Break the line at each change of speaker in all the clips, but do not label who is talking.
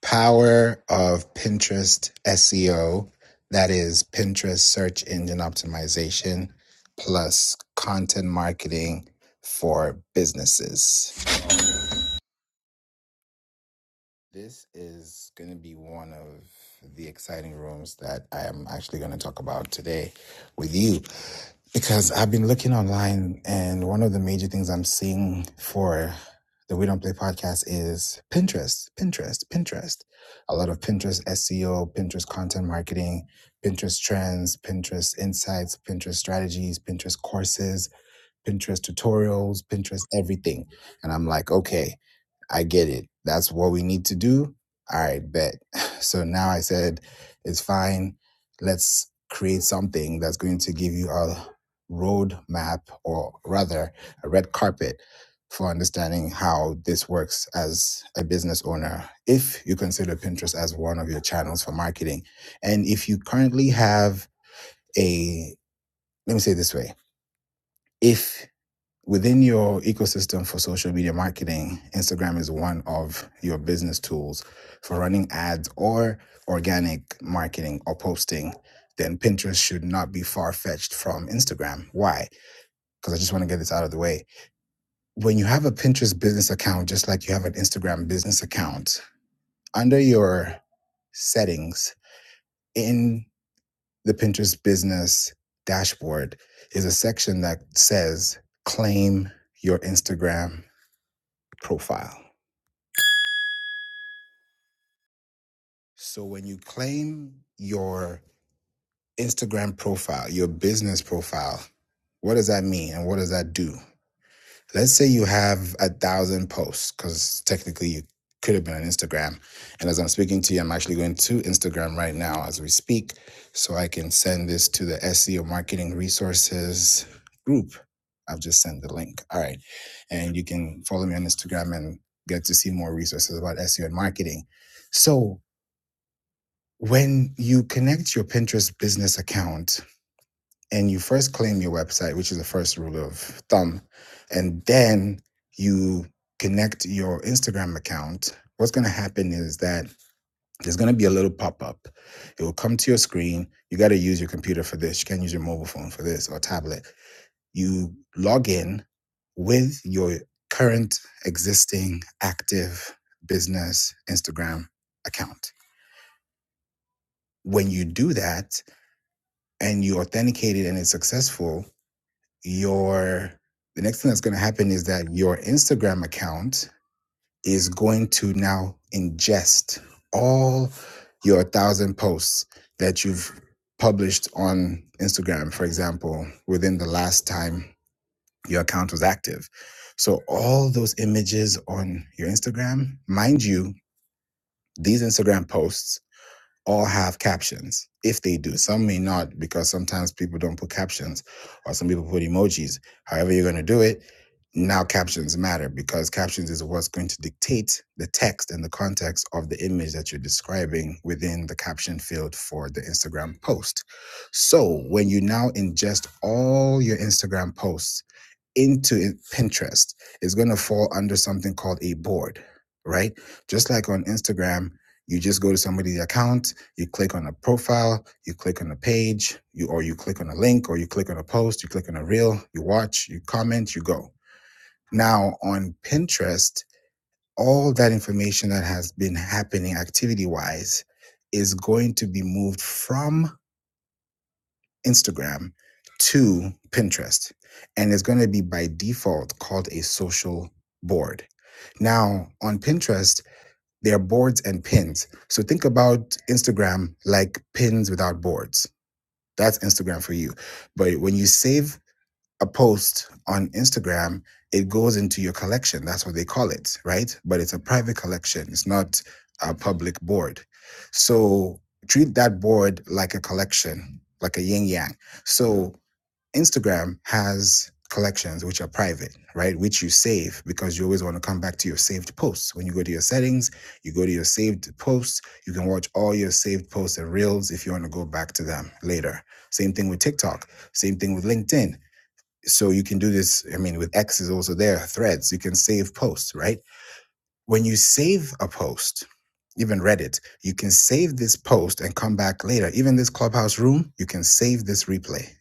Power of Pinterest SEO, that is Pinterest search engine optimization plus content marketing for businesses. This is going to be one of the exciting rooms that I am actually going to talk about today with you because I've been looking online, and one of the major things I'm seeing for the We Don't Play podcast is Pinterest, Pinterest, Pinterest. A lot of Pinterest SEO, Pinterest content marketing, Pinterest trends, Pinterest insights, Pinterest strategies, Pinterest courses Pinterest tutorials, Pinterest everything. And I'm like, okay, I get it. That's what we need to do. All right, bet. So now I said, it's fine. Let's create something that's going to give you a road map or rather a red carpet for understanding how this works as a business owner if you consider Pinterest as one of your channels for marketing. And if you currently have a, let me say it this way, if within your ecosystem for social media marketing, Instagram is one of your business tools for running ads or organic marketing or posting. Then Pinterest should not be far fetched from Instagram. Why? Because I just want to get this out of the way. When you have a Pinterest business account, just like you have an Instagram business account, under your settings in the Pinterest business dashboard is a section that says claim your Instagram profile. So when you claim your Instagram profile, your business profile, what does that mean and what does that do? Let's say you have a thousand posts, because technically you could have been on Instagram. And as I'm speaking to you, I'm actually going to Instagram right now as we speak, so I can send this to the SEO marketing resources group. I've just sent the link. All right. And you can follow me on Instagram and get to see more resources about SEO and marketing. So When you connect your Pinterest business account and you first claim your website, which is the first rule of thumb, and then you connect your Instagram account, what's going to happen is that there's going to be a little pop up. It will come to your screen. You got to use your computer for this. You can't use your mobile phone for this or tablet. You log in with your current existing active business Instagram account. When you do that, and you authenticate it and it's successful, your the next thing that's going to happen is that your Instagram account is going to now ingest all your thousand posts that you've published on Instagram, for example, within the last time your account was active. So all those images on your Instagram, mind you, these Instagram posts all have captions if they do some may not because sometimes people don't put captions or some people put emojis however you're going to do it now captions matter because captions is what's going to dictate the text and the context of the image that you're describing within the caption field for the Instagram post. So when you now ingest all your Instagram posts into it- Pinterest is going to fall under something called a board, right? Just like on Instagram, you just go to somebody's account, you click on a profile, you click on a page, you or you click on a link, or you click on a post, you click on a reel, you watch, you comment, you go. Now on Pinterest, all that information that has been happening activity wise is going to be moved from Instagram to Pinterest. And it's going to be by default called a social board. Now, on Pinterest, there are boards and pins. So think about Instagram like pins without boards. That's Instagram for you. But when you save a post on Instagram, it goes into your collection. That's what they call it, right? But it's a private collection, it's not a public board. So treat that board like a collection, like a yin yang. So Instagram has collections which are private, right? Which you save because you always want to come back to your saved posts. When you go to your settings, you go to your saved posts, you can watch all your saved posts and reels if you want to go back to them later. Same thing with TikTok, same thing with LinkedIn. So you can do this, I mean, with X is also there, threads, you can save posts, right? When you save a post, even Reddit, you can save this post and come back later. Even this clubhouse room, you can save this replay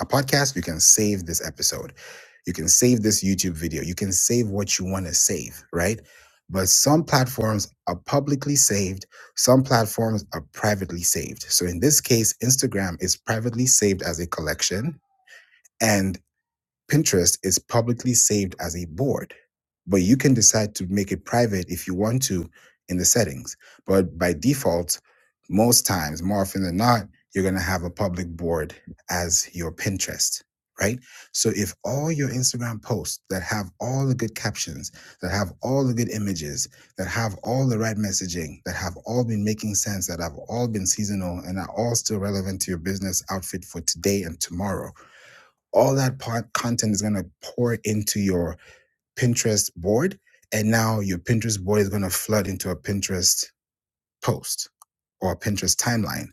a podcast, you can save this episode. You can save this YouTube video. You can save what you want to save, right? But some platforms are publicly saved, some platforms are privately saved. So in this case, Instagram is privately saved as a collection. And Pinterest is publicly saved as a board, but you can decide to make it private if you want to in the settings. But by default, most times, more often than not, you're going to have a public board as your Pinterest, right? So if all your Instagram posts that have all the good captions, that have all the good images, that have all the right messaging, that have all been making sense, that have all been seasonal and are all still relevant to your business outfit for today and tomorrow, all that pod content is going to pour into your Pinterest board. And now your Pinterest board is going to flood into a Pinterest post or a Pinterest timeline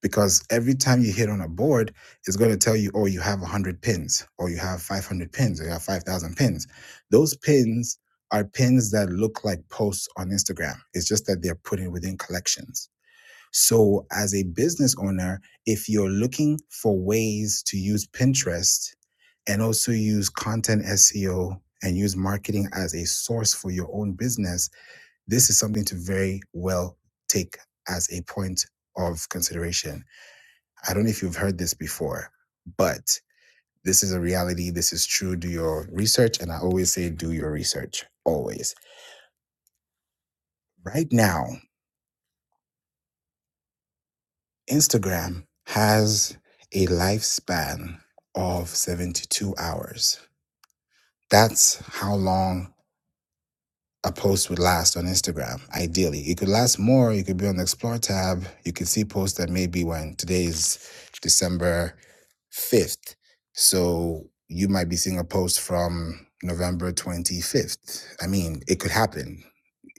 because every time you hit on a board, it's going to tell you, oh, you have 100 pins, or you have 500 pins, or you have 5,000 pins. Those pins are pins that look like posts on Instagram. It's just that they're put in within collections. So, as a business owner, if you're looking for ways to use Pinterest and also use content SEO and use marketing as a source for your own business, this is something to very well take as a point of consideration. I don't know if you've heard this before, but this is a reality. This is true. Do your research. And I always say, do your research, always. Right now, Instagram has a lifespan of 72 hours. That's how long a post would last on Instagram, ideally. It could last more. You could be on the Explore tab. You could see posts that maybe when today is December 5th. So you might be seeing a post from November 25th. I mean, it could happen.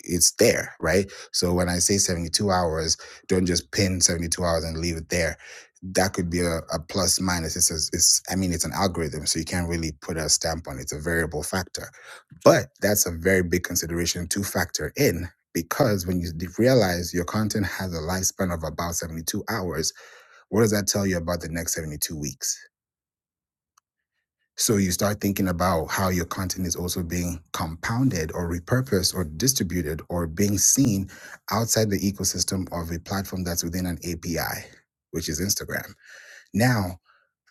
It's there, right? So when I say 72 hours, don't just pin 72 hours and leave it there. That could be a, a plus minus. It's, a, it's, I mean, it's an algorithm, so you can't really put a stamp on it. It's a variable factor but that's a very big consideration to factor in because when you d- realize your content has a lifespan of about 72 hours, what does that tell you about the next 72 weeks? So you start thinking about how your content is also being compounded or repurposed or distributed or being seen outside the ecosystem of a platform that's within an API, which is Instagram. Now,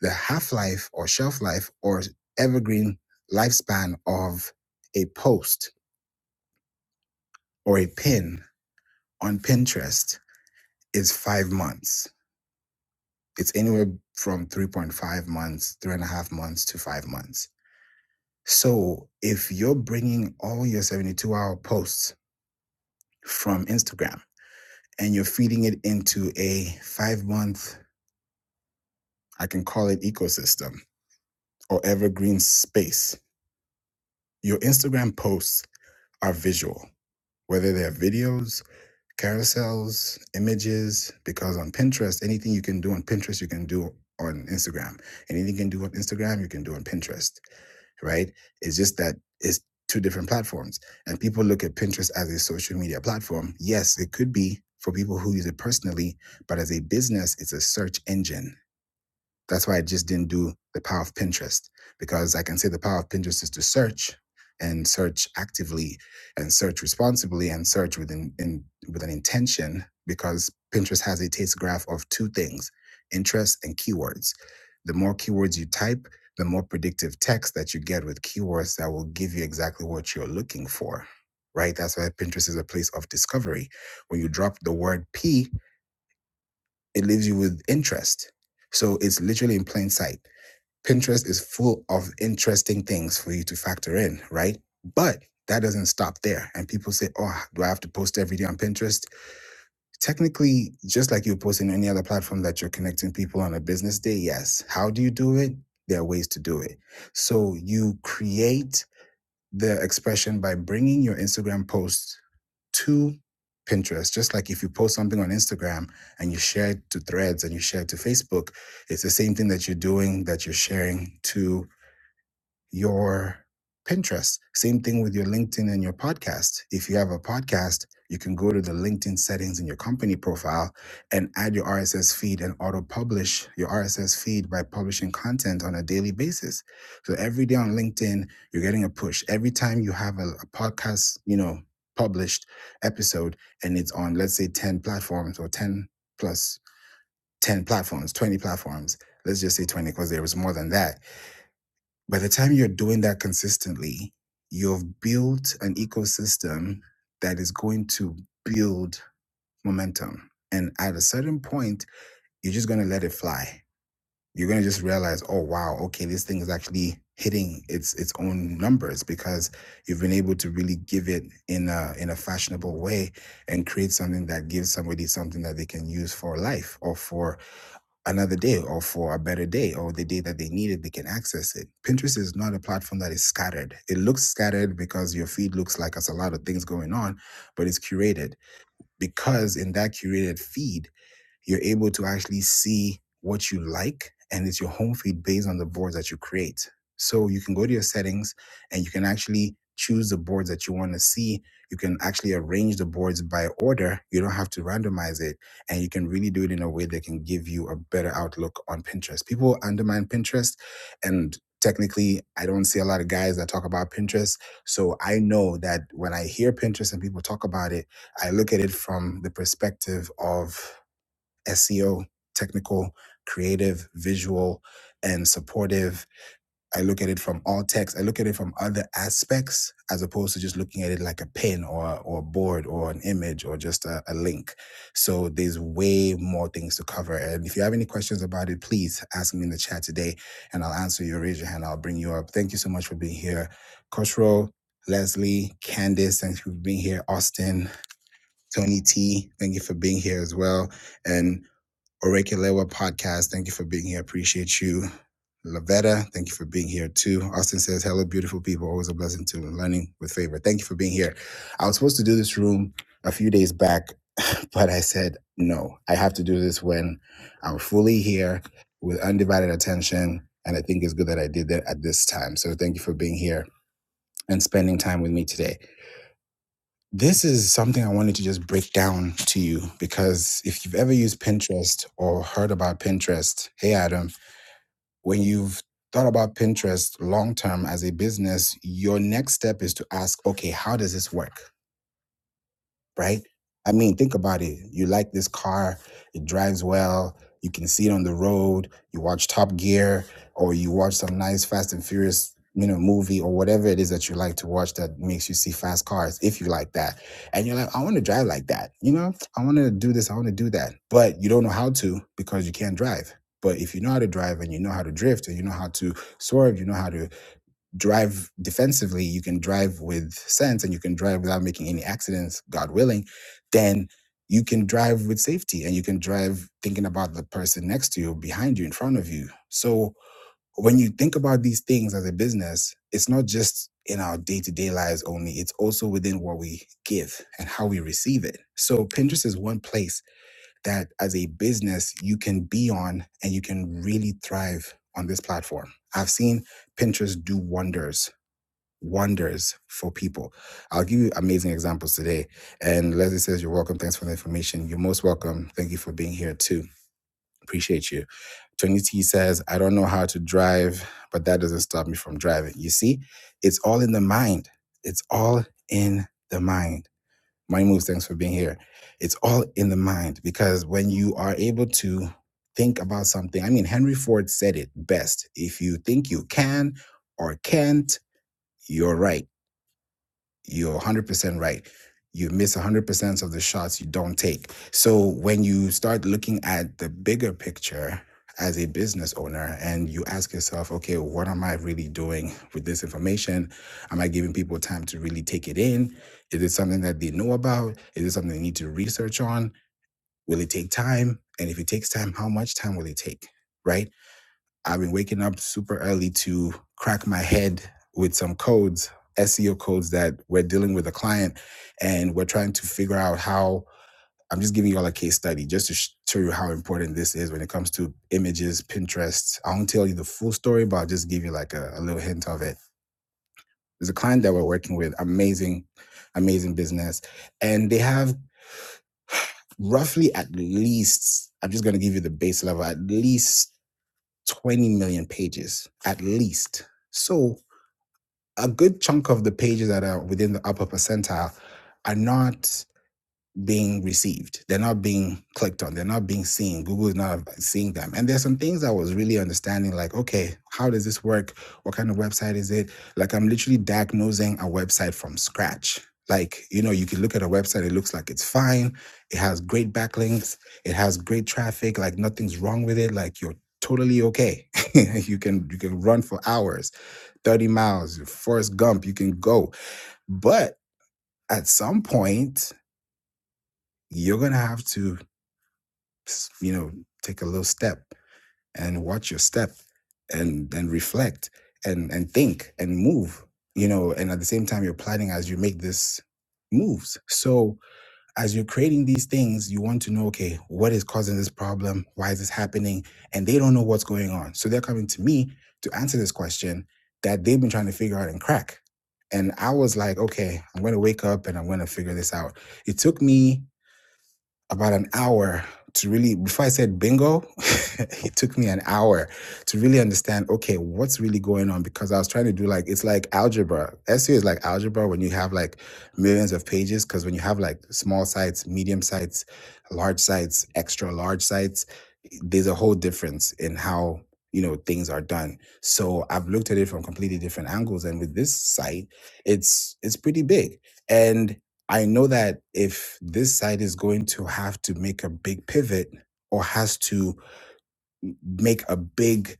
the half life or shelf life or evergreen lifespan of a post or a pin on Pinterest is five months. It's anywhere from 3.5 months, three and a half months to five months. So if you're bringing all your 72 hour posts from Instagram and you're feeding it into a five month, I can call it ecosystem or evergreen space, your Instagram posts are visual, whether they're videos, carousels, images, because on Pinterest, anything you can do on Pinterest, you can do on Instagram. Anything you can do on Instagram, you can do on Pinterest, right? It's just that it's two different platforms. And people look at Pinterest as a social media platform. Yes, it could be for people who use it personally, but as a business, it's a search engine that's why I just didn't do the power of Pinterest because I can say the power of Pinterest is to search and search actively and search responsibly and search with in, in, with an intention because Pinterest has a taste graph of two things, interests and keywords. The more keywords you type, the more predictive text that you get with keywords that will give you exactly what you're looking for. Right? That's why Pinterest is a place of discovery. When you drop the word P, it leaves you with interest. So it's literally in plain sight. Pinterest is full of interesting things for you to factor in, right? But that doesn't stop there. And people say, oh, do I have to post every day on Pinterest? Technically, just like you post in any other platform that you're connecting people on a business day, yes. How do you do it? There are ways to do it. So you create the expression by bringing your Instagram posts to Pinterest. Just like if you post something on Instagram and you share it to threads and you share it to Facebook, it's the same thing that you're doing that you're sharing to your Pinterest. Same thing with your LinkedIn and your podcast. If you have a podcast, you can go to the LinkedIn settings in your company profile and add your RSS feed and auto publish your RSS feed by publishing content on a daily basis. So every day on LinkedIn, you're getting a push. Every time you have a, a podcast, you know, published episode and it's on, let's say 10 platforms or 10 plus 10 platforms, 20 platforms. Let's just say 20 because there was more than that by the time you're doing that consistently, you've built an ecosystem that is going to build momentum. And at a certain point, you're just going to let it fly. You're going to just realize, oh wow, okay, this thing is actually hitting its its own numbers because you've been able to really give it in a in a fashionable way and create something that gives somebody something that they can use for life or for another day or for a better day or the day that they need it, they can access it. Pinterest is not a platform that is scattered. It looks scattered because your feed looks like there's a lot of things going on, but it's curated because in that curated feed, you're able to actually see what you like and it's your home feed based on the boards that you create so you can go to your settings and you can actually choose the boards that you want to see you can actually arrange the boards by order you don't have to randomize it and you can really do it in a way that can give you a better outlook on pinterest people undermine pinterest and technically i don't see a lot of guys that talk about pinterest so i know that when i hear pinterest and people talk about it I look at it from the perspective of SEO, technical, creative, visual, and supportive. I look at it from all text. I look at it from other aspects as opposed to just looking at it like a pin or or a board or an image or just a, a link. So there's way more things to cover. And if you have any questions about it, please ask me in the chat today and I'll answer you. Raise your hand. I'll bring you up. Thank you so much for being here. Koshro, Leslie, Candice, thanks for being here. Austin, Tony T, thank you for being here as well. And Orekalewa podcast. Thank you for being here. Appreciate you. Lavetta, thank you for being here too. Austin says, Hello, beautiful people. Always a blessing to learning with favor. Thank you for being here. I was supposed to do this room a few days back, but I said, No, I have to do this when I'm fully here with undivided attention. And I think it's good that I did that at this time. So thank you for being here and spending time with me today. This is something I wanted to just break down to you because if you've ever used Pinterest or heard about Pinterest, hey Adam, when you've thought about Pinterest long term as a business, your next step is to ask, okay, how does this work? right? I mean, think about it. You like this car, it drives well, you can see it on the road, you watch Top Gear, or you watch some nice Fast and Furious, you know, movie or whatever it is that you like to watch that makes you see fast cars, if you like that. And you're like, I want to drive like that, you know, I want to do this, I want to do that. But you don't know how to because you can't drive. But if you know how to drive and you know how to drift and you know how to swerve, you know how to drive defensively, you can drive with sense, and you can drive without making any accidents, God willing, then you can drive with safety and you can drive thinking about the person next to you, behind you, in front of you. So when you think about these things as a business, it's not just in our day to day lives only, it's also within what we give and how we receive it. So Pinterest is one place that as a business you can be on and you can really thrive on this platform. I've seen Pinterest do wonders wonders for people. I'll give you amazing examples today. And Leslie says, You're welcome. Thanks for the information. You're most welcome. Thank you for being here too. Appreciate you. Tony T says, I don't know how to drive, but that doesn't stop me from driving. You see, it's all in the mind. It's all in the mind. Mind moves, thanks for being here. It's all in the mind because when you are able to think about something, I mean, Henry Ford said it best if you think you can or can't, you're right you're 100% right. You miss 100% of the shots you don't take. So when you start looking at the bigger picture as a business owner and you ask yourself, okay, what am I really doing with this information? Am I giving people time to really take it in? Is it something that they know about? Is it something they need to research on? Will it take time? And if it takes time, how much time will it take? Right? I've been waking up super early to crack my head with some codes, SEO codes that we're dealing with a client, and we're trying to figure out how. I'm just giving you all a case study just to show you how important this is when it comes to images, Pinterest. I won't tell you the full story, but I'll just give you like a, a little hint of it. There's a client that we're working with, amazing, amazing business, and they have roughly at least, I'm just going to give you the base level, at least 20 million pages, at least. So a good chunk of the pages that are within the upper percentile are not being received. They're not being clicked on. They're not being seen. Google is not seeing them. And there's some things I was really understanding like, okay, how does this work? What kind of website is it? Like, I'm literally diagnosing a website from scratch. Like, you know, you can look at a website, it looks like it's fine. It has great backlinks, it has great traffic, like nothing's wrong with it. Like you're totally okay. you can you can run for hours, 30 miles, Forrest Gump, you can go. But at some point, you're gonna have to s- you know take a little step and watch your step and then reflect and and think and move you know and at the same time you're planning as you make this moves so as you're creating these things you want to know okay what is causing this problem why is this happening and they don't know what's going on so they're coming to me to answer this question that they've been trying to figure out and crack and i was like okay i'm going to wake up and i'm going to figure this out it took me about an hour to really before i said bingo it took me an hour to really understand okay what's really going on because i was trying to do like it's like algebra seo is like algebra when you have like millions of pages because when you have like small sites medium sites large sites extra large sites there's a whole difference in how you know things are done so i've looked at it from completely different angles and with this site it's it's pretty big and I know that if this side is going to have to make a big pivot or has to make a big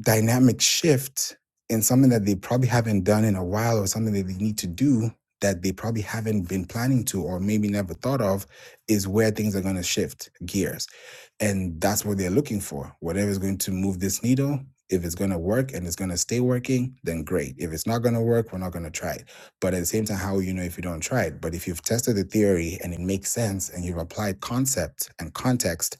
dynamic shift in something that they probably haven't done in a while or something that they need to do that they probably haven't been planning to or maybe never thought of is where things are going to shift gears and that's what they're looking for whatever is going to move this needle if it's going to work and it's going to stay working then great if it's not going to work we're not going to try it but at the same time how will you know if you don't try it but if you've tested the theory and it makes sense and you've applied concept and context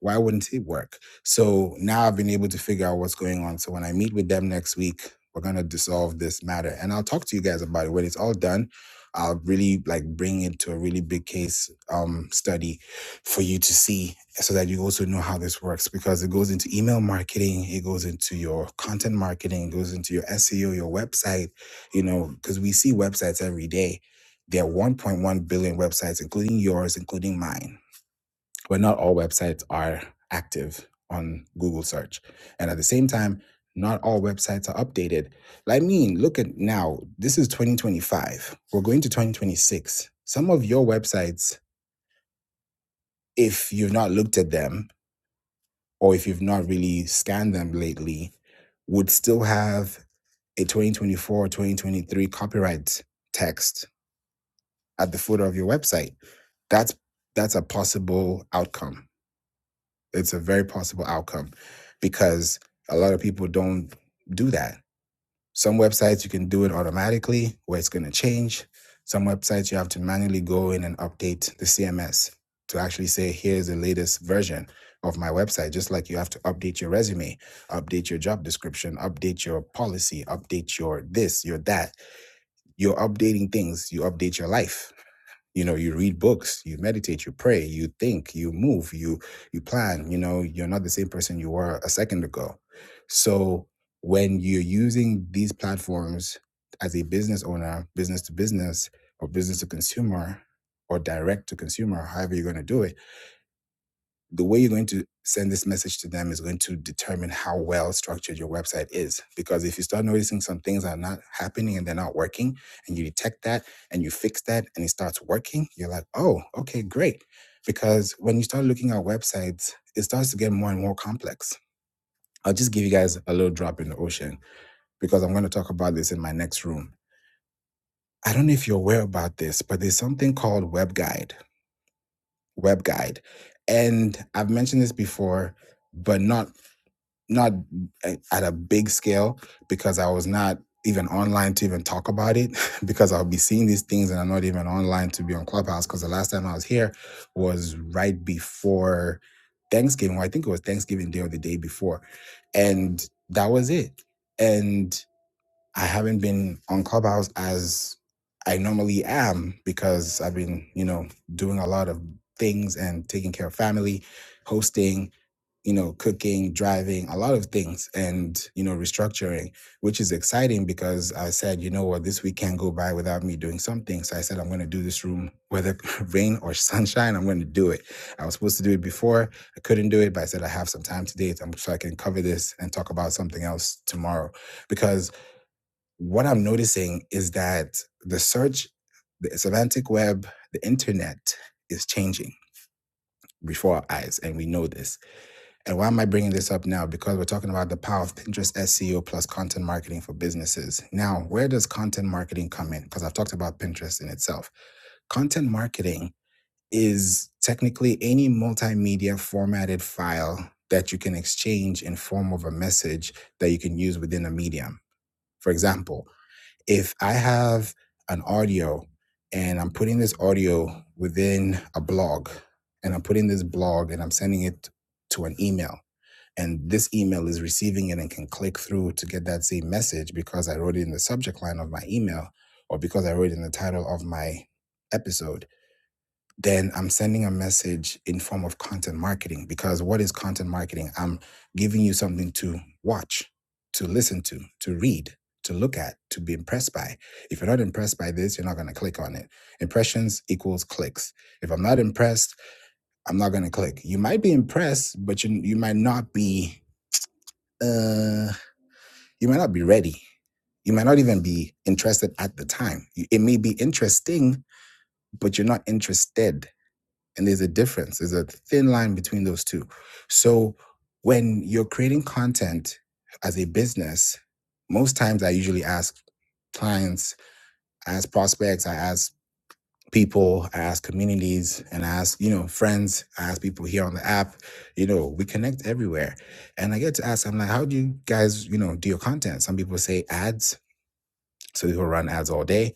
why wouldn't it work? So now I've been able to figure out what's going on. So when I meet with them next week, we're gonna dissolve this matter, and I'll talk to you guys about it when it's all done. I'll really like bring it to a really big case um, study for you to see, so that you also know how this works because it goes into email marketing, it goes into your content marketing, it goes into your SEO, your website. You know, because we see websites every day. There are 1.1 billion websites, including yours, including mine but not all websites are active on Google search. And at the same time, not all websites are updated. I mean, look at now, this is 2025. We're going to 2026. Some of your websites, if you've not looked at them or if you've not really scanned them lately, would still have a 2024 or 2023 copyright text at the footer of your website. That's that's a possible outcome it's a very possible outcome because a lot of people don't do that. Some websites you can do it automatically where it's going to change. Some websites you have to manually go in and update the CMS to actually say, here's the latest version of my website. Just like you have to update your resume, update your job description, update your policy, update your this, your that. You're updating things, you update your life you know you read books you meditate you pray you think you move you you plan you know you're not the same person you were a second ago so when you're using these platforms as a business owner business to business or business to consumer or direct to consumer however you're going to do it the way you're going to send this message to them is going to determine how well structured your website is. Because if you start noticing some things are not happening and they're not working, and you detect that and you fix that and it starts working, you're like, oh, okay, great. Because when you start looking at websites, it starts to get more and more complex. I'll just give you guys a little drop in the ocean because I'm going to talk about this in my next room. I don't know if you're aware about this, but there's something called Web Guide. Web Guide. And I've mentioned this before, but not not eh, at a big scale because I was not even online to even talk about it because I'll be seeing these things and I'm not even online to be on Clubhouse because the last time I was here was right before Thanksgiving. Well, I think it was Thanksgiving Day or the day before. And that was it. And I haven't been on Clubhouse as I normally am because I've been, you know, doing a lot of things and taking care of family, hosting, you know, cooking, driving, a lot of things and, you know, restructuring, which is exciting because I said, you know what, this week can't go by without me doing something. So I said, I'm going to do this room, whether rain or sunshine, I'm going to do it. I was supposed to do it before. I couldn't do it, but I said, I have some time today so I'm- so I can cover this and talk about something else tomorrow because what I'm noticing is that the search, the semantic web, the internet is changing before our eyes, and we know this. And why am I bringing this up now? Because we're talking about the power of Pinterest SEO plus content marketing for businesses. Now, where does content marketing come in? Because I've talked about Pinterest in itself. Content marketing is technically any multimedia formatted file that you can exchange in form of a message that you can use within a medium. For example, if I have an audio and I'm putting this audio within a blog and I'm putting this blog and I'm sending it to an email and this email is receiving it and can click through to get that same message because I wrote it in the subject line of my email or because I wrote it in the title of my episode then I'm sending a message in form of content marketing because what is content marketing? I'm giving you something to watch, to listen to, to read, to look at, to be impressed by. If you're not impressed by this, you're not going to click on it. Impressions equals clicks. If I'm not impressed, I'm not going to click. You might be impressed, but you you might not be uh you might not be ready. You might not even be interested at the time. It may be interesting, but you're not interested and there's a difference, there's a thin line between those two. So when you're creating content as a business, most times I usually ask clients, I ask prospects, I ask people, I ask communities, and I ask, you know, friends, I ask people here on the app, you know, we connect everywhere. And I get to ask, I'm like, how do you guys, you know, do your content? Some people say ads. So people run ads all day.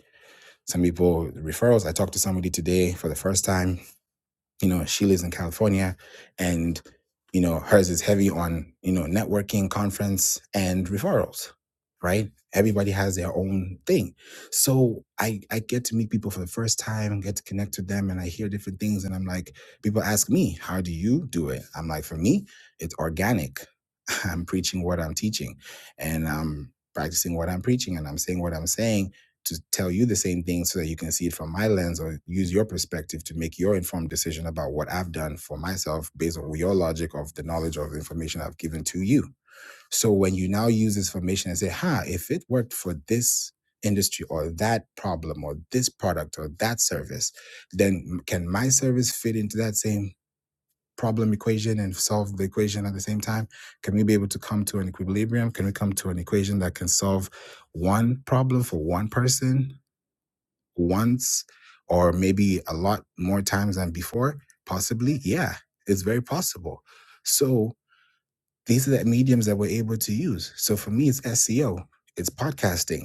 Some people referrals. I talked to somebody today for the first time you know she lives in california and you know hers is heavy on you know networking conference and referrals right everybody has their own thing so i i get to meet people for the first time and get to connect with them and i hear different things and i'm like people ask me how do you do it i'm like for me it's organic i'm preaching what i'm teaching and i'm practicing what i'm preaching and i'm saying what i'm saying to tell you the same thing so that you can see it from my lens or use your perspective to make your informed decision about what I've done for myself based on your logic of the knowledge of the information I've given to you. So when you now use this information and say, ha, if it worked for this industry or that problem or this product or that service, then can my service fit into that same problem equation and solve the equation at the same time? Can we be able to come to an equilibrium? Can we come to an equation that can solve one problem for one person once or maybe a lot more times than before? Possibly, yeah, it's very possible. So these are the mediums that we're able to use. So for me, it's SEO, it's podcasting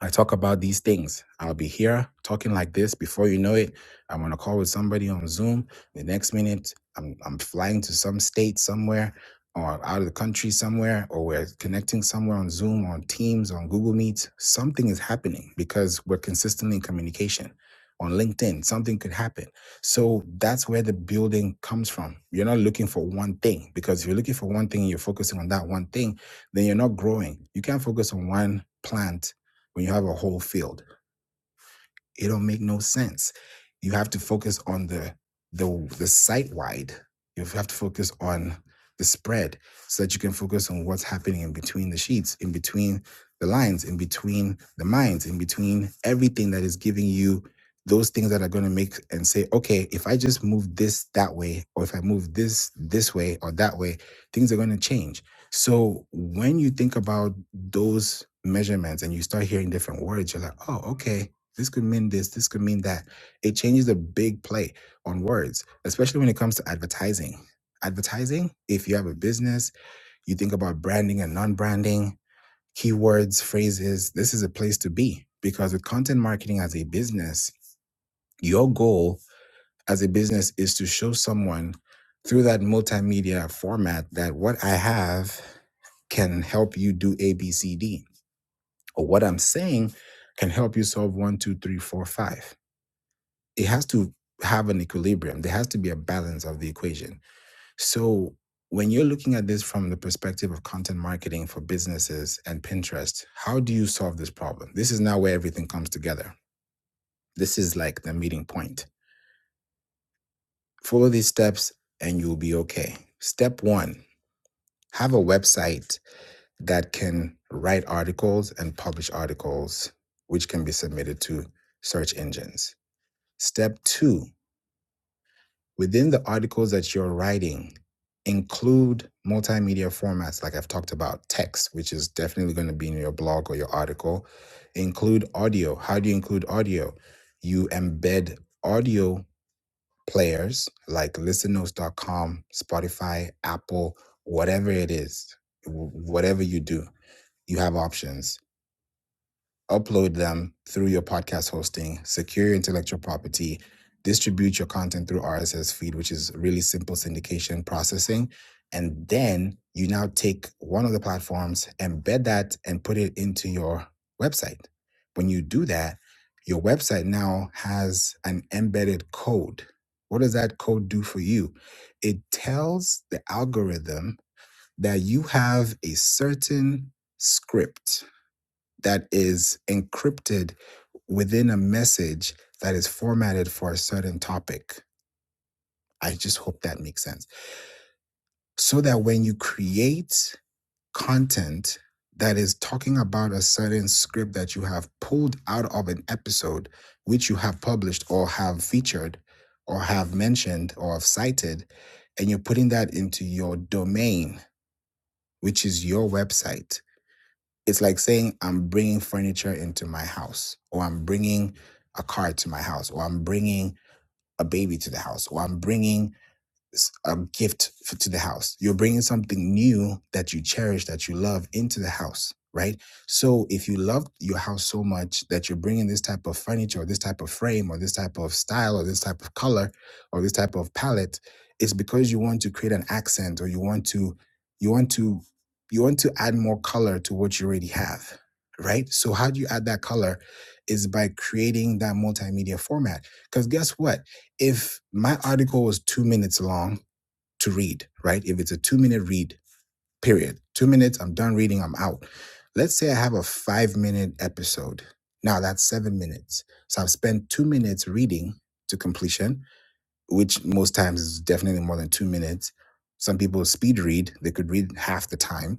I talk about these things. I'll be here talking like this. Before you know it, I'm on a call with somebody on Zoom. The next minute, I'm, I'm flying to some state somewhere or out of the country somewhere, or we're connecting somewhere on Zoom, on Teams, on Google Meet. Something is happening because we're consistently in communication. On LinkedIn, something could happen. So that's where the building comes from. You're not looking for one thing because if you're looking for one thing and you're focusing on that one thing, then you're not growing. You can't focus on one plant when you have a whole field it don't make no sense. You have to focus on the the the site wide. You have to focus on the spread so that you can focus on what's happening in between the sheets, in between the lines, in between the minds, in between everything that is giving you those things that are going to make and say, okay, if I just move this that way, or if I move this this way or that way, things are going to change. So when you think about those measurements and you start hearing different words, you're like, oh, okay. This could mean this. This could mean that. It changes the big play on words, especially when it comes to advertising. Advertising, if you have a business, you think about branding and non branding, keywords, phrases, this is a place to be because with content marketing as a business, your goal as a business is to show someone through that multimedia format that what I have can help you do A, B, C, D, or what I'm saying can help you solve one, two, three, four, five it has to have an equilibrium. There has to be a balance of the equation. So when you're looking at this from the perspective of content marketing for businesses and Pinterest, how do you solve this problem? This is now where everything comes together. This is like the meeting point. Follow these steps and you'll be okay. Step one have a website that can write articles and publish articles, which can be submitted to search engines. Step two within the articles that you're writing, include multimedia formats like I've talked about, text, which is definitely going to be in your blog or your article. Include audio. How do you include audio? You embed audio players like listennotes.com, Spotify, Apple, whatever it is, wh- whatever you do, you have options upload them through your podcast hosting, secure intellectual property, distribute your content through RSS feed, which is really simple syndication processing. And then you now take one of the platforms, embed that, and put it into your website. When you do that, your website now has an embedded code. What does that code do for you? It tells the algorithm that you have a certain script that is encrypted within a message that is formatted for a certain topic. I just hope that makes sense. So that when you create content that is talking about a certain script that you have pulled out of an episode, which you have published or have featured or have mentioned or have cited, and you're putting that into your domain, which is your website it's like saying I'm bringing furniture into my house, or I'm bringing a car to my house, or I'm bringing a baby to the house, or I'm bringing a gift f- to the house. You're bringing something new that you cherish, that you love into the house, right? So if you love your house so much that you're bringing this type of furniture, or this type of frame, or this type of style, or this type of color, or this type of palette, it's because you want to create an accent, or you want to, you want to, you want to add more color to what you already have, right? So how do you add that color? Is by creating that multimedia format. Because guess what? if my article was two minutes long to read, right? If it's a two minute read, period, two minutes, I'm done reading, I'm out. Let's say I have a five minute episode. Now that's seven minutes. So I've spent two minutes reading to completion, which most times is definitely more than two minutes. Some people speed read, they could read half the time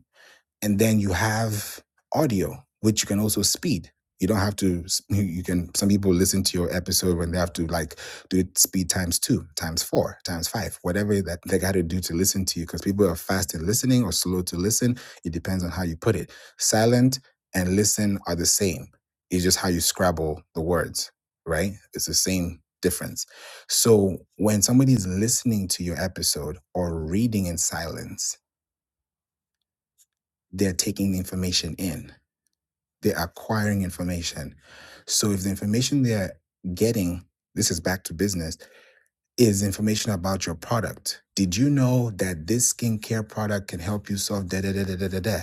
and then you have audio which you can also speed you don't have to you can some people listen to your episode when they have to like do it speed times two times four times five whatever that they got to do to listen to you because people are fast in listening or slow to listen it depends on how you put it silent and listen are the same it's just how you scrabble the words right it's the same difference so when somebody is listening to your episode or reading in silence they're taking the information in they're acquiring information. So if the information they're getting, this is back to business, is information about your product. Did you know that this skincare product can help you solve da da da da da da da?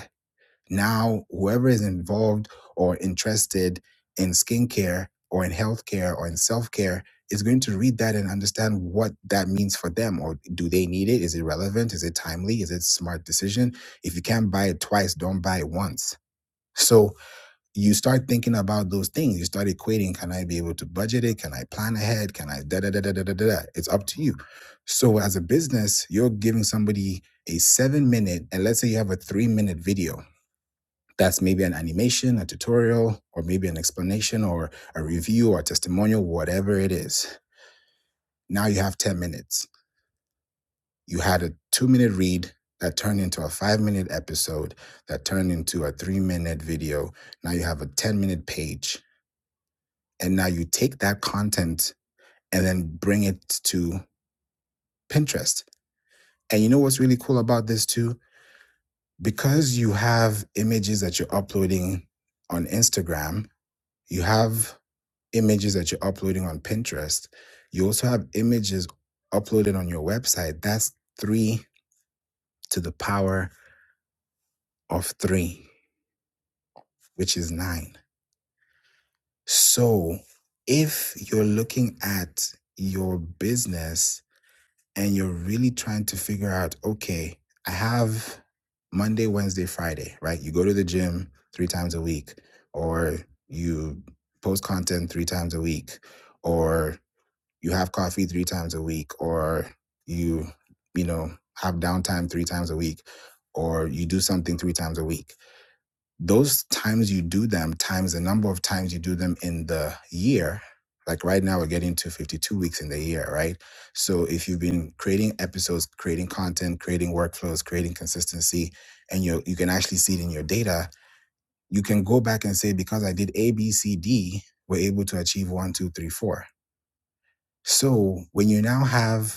Now, whoever is involved or interested in skincare or in healthcare or in self care is going to read that and understand what that means for them. Or do they need it? Is it relevant? Is it timely? Is it a smart decision? If you can't buy it twice, don't buy it once. So you start thinking about those things. You start equating, can I be able to budget it? Can I plan ahead? Can I da da da da da da da? It's up to you. So as a business, you're giving somebody a seven minute, and let's say you have a three minute video. That's maybe an animation, a tutorial, or maybe an explanation or a review or a testimonial, whatever it is. Now you have 10 minutes. You had a two minute read that turned into a five minute episode that turned into a three minute video. Now you have a 10 minute page And now you take that content and then bring it to Pinterest. And you know what's really cool about this too? Because you have images that you're uploading on Instagram, you have images that you're uploading on Pinterest, you also have images uploaded on your website. That's three to the power of three, which is nine. So if you're looking at your business and you're really trying to figure out, okay, I have Monday, Wednesday, Friday, right? You go to the gym three times a week, or you post content three times a week, or you have coffee three times a week, or you, you know, have downtime three times a week, or you do something three times a week those times you do them times the number of times you do them in the year like right now we're getting to 52 weeks in the year right so if you've been creating episodes creating content creating workflows creating consistency and you you can actually see it in your data you can go back and say because i did a b c d we're able to achieve one two three four so when you now have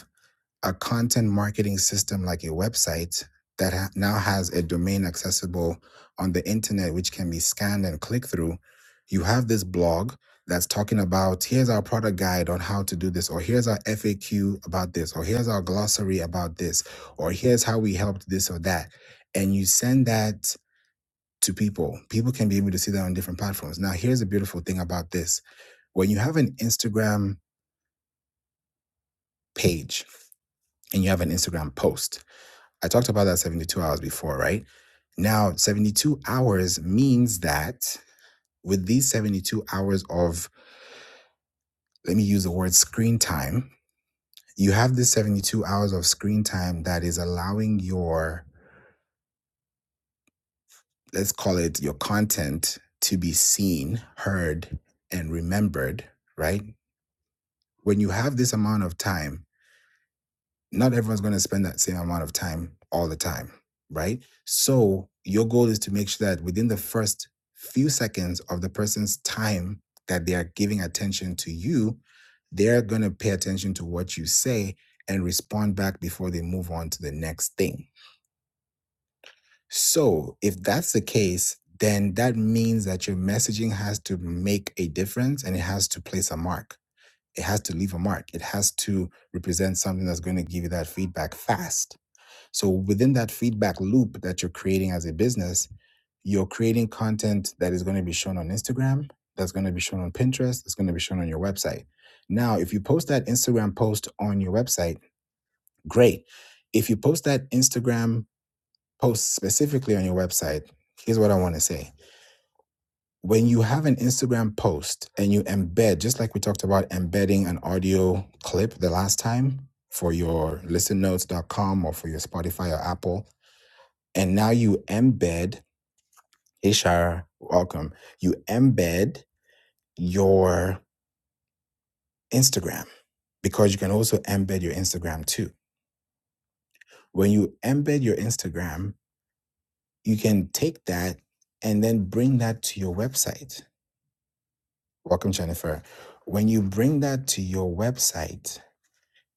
a content marketing system like a website that ha- now has a domain accessible on the internet, which can be scanned and clicked through, you have this blog that's talking about here's our product guide on how to do this, or here's our FAQ about this, or here's our glossary about this, or here's how we helped this or that. And you send that to people. People can be able to see that on different platforms. Now, here's the beautiful thing about this when you have an Instagram page and you have an Instagram post, I talked about that 72 hours before, right? Now, 72 hours means that with these 72 hours of, let me use the word screen time, you have this 72 hours of screen time that is allowing your, let's call it your content to be seen, heard, and remembered, right? When you have this amount of time, not everyone's going to spend that same amount of time all the time, right? So your goal is to make sure that within the first few seconds of the person's time that they are giving attention to you, they're going to pay attention to what you say and respond back before they move on to the next thing. So if that's the case, then that means that your messaging has to make a difference and it has to place a mark. It has to leave a mark. It has to represent something that's going to give you that feedback fast so within that feedback loop that you're creating as a business, you're creating content that is going to be shown on Instagram, that's going to be shown on Pinterest, that's going to be shown on your website. Now, if you post that Instagram post on your website, great. If you post that Instagram post specifically on your website, here's what I want to say. When you have an Instagram post and you embed, just like we talked about embedding an audio clip the last time for your listennotes.com or for your Spotify or Apple, And now you embed, hey Shara, welcome. You embed your Instagram because you can also embed your Instagram too. When you embed your Instagram, you can take that and then bring that to your website. Welcome, Jennifer. When you bring that to your website,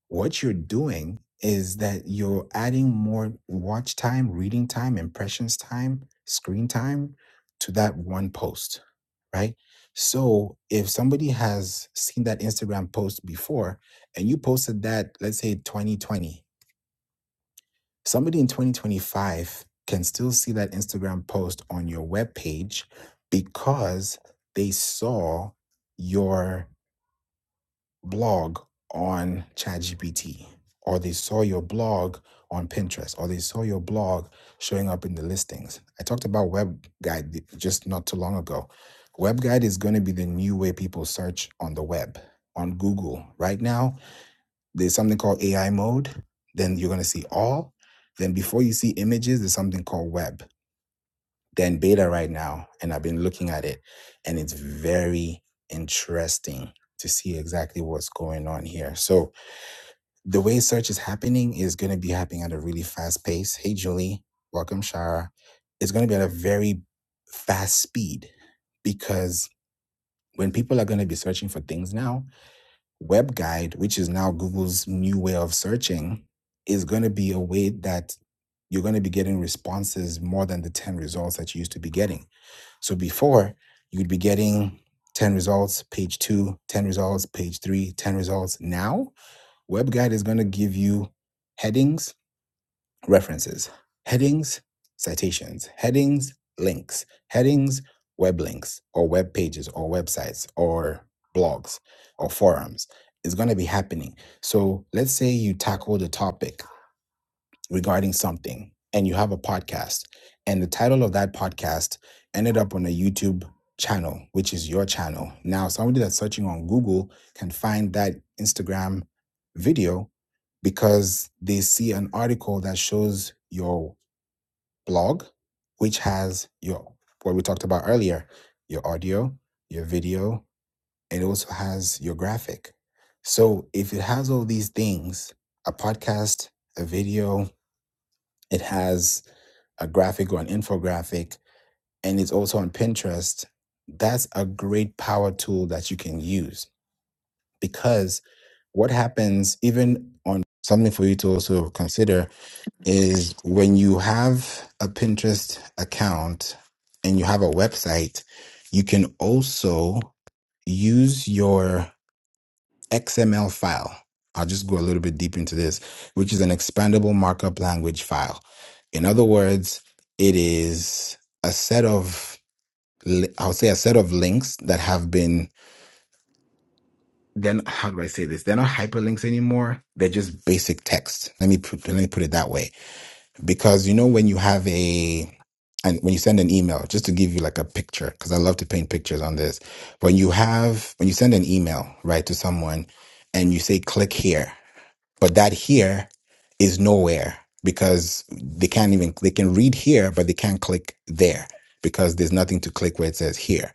what you're doing is that you're adding more watch time, reading time, impressions time, screen time to that one post, right? So if somebody has seen that Instagram post before and you posted that, let's say 2020, somebody in 2025 can still see that Instagram post on your web page, because they saw your blog on ChatGPT, or they saw your blog on Pinterest, or they saw your blog showing up in the listings. I talked about web guide just not too long ago. Web guide is going to be the new way people search on the web, on Google. Right now, there's something called AI mode. Then you're going to see all. Then before you see images, there's something called web. They're in beta right now, and I've been looking at it, and it's very interesting to see exactly what's going on here. So the way search is happening is going to be happening at a really fast pace. Hey, Julie, welcome, Shara. It's going to be at a very fast speed because when people are going to be searching for things now, Web Guide, which is now Google's new way of searching, is going to be a way that you're going to be getting responses more than the 10 results that you used to be getting. So before, you'd be getting 10 results, page two, ten results, page three, ten results. Now, Web Guide is going to give you headings References, headings, citations, headings, links, headings, web links, or web pages, or websites, or blogs, or forums. It's going to be happening. So let's say you tackle the topic regarding something and you have a podcast and the title of that podcast ended up on a YouTube channel which is your channel now somebody that's searching on Google can find that Instagram video because they see an article that shows your blog which has your what we talked about earlier your audio your video and it also has your graphic so if it has all these things a podcast a video it has a graphic or an infographic, and it's also on Pinterest. That's a great power tool that you can use because what happens, even on something for you to also consider, is when you have a Pinterest account and you have a website, you can also use your XML file. I'll just go a little bit deep into this, which is an expandable markup language file. In other words, it is a set of, li- I would say, a set of links that have been. Then how do I say this? They're not hyperlinks anymore. They're just basic text. Let me put, let me put it that way, because you know when you have a and when you send an email, just to give you like a picture, because I love to paint pictures on this. When you have when you send an email right to someone, and you say click here but that here is nowhere because they can't even they can read here, but they can't click there because there's nothing to click where it says here.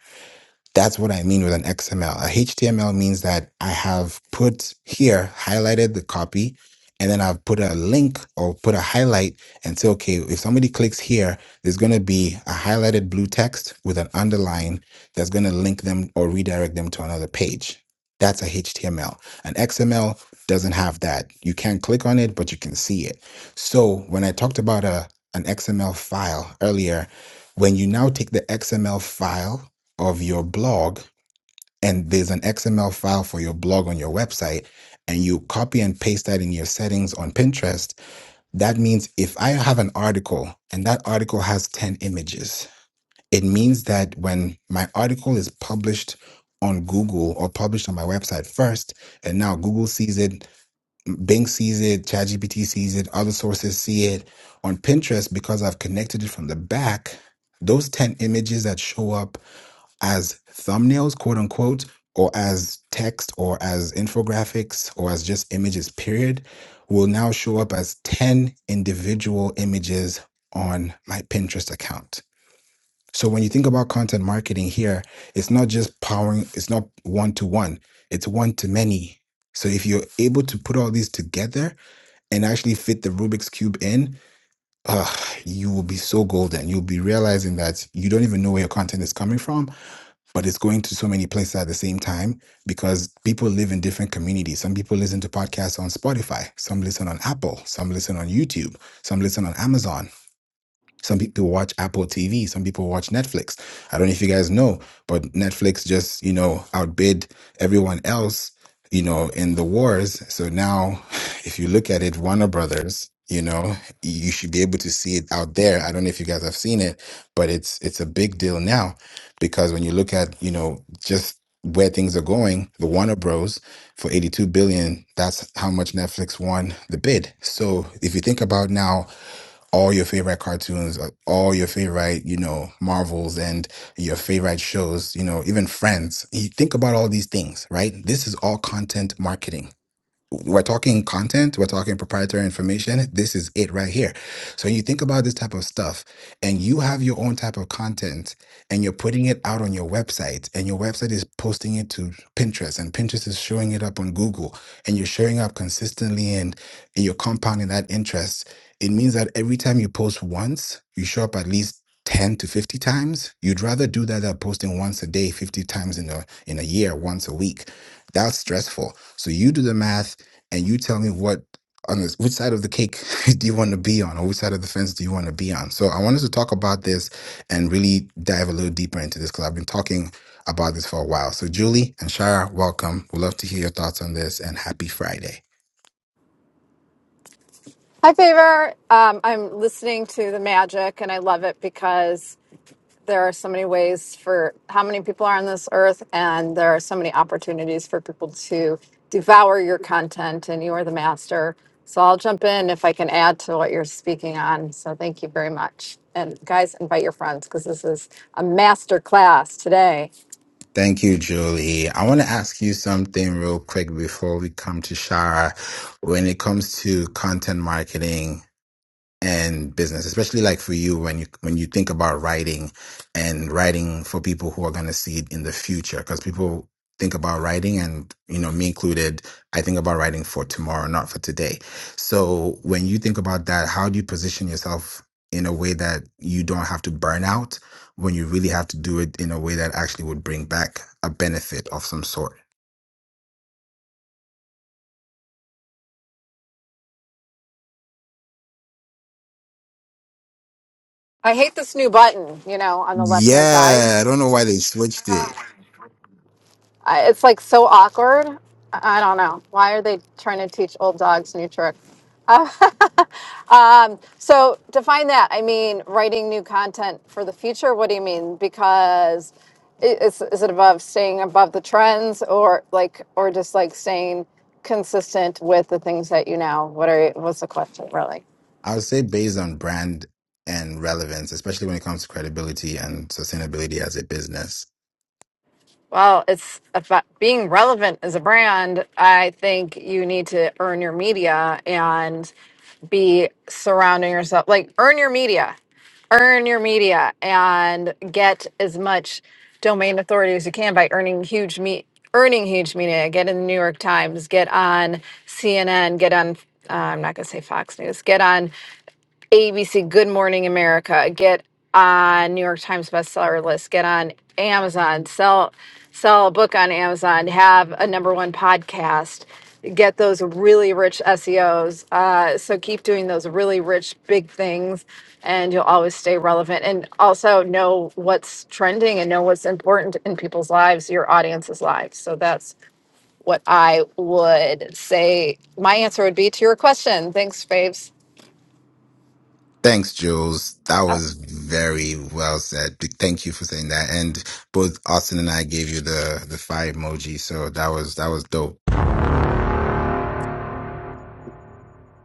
That's what I mean with an XML. A HTML means that I have put here, highlighted the copy, and then I've put a link or put a highlight and say, okay, if somebody clicks here, there's going to be a highlighted blue text with an underline that's going to link them or redirect them to another page. That's a HTML. An XML doesn't have that. You can't click on it, but you can see it. So when I talked about a an XML file earlier, when you now take the XML file of your blog and there's an XML file for your blog on your website and you copy and paste that in your settings on Pinterest, that means if I have an article and that article has 10 images, it means that when my article is published on Google or published on my website first, and now Google sees it, Bing sees it, ChatGPT sees it, other sources see it on Pinterest because I've connected it from the back, those 10 images that show up as thumbnails, quote unquote, or as text or as infographics or as just images, period, will now show up as 10 individual images on my Pinterest account. So when you think about content marketing here, it's not just powering, it's not one to one, it's one to many. So if you're able to put all these together and actually fit the Rubik's Cube in, uh, you will be so golden. You'll be realizing that you don't even know where your content is coming from but it's going to so many places at the same time because people live in different communities. Some people listen to podcasts on Spotify, some listen on Apple, some listen on YouTube, some listen on Amazon. Some people watch Apple TV, some people watch Netflix. I don't know if you guys know, but Netflix just, you know, outbid everyone else, you know, in the wars. So now, if you look at it, Warner Brothers, you know, you should be able to see it out there. I don't know if you guys have seen it, but it's it's a big deal now because when you look at, you know, just where things are going, the Warner Bros for 82 billion, that's how much Netflix won the bid. So if you think about now all your favorite cartoons, uh, all your favorite, you know, Marvels and your favorite shows, you know, even Friends. You think about all these things, right? This is all content marketing we're talking content, we're talking proprietary information. This is it right here. So when you think about this type of stuff and you have your own type of content and you're putting it out on your website and your website is posting it to Pinterest and Pinterest is showing it up on Google and you're showing up consistently and, and you're compounding that interest, it means that every time you post once, you show up at least 10 to 50 times. You'd rather do that than posting once a day, 50 times in a in a year, once a week. That's stressful. So you do the math and you tell me what on this which side of the cake do you want to be on or which side of the fence do you want to be on so i wanted to talk about this and really dive a little deeper into this because i've been talking about this for a while so julie and shara welcome we'd love to hear your thoughts on this and happy friday
Hi, Favor. Um, I'm listening to the magic and I love it because there are so many ways for how many people are on this earth, and there are so many opportunities for people to devour your content, and you are the master. So I'll jump in if I can add to what you're speaking on. So thank you very much. And guys, invite your friends because this is a master class today.
Thank you, Julie. I want to ask you something real quick before we come to Shara. When it comes to content marketing, and business especially like for you when you when you think about writing and writing for people who are going to see it in the future because people think about writing and you know me included i think about writing for tomorrow not for today so when you think about that how do you position yourself in a way that you don't have to burn out when you really have to do it in a way that actually would bring back a benefit of some sort
I hate this new button, you know, on the left hand side.
yeah i don't know why they switched it
I, it's like so awkward. I, I don't know. Why are they trying to teach old dogs new tricks? So define that. I mean, writing new content for the future. What do you mean? Because i- is is it above staying above the trends, or like, or just like staying consistent with the things that you know? What are you, what's the question really?
I would say based on brand and relevance, especially when it comes to credibility and sustainability as a business.
Well, it's about being relevant as a brand. I think you need to earn your media and be surrounding yourself like earn your media, earn your media, and get as much domain authority as you can by earning huge meat, earning huge media. Get in the New York Times, get on CNN, get on. Uh, I'm not going to say Fox News. Get on ABC Good Morning America, get on New York Times bestseller list, get on Amazon, sell sell a book on Amazon, have a number one podcast, get those really rich SEOs. Uh, so keep doing those really rich big things, and you'll always stay relevant. And also know what's trending and know what's important in people's lives, your audience's lives. So that's what I would say. My answer would be to your question. Thanks, Faves.
Thanks, Jules. That was very well said. Big Thank you for saying that. And both Austin and I gave you the the fire emoji, so that was that was dope.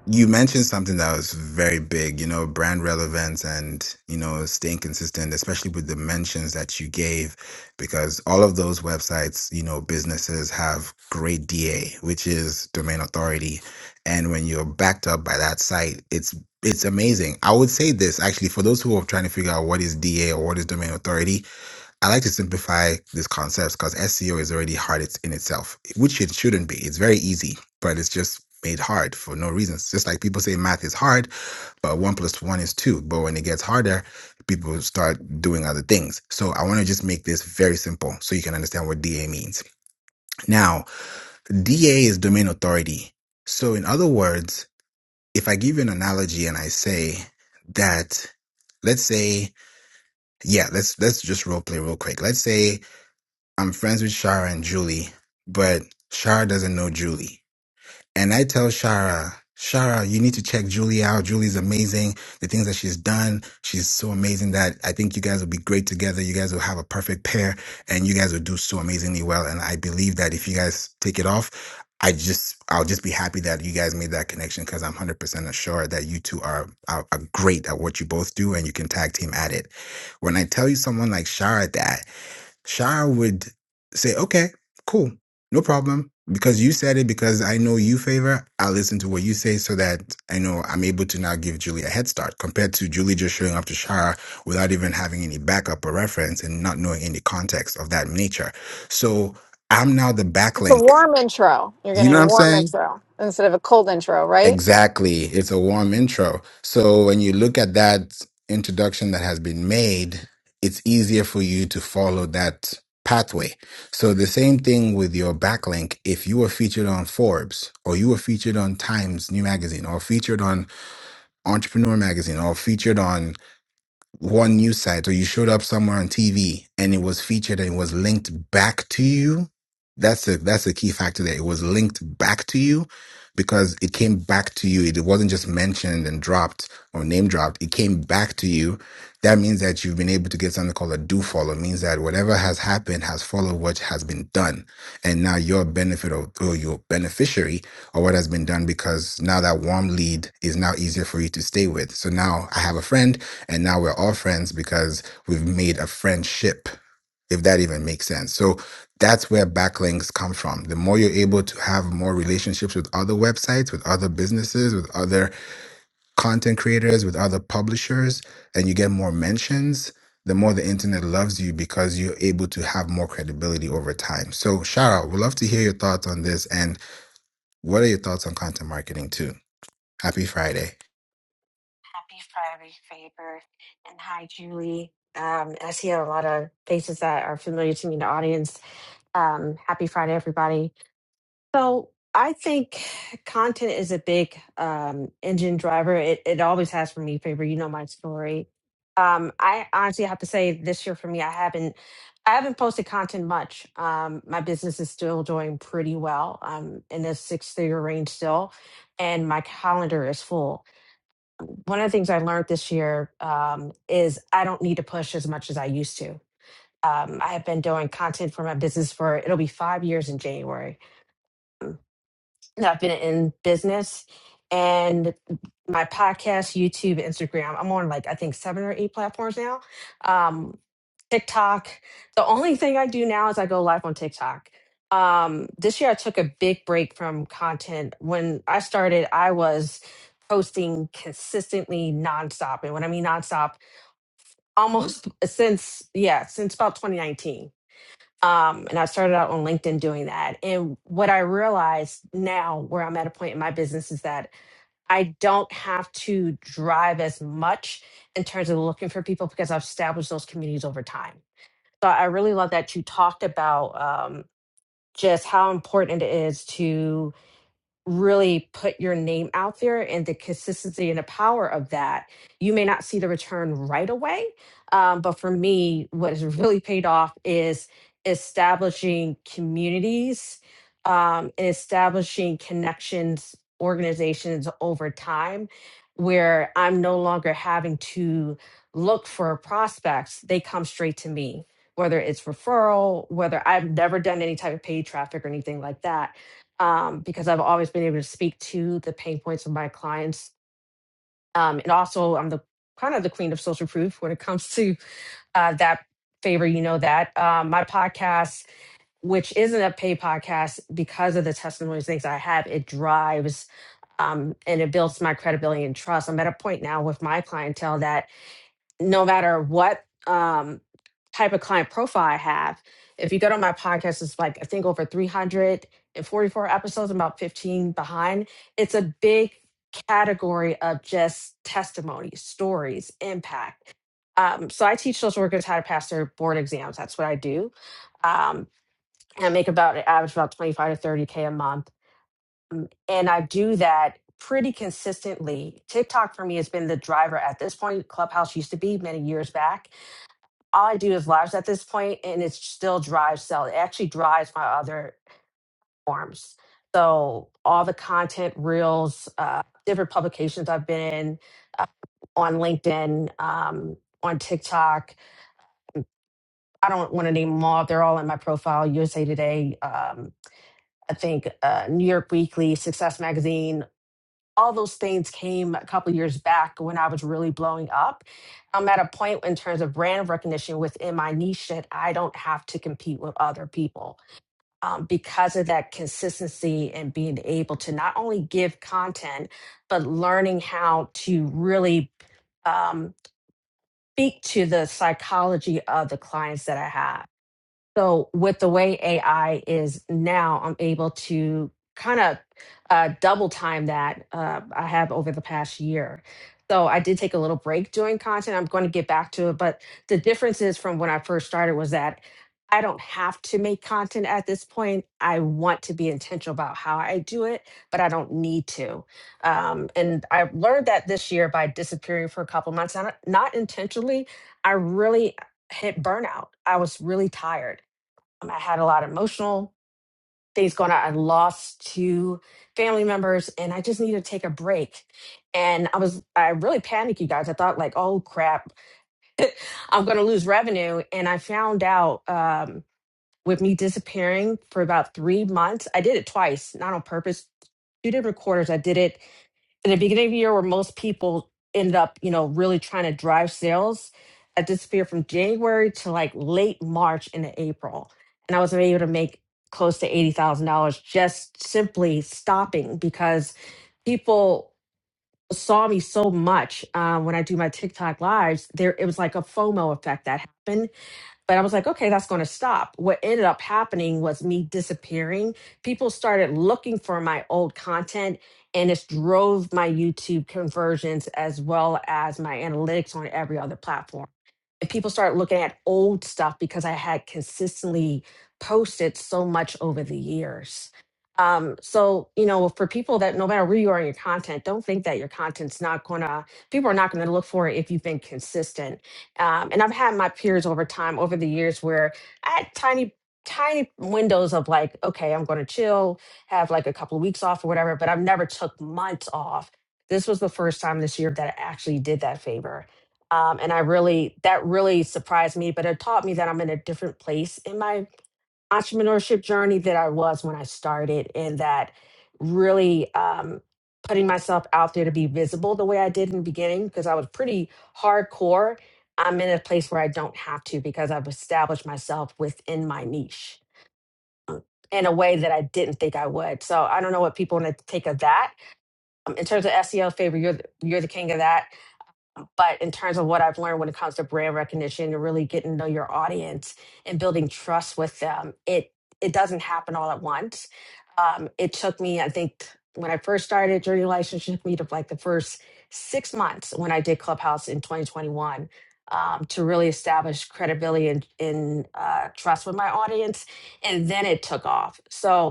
you mentioned something that was very big, you know, brand relevance and, you know, staying consistent, especially with the mentions that you gave, because all of those websites, you know, businesses have great DA, which is domain authority. And when you're backed up by that site, it's it's amazing. I would say this actually for those who are trying to figure out what is DA or what is domain authority, I like to simplify these concepts because SEO is already hard in itself, which it shouldn't be. It's very easy, but it's just made hard for no reason. It's just like people say math is hard, but one plus one is two. But when it gets harder, people start doing other things. So I want to just make this very simple so you can understand what DA means. Now, DA is domain authority. So in other words, if I give you an analogy and I say that, let's say, yeah, let's let's just role play real quick. Let's say I'm friends with Shara and Julie, but Shara doesn't know Julie. And I tell Shara, Shara, you need to check Julie out. Julie's amazing. The things that she's done, she's so amazing that I think you guys will be great together. You guys will have a perfect pair and you guys will do so amazingly well. And I believe that if you guys take it off, I just, I'll just be happy that you guys made that connection because I'm 100% sure that you two are, are, are great at what you both do and you can tag team at it. When I tell you someone like Shara that, Shah would say, okay, cool, no problem. Because you said it, because I know you favor, I'll listen to what you say so that I know I'm able to now give Julie a head start compared to Julie just showing up to Shara without even having any backup or reference and not knowing any context of that nature. So I'm now the
It's a
backlink.
warm intro. You're
You
getting
know
a
what I'm
warm
saying?
intro instead of a cold intro, right?
Exactly. It's a warm intro. So when you look at that introduction that has been made, it's easier for you to follow that pathway. So the same thing with your backlink. If you were featured on Forbes or you were featured on Times New Magazine or featured on Entrepreneur Magazine or featured on one news site or you showed up somewhere on TV and it was featured and it was linked back to you, that's a that's a key factor there. It was linked back to you because it came back to you. It wasn't just mentioned and dropped or name dropped. It came back to you. That means that you've been able to get something called a do follow. It means that whatever has happened has followed what has been done and now your benefit or, or your beneficiary or what has been done because now that warm lead is now easier for you to stay with. So now I have a friend and now we're all friends because we've made a friendship, if that even makes sense. So that's where backlinks come from. The more you're able to have more relationships with other websites, with other businesses, with other content creators, with other publishers, and you get more mentions, the more the internet loves you because you're able to have more credibility over time. So, shout out. We'd love to hear your thoughts on this. And what are your thoughts on content marketing, too? Happy Friday.
Happy Friday, Faber, and hi, Julie. Um, I see a lot of faces that are familiar to me in the audience. Um, happy Friday, everybody. So I think content is a big um, engine driver. It, it always has for me, Faber. You know my story. Um, I honestly have to say, this year for me, I haven't. I haven't posted content much. Um, my business is still doing pretty well. I'm in the six figure range still, and my calendar is full one of the things I learned this year um, is I don't need to push as much as I used to. Um, I have been doing content for my business for it'll be five years in January. And I've been in business and my podcast, YouTube, Instagram. I'm on like I think seven or eight platforms now. Um, TikTok. The only thing I do now is I go live on TikTok. Um, this year I took a big break from content. When I started, I was posting consistently nonstop. And when I mean nonstop, almost since yeah since about 2019 um and i started out on linkedin doing that and what i realized now where i'm at a point in my business is that i don't have to drive as much in terms of looking for people because i've established those communities over time so i really love that you talked about um just how important it is to really put your name out there and the consistency and the power of that, you may not see the return right away. Um, but for me, what has really paid off is establishing communities um, and establishing connections, organizations over time where I'm no longer having to look for prospects. They come straight to me, whether it's referral, whether I've never done any type of paid traffic or anything like that um, because I've always been able to speak to the pain points of my clients. Um, and also, I'm the kind of the queen of social proof when it comes to uh, that favor. You know that um, my podcast, which isn't a paid podcast, because of the testimonies things I have, it drives um, and it builds my credibility and trust. I'm at a point now with my clientele that no matter what um, type of client profile I have, if you go to my podcast, it's like I think over 344 episodes, I'm about 15 behind. It's a big category of just testimonies, stories, impact. Um, so I teach social workers how to pass their board exams. That's what I do. Um, and I make about an average about 25 to 30K a month. And I do that pretty consistently. TikTok for me has been the driver at this point. Clubhouse used to be many years back all I do is lives at this point, and it still drives sell. It actually drives my other forms. So all the content, reels, uh, different publications I've been in, uh, on LinkedIn, um, on TikTok. I don't want to name them all. They're all in my profile. USA Today, um, I think uh, New York Weekly, Success Magazine, all those things came a couple years back when I was really blowing up. I'm at a point in terms of brand recognition within my niche that I don't have to compete with other people um, because of that consistency and being able to not only give content, but learning how to really um, speak to the psychology of the clients that I have so with the way AI is now, I'm able to kind of uh, double time that uh, I have over the past year. So I did take a little break doing content. I'm going to get back to it, but the differences from when I first started was that I don't have to make content at this point. I want to be intentional about how I do it, but I don't need to. Um, and I learned that this year by disappearing for a couple months, not, not intentionally. I really hit burnout. I was really tired um, I had a lot of emotional things going on. I lost two family members and I just needed to take a break. And I was, I really panicked, you guys. I thought, like, oh crap, I'm going to lose revenue. And I found out um, with me disappearing for about three months, I did it twice, not on purpose, two different quarters. I did it in the beginning of the year where most people ended up, you know, really trying to drive sales, I disappeared from January to like late March into April. And I was able to make close to $80,000 just simply stopping because people saw me so much uh, when I do my TikTok lives. There, it was like a FOMO effect that happened but I was like, okay, that's going to stop. What ended up happening was me disappearing. People started looking for my old content, and it drove my YouTube conversions as well as my analytics on every other platform. And people started looking at old stuff because I had consistently posted so much over the years. Um, so, you know, for people that no matter where you are in your content, don't think that your content's not going to, people are not going to look for it if you've been consistent um, and I've had my peers over time, over the years, where I had tiny, tiny windows of like, okay, I'm going to chill, have like a couple of weeks off or whatever, but I've never took months off. This was the first time this year that I actually did that favor. Um, and I really, that really surprised me, but it taught me that I'm in a different place in my entrepreneurship journey that I was when I started, and that really um, putting myself out there to be visible the way I did in the beginning, because I was pretty hardcore. I'm in a place where I don't have to because I've established myself within my niche in a way that I didn't think I would. So I don't know what people want to take of that. Um, in terms of SEO favor, you're the, you're the king of that but in terms of what I've learned when it comes to brand recognition and really getting to know your audience and building trust with them, it it doesn't happen all at once. Um, it took me, I think, when I first started Journey Relationship, it took me to like the first six months when I did Clubhouse in 2021 um, to really establish credibility and, and uh, trust with my audience, and then it took off. So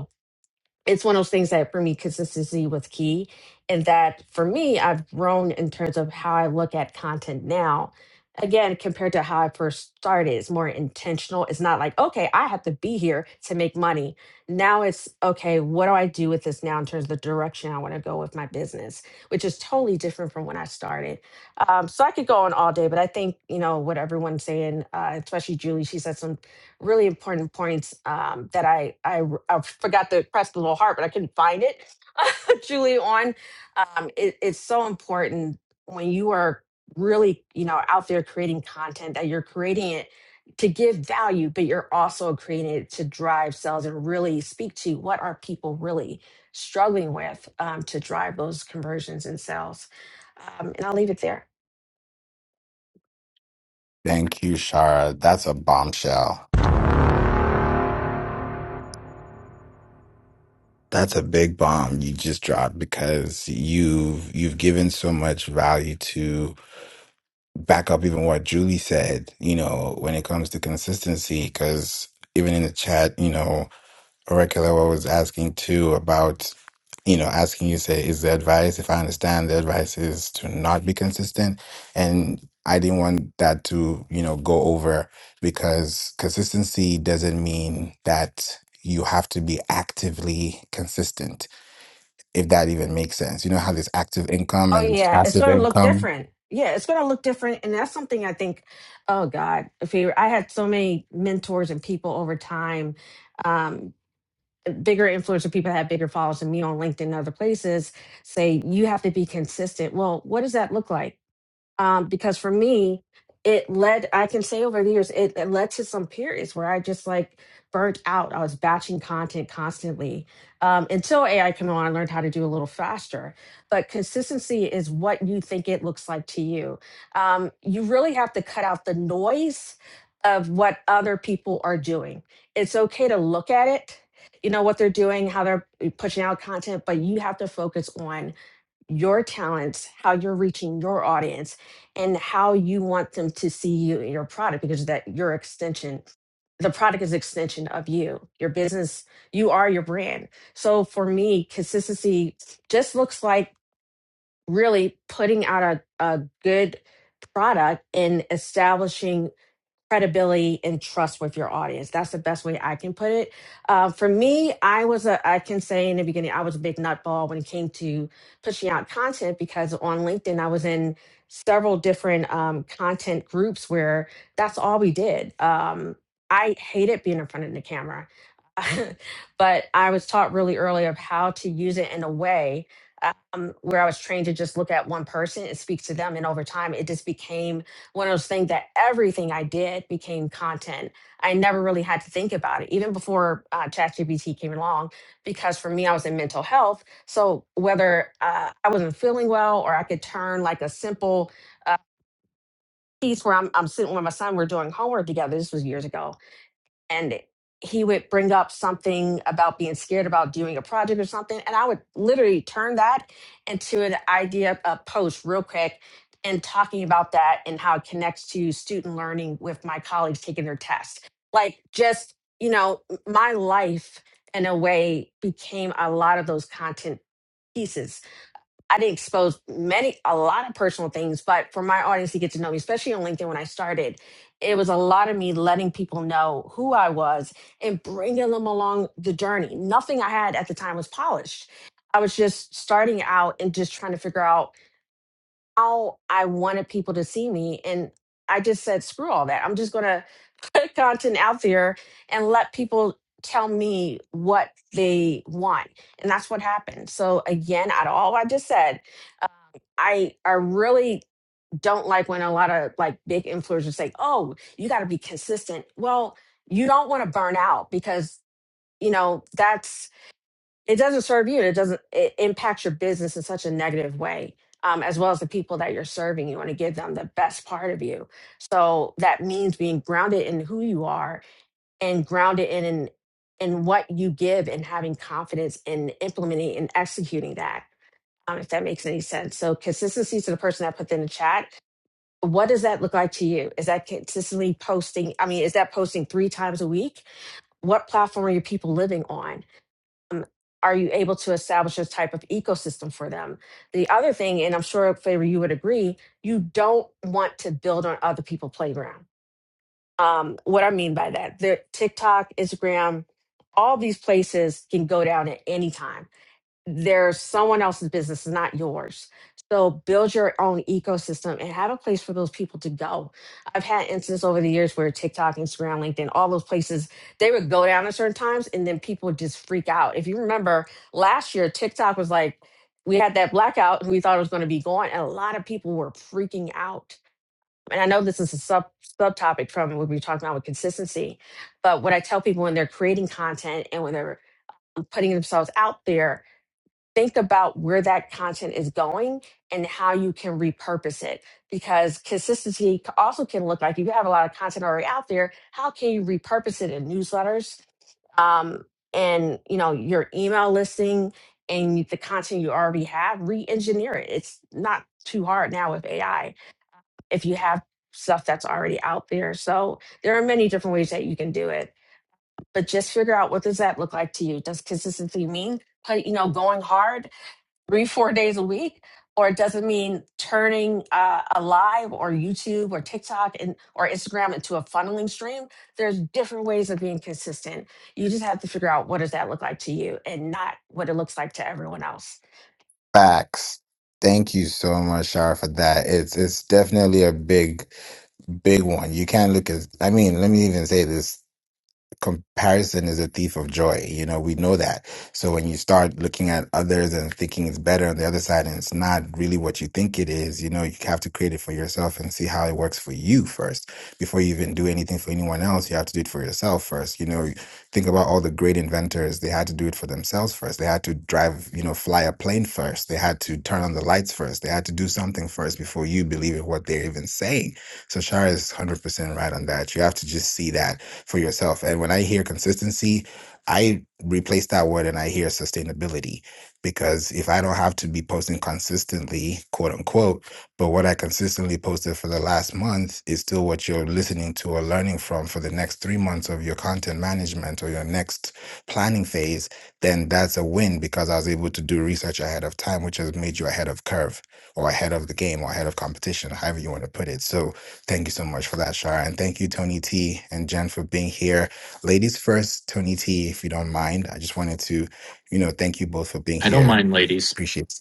it's one of those things that for me consistency was key and that for me i've grown in terms of how i look at content now again compared to how i first started it's more intentional it's not like okay i have to be here to make money now it's okay what do i do with this now in terms of the direction i want to go with my business which is totally different from when i started um, so i could go on all day but i think you know what everyone's saying uh, especially julie she said some really important points um, that I, I r- I forgot to press the little heart, but I couldn't find it, Julie. On um, it, it's so important when you are really you know out there creating content that you're creating it to give value, but you're also creating it to drive sales and really speak to what are people really struggling with um, to drive those conversions and sales. Um, and I'll leave it there.
Thank you, Shara. That's a bombshell. That's a big bomb you just dropped because you've you've given so much value to back up even what Julie said, you know, when it comes to consistency, because even in the chat, you know, Regular, I was asking too about, you know, asking you say, is the advice, if I understand the advice is to not be consistent. And I didn't want that to, you know, go over because consistency doesn't mean that you have to be actively consistent, if that even makes sense. You know how there's active income
Oh
and there's
yeah, it's
passive
going to look
income?
different. Yeah, it's going to look different, and that's something I think. Oh God, if you, I had so many mentors and people over time. um, bigger influencer people that have bigger followers than me on LinkedIn and other places say you have to be consistent. Well, what does that look like? um, because for me it led i can say over the years it, it led to some periods where i just like burnt out i was batching content constantly um, until ai came on i learned how to do a little faster but consistency is what you think it looks like to you um, you really have to cut out the noise of what other people are doing it's okay to look at it you know what they're doing how they're eh, pushing out content but you have to focus on your talents, how you're reaching your audience, and how you want them to see you and your product because that your extension, the product is extension of you. Your business, you are your brand. So for me, consistency just looks like really putting out a, a good product and establishing credibility and trust with your audience. That's the best way I can put it. Uh, for me, I was a, I can say in the beginning, I was a big nutball when it came to pushing out content because on LinkedIn, I was in several different um, content groups where that's all we did. Um, I hated being in front of the camera, but I was taught really early of how to use it in a way um, where I was trained to just look at one person and speak to them. And over time, it just became one of those things that everything I did became content. I never really had to think about it, even before uh, ChatGPT came along, because for me, I was in mental health. So whether uh, I wasn't feeling well or I could turn like a simple uh, piece where I'm, I'm sitting with my son, we're doing homework together. This was years ago and he would bring up something about being scared about doing a project or something and i would literally turn that into an idea a post real quick and talking about that and how it connects to student learning with my colleagues taking their tests like just you know my life in a way became a lot of those content pieces I did expose many, a lot of personal things, but for my audience to get to know me, especially on LinkedIn when I started, it was a lot of me letting people know who I was and bringing them along the journey. Nothing I had at the time was polished. I was just starting out and just trying to figure out how I wanted people to see me. And I just said, screw all that. I'm just going to put content out there and let people tell me what they want. And that's what happened. So, again, out of all I just said, I I really don't like when a lot of like big influencers say, "Oh, you got to be consistent." Well, you don't want to burn out because you know that's it doesn't serve you. and It doesn't it impacts your business in such a negative way. Um, as well as the people that you're serving, you want to give them the best part of you. So that means being grounded in who you are and grounded in in, in what you give and having confidence in implementing and executing that um, if that makes any sense. So consistency to the person I put in the chat. What does that look like to you? Is that consistently posting? I mean, is that posting three times a week? What platform are your people living on? Um, are you able to establish a type of ecosystem for them? The other thing, and I'm sure Favor you would agree, you don't want to build on other people's playground. Um, what I mean by that, the TikTok, Instagram, all these places can go down at any time there's someone else's business it's not yours so build your own ecosystem and have a place for those people to go i've had instances over the years where tiktok instagram linkedin all those places they would go down at certain times and then people would just freak out if you remember last year tiktok was like we had that blackout and we thought it was going to be gone and a lot of people were freaking out and i know this is a sub subtopic from what we were talking about with consistency but what i tell people when they're creating content and when they're putting themselves out there think about where that content is going and how you can repurpose it because consistency c- also can look like if you have a lot of content already out there how can you repurpose it in newsletters um, and you know your email listing and the content you already have re-engineer it it's not too hard now with ai if you have stuff that's already out there so there are many different ways that you can do it but just figure out what does that look like to you does consistency mean put- you know going hard three, four days a week, or it doesn't mean turning uh, a live or YouTube or TikTok and or Instagram into a funneling stream. There's different ways of being consistent. You just have to figure out what does that look like to you and not what it looks like to everyone else.
Facts. Thank you so much, Shara, for that. It's it's definitely a big, big one. You can't look at I mean, let me even say this. comparison is a thief of joy. You know, we know that. So when you start looking at others and thinking it's better on the other side and it's not really what you think it is, you know, you have to create it for yourself and see how it works for you first. Before you even do anything for anyone else, you have to do it for yourself first. You know, you think about all the great inventors. They had to do it for themselves first. They had to drive, you know, fly a plane first. They had to turn on the lights first. They had to do something first before you believe in what they're even saying. So Shara is 100% right on that. You have to just see that for yourself. And when I hear consistency, I replace that word and I hear sustainability because if I don't have to be posting consistently, quote unquote, but what I consistently posted for the last month is still what you're listening to or learning from for the next three months of your content management or your next planning phase, then that's a win because I was able to do research ahead of time, which has made you ahead of curve or ahead of the game or ahead of competition, however you want to put it. So Thank you so much for that, Shara. And thank you, Tony T and Jen, for being here. Ladies first, Tony T, if you don't mind, I just wanted to, you know, thank you both for being
I don't
here.
mind ladies.
Appreciate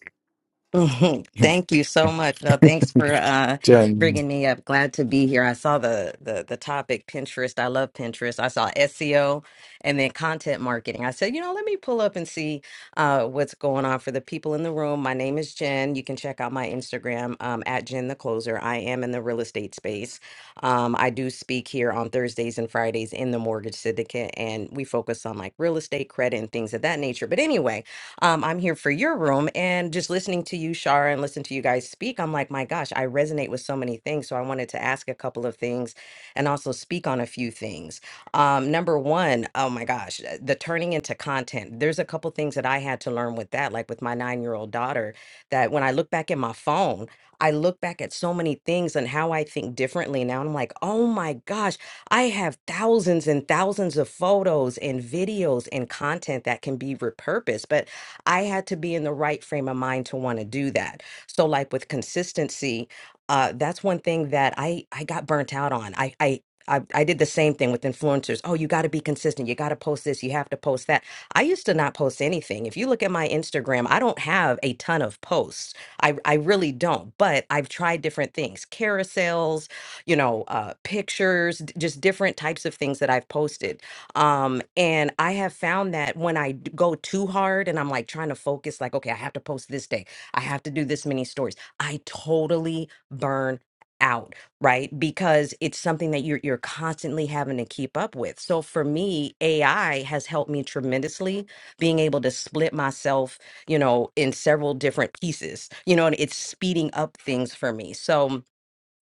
Mhm.
it.
Thank you so much. No, thanks for uh,
Jen,
bringing me up. Glad to be here. I saw the, the the topic Pinterest. I love Pinterest. I saw SEO and then content marketing. I said, you know, let me pull up and see uh, what's going on for the people in the room. My name is Jen. You can check out my Instagram um, at Jen the Closer. I am in the real estate space. Um, I do speak here on Thursdays and Fridays in the mortgage syndicate, and we focus on like real estate credit and things of that nature. But anyway. Um, I'm here for your room. And just listening to you, Shara, and listen to you guys speak, I'm like, my gosh, I resonate with so many things. So I wanted to ask a couple of things and also speak on a few things. Um, number one, oh my gosh, uh, the turning into content. There's a couple things that I had to learn with that, like with my nine year old daughter, that when I look back at my phone, I look back at so many things and how I think differently now. And I'm like, oh my gosh, I have thousands and thousands of photos and videos and content that can be repurposed. But I had to be in the right frame of mind to want to do that. So, like with consistency, uh, that's one thing that I I got burnt out on. I I I, I did the same thing with influencers. Oh, you got to be consistent. You got to post this. You have to post that. I used to not post anything. If you look at my Instagram, I don't have a ton of posts. I, I really don't. But I've tried different things carousels, you know, uh, pictures, d- just different types of things that I've posted um, and I have found that when I d- go too hard and I'm like trying to focus, like, okay, I have to post this day, I have to do this many stories, I totally burn out, right? Because it's something that you're you're constantly having to keep up with. So for me, AI has helped me tremendously being able to split myself, you know, in several different pieces. You know, and it's speeding up things for me. So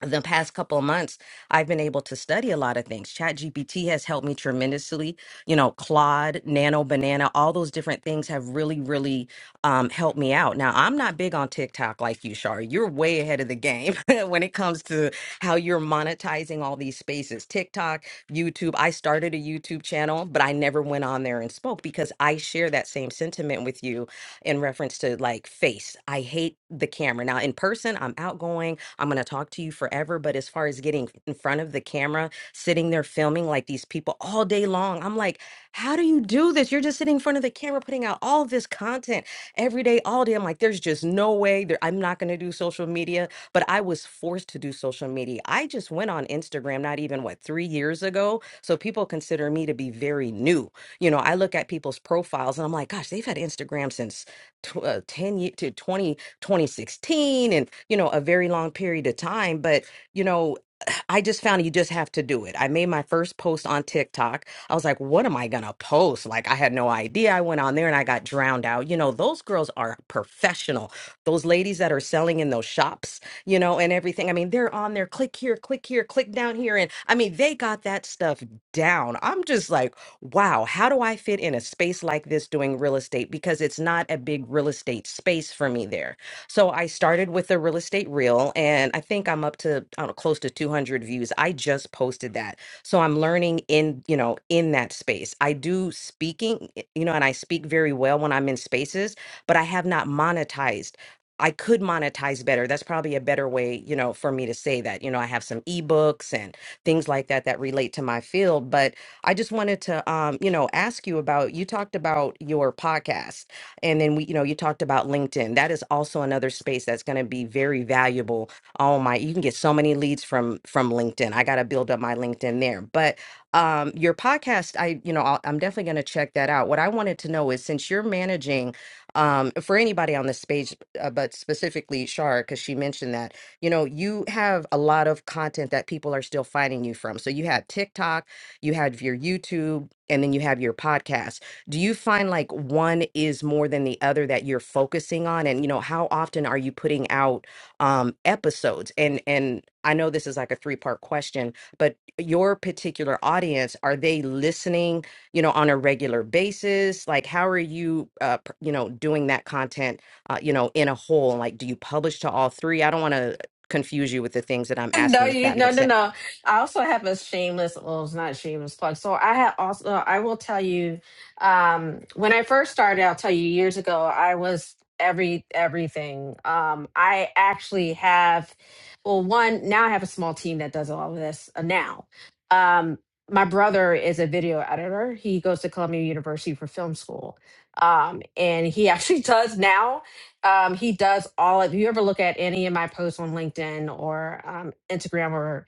the past couple of months i've been able to study a lot of things ChatGPT has helped me tremendously you know claude nano banana all those different things have really really um, helped me out now i'm not big on tiktok like you shari you're way ahead of the game when it comes to how you're monetizing all these spaces tiktok youtube i started a youtube channel but i never went on there and spoke because i share that same sentiment with you in reference to like face i hate the camera now in person i'm outgoing I'm going to talk to you forever. But as far as getting in front of the camera, sitting there filming like these people all day long, I'm like, how do you do this? You're just sitting in front of the camera, putting out all this content every day, all day. I'm like, there's just no way that I'm not going to do social media. But I was forced to do social media. I just went on Instagram not even what three years ago. So people consider me to be very new. You know, I look at people's profiles and I'm like, gosh, they've had Instagram since tw- uh, 10 ye- to 20. 2016 and, you know, a very long period of time. But, you know, I just found you just have to do it. I made my first post on TikTok. I was like, what am I going to post? Like, I had no idea. I went on there and I got drowned out. You know, those girls are professional. Those ladies that are selling in those shops, you know, and everything. I mean, they're on there, click here, click here, click down here. And I mean, they got that stuff down. I'm just like, wow, how do I fit in a space like this doing real estate? Because it's not a big real estate space for me there so I started with the real estate reel, and I think I'm up to I don't know, close to 200 views. I just posted that, so I'm learning in you know in that space. I do speaking, y- you know, and I speak very well when I'm in spaces, but I have not monetized. I could monetize better. That's probably a better way, you know, for me to say that. You know, I have some ebooks and things like that that relate to my field, but I just wanted to, um, you know, ask you about. You talked about your podcast and then we, you know, you talked about LinkedIn. That is also another space that's going to be very valuable. Oh my, you can get so many leads from from LinkedIn. I got to build up my LinkedIn there. But um your podcast, I, you know, I'll, I'm definitely going to check that out. What I wanted to know is since you're managing um for anybody on this page, uh, but specifically Shar, because she mentioned that, you know, you have a lot of content that people are still finding you from. So you have TikTok, you have your YouTube, and then you have your podcast do you find like one is more than the other that you're focusing on and you know how often are you putting out um episodes and and I know this is like a three part question but your particular audience are they listening you know on a regular basis like how are you uh pr- you know doing that content uh, you know in a whole like do you publish to all three I don't want to confuse you with the things that I'm
No,
asking if
you
that
no
makes
no
sense
no. I also have a shameless well it's not a shameless plug. So I had also I will tell you, um when I first started, I'll tell you years ago, I was every everything. Um I actually have well one now I have a small team that does all of this uh, now. Um my brother is a video editor. He goes to Columbia University for film school. Um and he actually does now um, he does all of. If you ever look at any of my posts on LinkedIn or um, Instagram or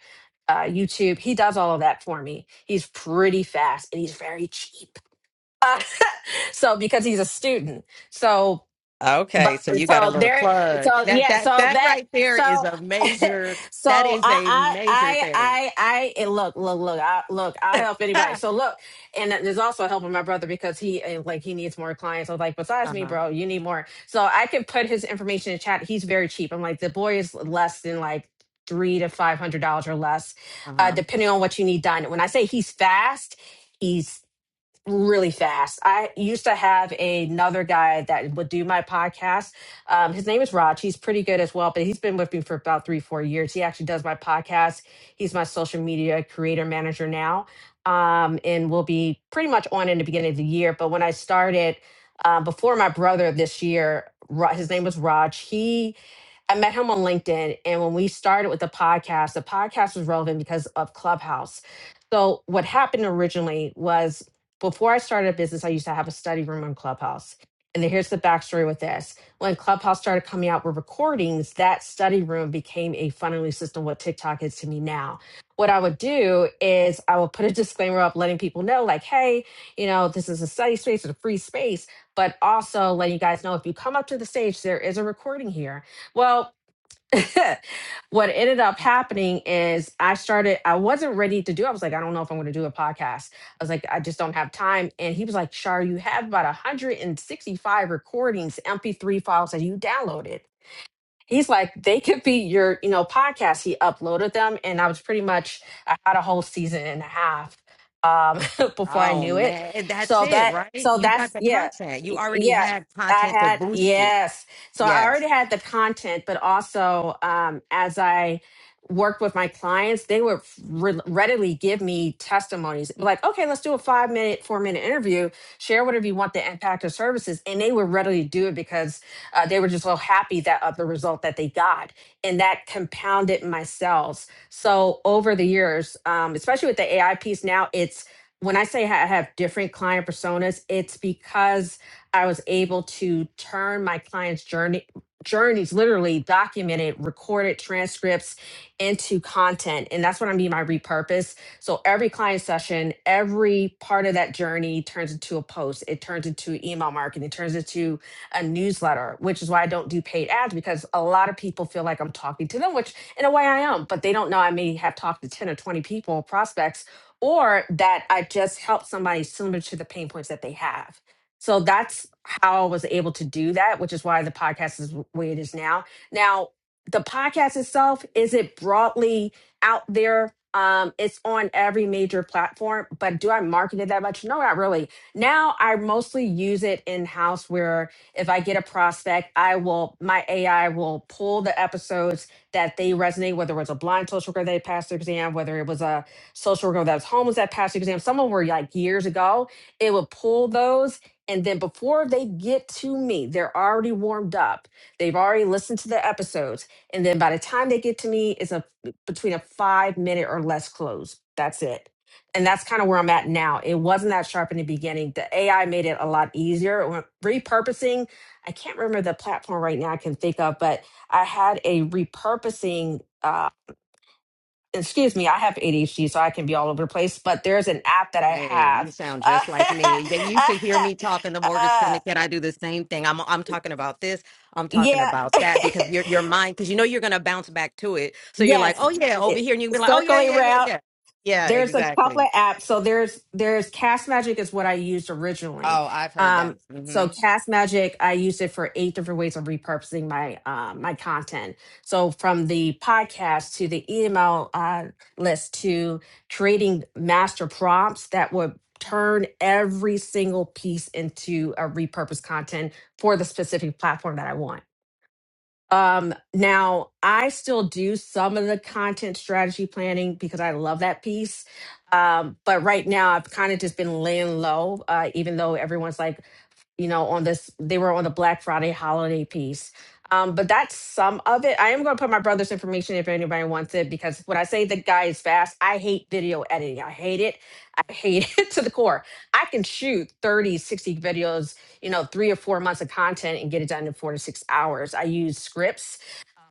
uh, YouTube, he does all of that for me. He's pretty fast and he's very cheap. Uh, so because he's a student, so
Okay,
but
so you got a
so
little
there
plug.
so
That
yeah
that
so
that
that
right there is
so
a major. That
so
is
I
a
I
major
I
thing.
I I and look look look I look I'll
uh
help anybody. So look, and there's also helping my brother because he eh, like he needs more clients. I was like, besides me,
huh.
bro, you need more. So I can put his information in chat. He's very cheap. I'm like the boy is less than like three to five hundred dollars or less,
Uh
uh,
huh.
depending on what you need done. When I say he's fast really fast. I used to have another guy that would do my podcast. Um, his name is Raj. He's pretty good as well, but he's been with me for about three, four years. He actually does my podcast. He's my social media creator manager now, um, and will be pretty much on in the beginning of the year. But when I started uh, before my brother this year, Ra- his name was Raj. He I met him on LinkedIn. And when we started with the podcast, the podcast was relevant because of Clubhouse. So, what happened originally was before I started a business, I used to have a study room on Clubhouse. And then here's the backstory with this. When Clubhouse started coming out with recordings, that study room became a funneling system, what TikTok is to me now. What I would do is I would put a disclaimer up letting people know, like, hey, you know, this is a study space, it's a free space, but also letting you guys know if you come up to the stage, there is a recording here well, what ended up happening is I started, I wasn't ready to do. I was like, I don't know if I'm going to do a podcast. I was like, I just don't have time. And he was like, Shar, you have about 165 recordings, MP3 files that you downloaded he's like they could be your you know podcast he uploaded them and i was pretty much i had a whole season and a half um before i
Oh
knew it
man, and that's
so
it,
that
right?
so
You got
that's
the
yeah
content. You
y-
already
yeah
had
i
content to
had
boost you.
yes so i already
Yes.
had the content but also um as i worked with my clients they would re- readily give me testimonies like okay let's do a five minute four minute interview share whatever you want the impact of services and they would readily do it because uh, they were just so happy that of the result that they got, and that compounded my sales. So over the years, um, especially with the AI piece now, it's when I say ha- I have different client personas, it's because I was able to turn my clients' journey journeys literally documented recorded transcripts into content and that's what i mean by repurpose so every client session every part of that journey turns into a post it turns into email marketing it turns into a newsletter, which is why I don't do paid ads because a lot of people feel like I'm talking to them, which in a way I am, but they don't know I may have talked to 10 or 20 people, prospects, or that I just helped somebody similar to the pain points that they have. So that's how I was able to do that, which is why the podcast is the way it is now. Now, the podcast itself, is it broadly out there? Um, it's on every major platform, but do I market it that much? No, not really. Now I mostly use it in house where. If I get a prospect, I will, my AI will pull the episodes that they resonate, whether it was a blind social worker that passed their exam, whether it was a social worker that was homeless that passed their exam, some of them were like years ago. It would pull those. And then before they get to me, they're already warmed up. They've already listened to the episodes. And then by the time they get to me, it's a between a five minute or less close. That's it and that's kind of where I'm at now. It wasn't that sharp in the beginning. The AI made it a lot easier. When Repurposing, I can't remember the platform right now I can think of, but I had a repurposing, uh, excuse me, I have ADHD, so I can be all over the place, but there's an app that I
Hey, you
have.
sound just like me. Then you should
Uh,
hear me talk in the mortgage
uh,
syndicate. I do the same thing. I'm I'm talking about this. I'm talking
yeah.
about that because your your mind because you know you're gonna bounce back to it. So you're like,
yes.
oh yeah, over
It,
here, and you can be like, oh yeah,
circling
yeah, yeah,
around.
yeah. Yeah,
there's a couple
exactly.
of apps. So there's there's Cast Magic is what I used originally.
Oh, I've heard that.
Um, so
Mm-hmm.
Cast Magic, I used it for eight different ways of repurposing my uh, my content. So from the podcast to the email uh, list to creating master prompts that would turn every single piece into a repurposed content for the specific platform that I want. Um, now I still do some of the content strategy planning because I love that piece. Um, but right now I've kind of just been laying low, uh, even though everyone's like, you know, on this, they were on the Black Friday holiday piece. Um, but that's some of it. I am going to put my brother's information if anybody wants it, because when I say the guy is fast, I hate video editing. I hate it. I hate it to the core. I can shoot 30, 60 videos, you know, three or four months of content and get it done in four to six hours. I use scripts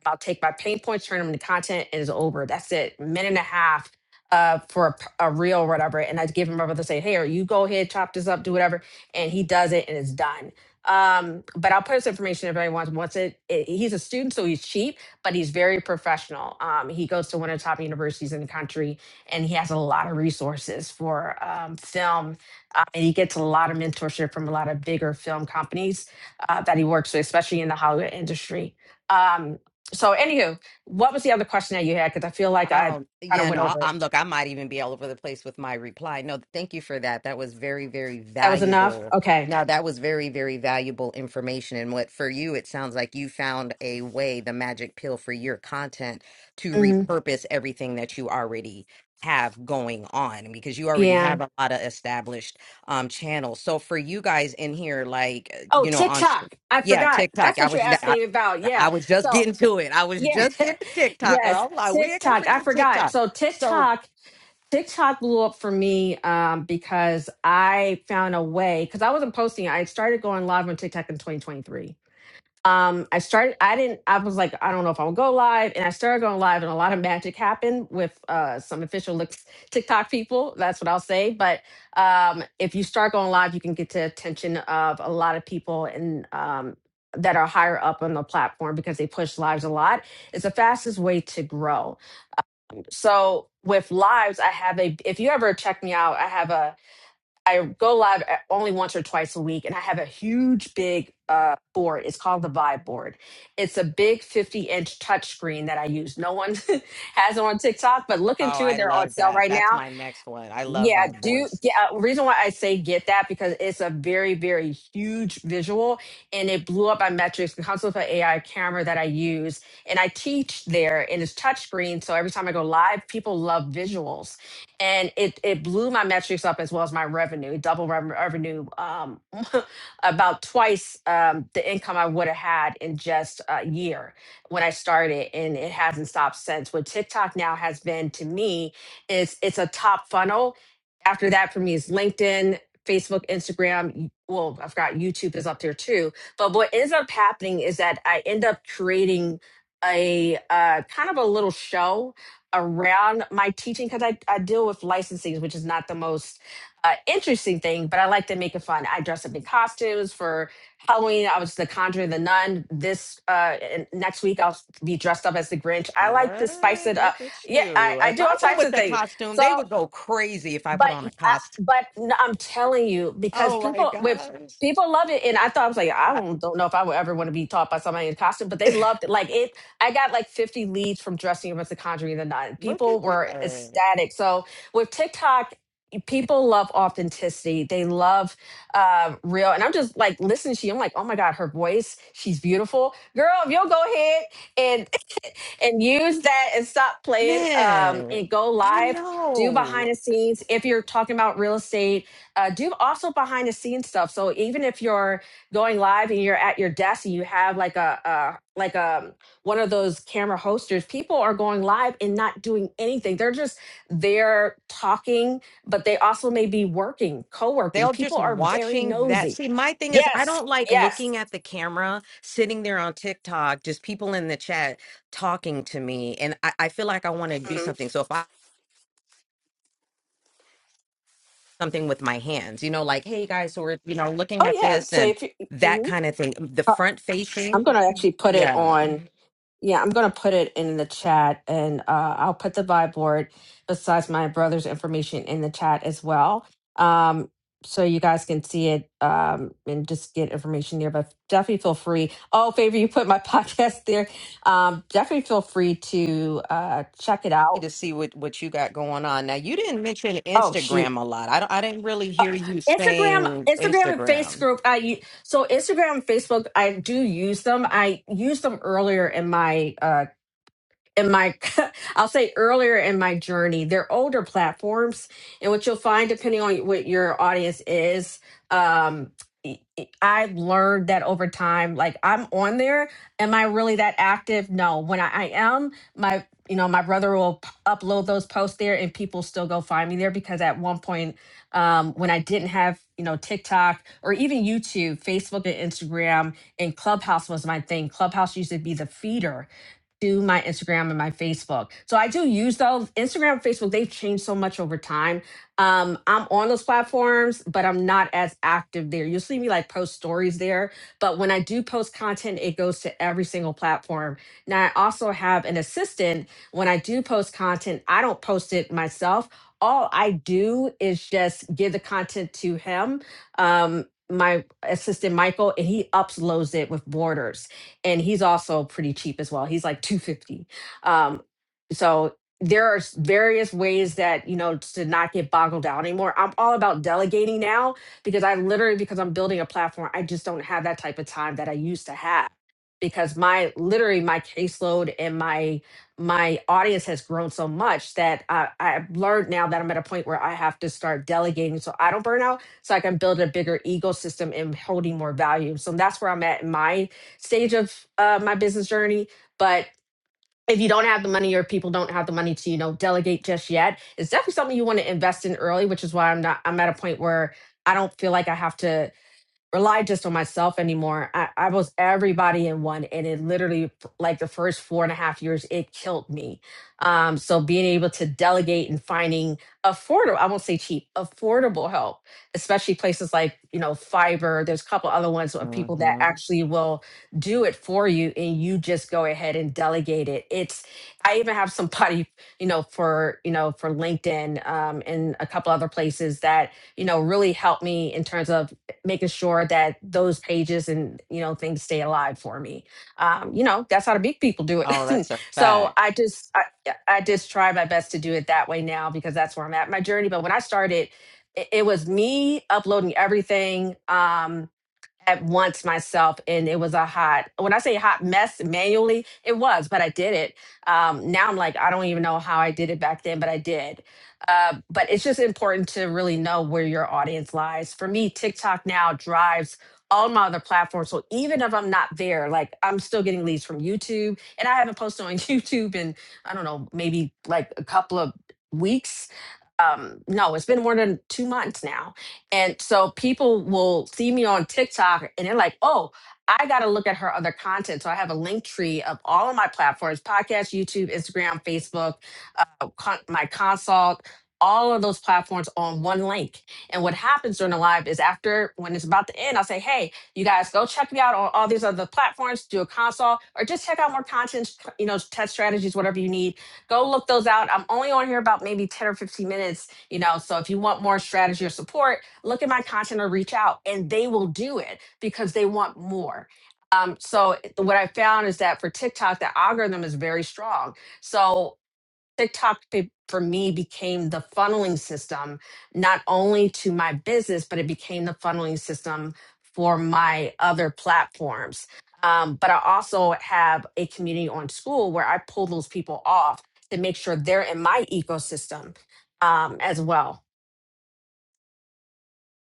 I'll take my pain points, turn them into content, and it's over. That's it. Minute and a half uh, for a, p- a reel or whatever. And I give him over to say, hey, or you go ahead, chop this up, do whatever. And he does it and it's done. Um, but I'll put his information if anyone wants it. I- He's a student, so he's cheap, but he's very professional. Um, he goes to one of the top universities in the country and he has a lot of resources for um, film. Uh, and he gets a lot of mentorship from a lot of bigger film companies uh, that he works with, especially in the Hollywood industry. Um, so, anywho, what was the other question that you had? Because I feel like I
Oh,
kind of
yeah,
went
no, I-
over it.
I'm look, I might even be all over the place with my reply. No, thank you for that. That was very, very
That was enough.
valuable.
Okay.
Now, that was very, very valuable information. And what for you, it sounds like you found a way, the magic pill for your content to
hmm
repurpose everything that you already have going on because you already
Yeah.
have a lot of established um channels. So for you guys in here, like, uh,
Oh,
you know, on
TikTok. I
yeah,
forgot.
TikTok.
That's
I
what you're
was.
asking me about.
I
Yeah.
was just
So,
getting to it. I was
yeah.
just getting to TikTok.
yes.
girl. I'm like, we ain't going
TikTok.
to
I
the
forgot.
TikTok.
So,
So,
TikTok. TikTok blew up for me um, because I found a way because I wasn't posting. I started going live on TikTok in 2023 um i started i didn't i was like i don't know if i'm gonna go live and i started going live and a lot of magic happened with uh some official looks tiktok people that's what i'll say but um if you start going live you can get the attention of a lot of people and um that are higher up on the platform because they push lives a lot it's the fastest way to grow so with lives i have a if you ever check me out i have a I go live eh, only once or twice a week, and I have a huge, big uh, board. It's called the Vibe Board. It's a big 50 inch touchscreen that I use. No one has it on TikTok, but look
oh,
into it.
I
They're on
love
sale
that.
right now.
That's my next one. I love
Yeah,
vibe
do
boards.
get uh, reason why I say get that because it's a very, very huge visual and it blew up my metrics because of an AI camera that I use. And I teach there and it's touchscreen. So every time I go live, people love visuals. And it it blew my metrics up as well as my revenue, double rev- revenue, um, about twice um, the income I would have had in just a year when I started. And it hasn't stopped since. What TikTok now has been to me is it's a top funnel after that for me is LinkedIn, Facebook, Instagram. Well, I've got YouTube is up there too. But what ends up happening is that I end up creating a uh, kind of a little show around my teaching because I, I deal with licensing, which is not the most uh, interesting thing, but I like to make it fun. I dress up in costumes for Halloween. I was the Conjuring the Nun. This uh, and next week, I'll be dressed up as the Grinch. I like to
What?
spice it up.
Look at
Yeah, I,
you.
I
If
do all
I went
types
with
of
that
things.
costume, they
So
would go crazy if I
but
put on
uh,
a costume.
but n- I'm telling you because
Oh my
people with
gosh.
people love it, and I thought I was like I
I-
don't, don't know if I would ever want to be taught by somebody in costume, but they loved it. Like it, I got like 50 leads from dressing up as the Conjuring the Nun.
Look at
People were
that.
ecstatic. So with TikTok. People love authenticity. They love uh, real. And I'm just like listening to you. I'm like, oh my God, her voice, she's beautiful. Girl, if you'll go ahead and and use that and stop playing um,
Man,
and go
I
live. Do
know.
behind the scenes if you're talking about real estate. Uh, do also behind the scenes stuff. So even if you're going live and you're at your desk and you have like a, a like a one of those camera hosters, people are going live and not doing anything. They're just there talking, but they also may be working, co-working.
They'll
People
just
are very
watching that.
nosy.
See, my thing is, I
Yes.
don't like
Yes.
looking at the camera, sitting there on TikTok, just people in the chat talking to me. And I, I feel like I want to do
Mhm.
something. So if I something with my hands, you know, like, hey guys, so we're, you know, looking
Oh
at
yeah.
this
So
and
if you,
that
mhm.
kind of thing. The
Uh,
front
I'm going
facing,
to actually put it
yeah.
on. Yeah, I'm gonna put it in the chat, and uh, I'll put the vibe board besides my brother's information in the chat as well, um, so you guys can see it um, and just get information there. But definitely feel free. Oh, favor, you put my podcast there. Um, definitely feel free to uh, check it
Need
out.
To see what what you got going on. Now, you didn't mention
Oh shoot,
Instagram a lot. I don't, I didn't really hear you
Instagram,
saying
Instagram, and
Instagram.
Facebook. I u- so Instagram and Facebook. I do use them. I used them earlier in my uh, in my i'll say earlier in my journey they're older platforms and what you'll find depending on what your audience is um i I learned that over time like i'm on there am i really that active no when i, I am my you know my brother will p- upload those posts there and people still go find me there because at one point um, when i didn't have you know tiktok or even youtube facebook and instagram and clubhouse was my thing clubhouse used to be the feeder do my Instagram and my Facebook. So I do use those. Instagram, Facebook, they've changed so much over time. Um, I'm on those platforms, but I'm not as active there. You'll see me like post stories there. But when I do post content, it goes to every single platform. Now, I also have an assistant. When I do post content, I don't post it myself. All I do is just give the content to him, um, my assistant Michael, and he uploads it with borders and he's also pretty cheap as well. He's like 250. Um so there are s- various ways that you know to not get boggled down anymore. I'm all about delegating now because I literally because I'm building a platform, I just don't have that type of time that I used to have because my literally my caseload and my my audience has grown so much that I, I've learned now that I'm at a point where I have to start delegating so I don't burn out, so I can build a bigger ecosystem and holding more value. So that's where I'm at in my stage of uh, my business journey. But if you don't have the money or people don't have the money to, you know, delegate just yet, it's definitely something you want to invest in early, which is why I'm not, I'm at a point where I don't feel like I have to rely just on myself anymore. I, I was everybody in one, and it literally, like the first four and a half years, it killed me. Um, so being able to delegate and finding affordable, I won't say cheap, affordable help, especially places like you know Fiverr. There's a couple other ones of people that
hmm
actually will do it for you, and you just go ahead and delegate it. It's I even have somebody you know for you know for LinkedIn um, and a couple other places that you know really helped me in terms of making sure that those pages and you know things stay alive for me um, you know that's how the big people do
Oh,
it
that's a
so
fact.
i just I, I just try my best to do it that way now because that's where i'm at in my journey but when i started it, it was me uploading everything um, at once myself and it was a hot when i say hot mess manually it was but i did it um, now i'm like i don't even know how i did it back then but i did uh, but it's just important to really know where your audience lies for me tiktok now drives all my other platforms so even if i'm not there like i'm still getting leads from youtube and i haven't posted on youtube in i don't know maybe like a couple of weeks um no it's been more than two months now and so people will see me on tiktok and they're like oh i gotta look at her other content so i have a link tree of all of my platforms podcast youtube instagram facebook uh, con- my consult all of those platforms on one link and what happens during the live is after when it's about to end i'll say hey you guys go check me out on all these other platforms do a consult or just check out more content you know test strategies whatever you need Go look those out. I'm only on here about maybe 10 or 15 minutes, you know. So if you want more strategy or support, look at my content or reach out and they will do it because they want more. Um, so what I found is that for TikTok, the algorithm is very strong. So TikTok for me became the funneling system, not only to my business, but it became the funneling system for my other platforms. Um, but I also have a community on school where I pull those people off to make sure they're in my ecosystem um, as well.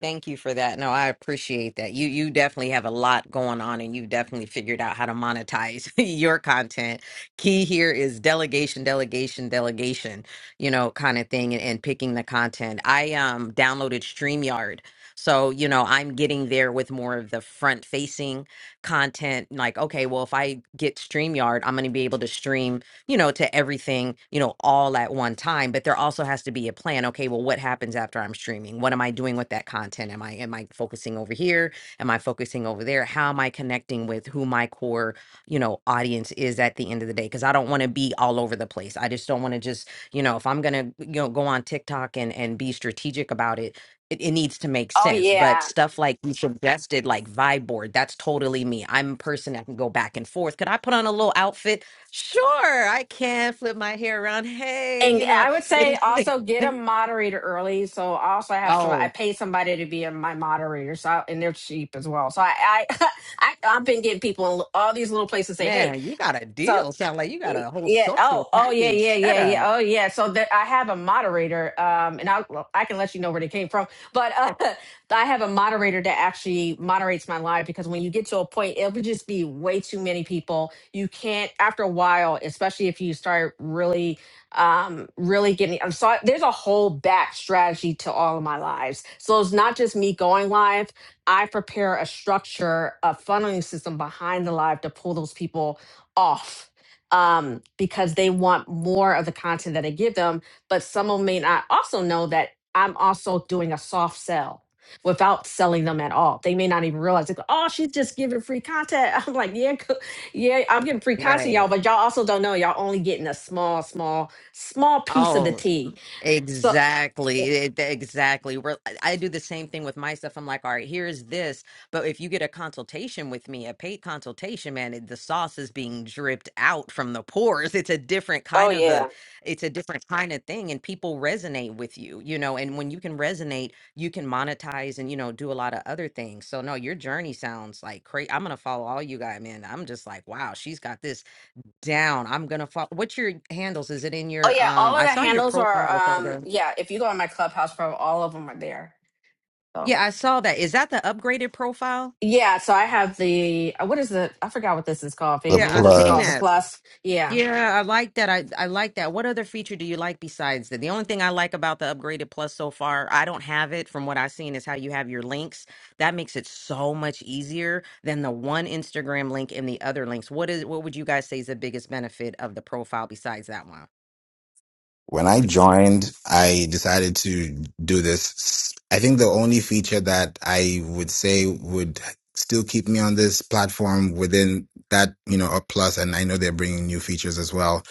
Thank you for that. No, I appreciate that. You you definitely have a lot going on and you definitely figured out how to monetize your content. Key here is delegation, delegation, delegation, you know, kind of thing and, and picking the content. I um downloaded StreamYard. So, you know, I'm getting there with more of the front facing content. Like, okay, well, if I get StreamYard, I'm gonna be able to stream you know, to everything, you know, all at one time. But there also has to be a plan. Okay, well, what happens after I'm streaming? What am I doing with that content? Am I am I focusing over here? Am I focusing over there? How am I connecting with who my core, you know, audience is at the end of the day? Because I don't want to be all over the place. I just don't want to just, you know, if I'm gonna, you know, go on TikTok and and be strategic about it, it, it needs to make
Oh
sense. But
yeah.
stuff like you suggested, like vibe board, that's totally me. I'm a person that can go back and forth. Could I put on a little outfit? Sure, I can flip my hair around. Hey,
And
you know,
I would
but
say
it's
also get a moderator early. So I also have some. I
oh
pay somebody to be my moderator, so I, and they're cheap as well. So I, I, I I've been getting people in all these little places say, hey.
man, you got a
So
deal. Sound like you got a whole
yeah
social
oh oh yeah yeah
package. Shut
yeah yeah
up.
oh yeah so there, i have a moderator um and i will i can let you know where they came from but uh i have a moderator that actually moderates my live because when you get to a point it would just be way too many people you can't after a while especially if you start really um really getting i'm sorry there's a whole back strategy to all of my lives so it's not just me going live i prepare a structure a funneling system behind the live to pull those people off um, because they want more of the content that I give them. But some of them may not also know that I'm also doing a soft sell without selling them at all. They may not even realize, they oh, she's just giving free content. I'm like, yeah, co- yeah, I'm giving free content, y'all,
Right.
but y'all also don't know y'all only getting a small, small, small piece of the
Oh,
tea. So,
Exactly. It- Exactly. We're, I I do the same thing with my stuff. I'm like, all right, here's this. But if you get a consultation with me, a paid consultation, man, it, the sauce is being dripped out from the pores. It's a different
oh,
kind of a,
yeah.
it's a different kind of thing. And people resonate with you, you know, and when you can resonate, you can monetize and, you know, do a lot of other things. So no, your journey sounds like crazy. I'm going to follow all you guys, man. I'm just like, wow, she's got this down. I'm gonna follow. What's your handles? Is it in
Oh,
your
yeah. All
um?
of
I
the
saw your
handles are,
profile with all
um,
the.
yeah, if you go on my clubhouse, pro, all of them are there. So.
Yeah, I saw that. Is that the upgraded profile?
Yeah, so I have the uh, what is the I forgot what this is called,
the
favor.
Yeah,
What
I've
is it
seen
called? The
plus.
that.
plus. Yeah.
Yeah, I like that. I I like that. What other feature do you like besides that? The only thing I like about the upgraded plus so far, I don't have it from what I've seen, is how you have your links. That makes it so much easier than the one Instagram link and the other links. What is what would you guys say is the biggest benefit of the profile besides that one?
When I joined, I decided to do this. I think the only feature that I would say would still keep me on this platform within that, you know, a plus, and I know they're bringing new features as well,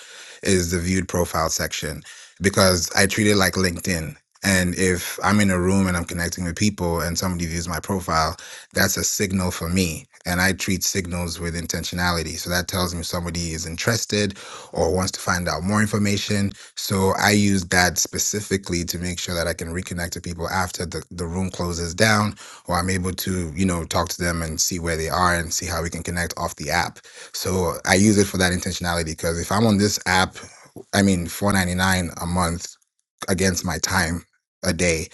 is the viewed profile section because I treat it like LinkedIn. And if I'm in a room and I'm connecting with people and somebody views my profile, that's a signal for me. And I treat signals with intentionality. So that tells me somebody is interested or wants to find out more information so I use that specifically to make sure that I can reconnect to people after the, the room closes down, or I'm able to, you know, talk to them and see where they are and see how we can connect off the app. So I use it for that intentionality because if I'm on this app, I mean, 4.99 a month against my time a day,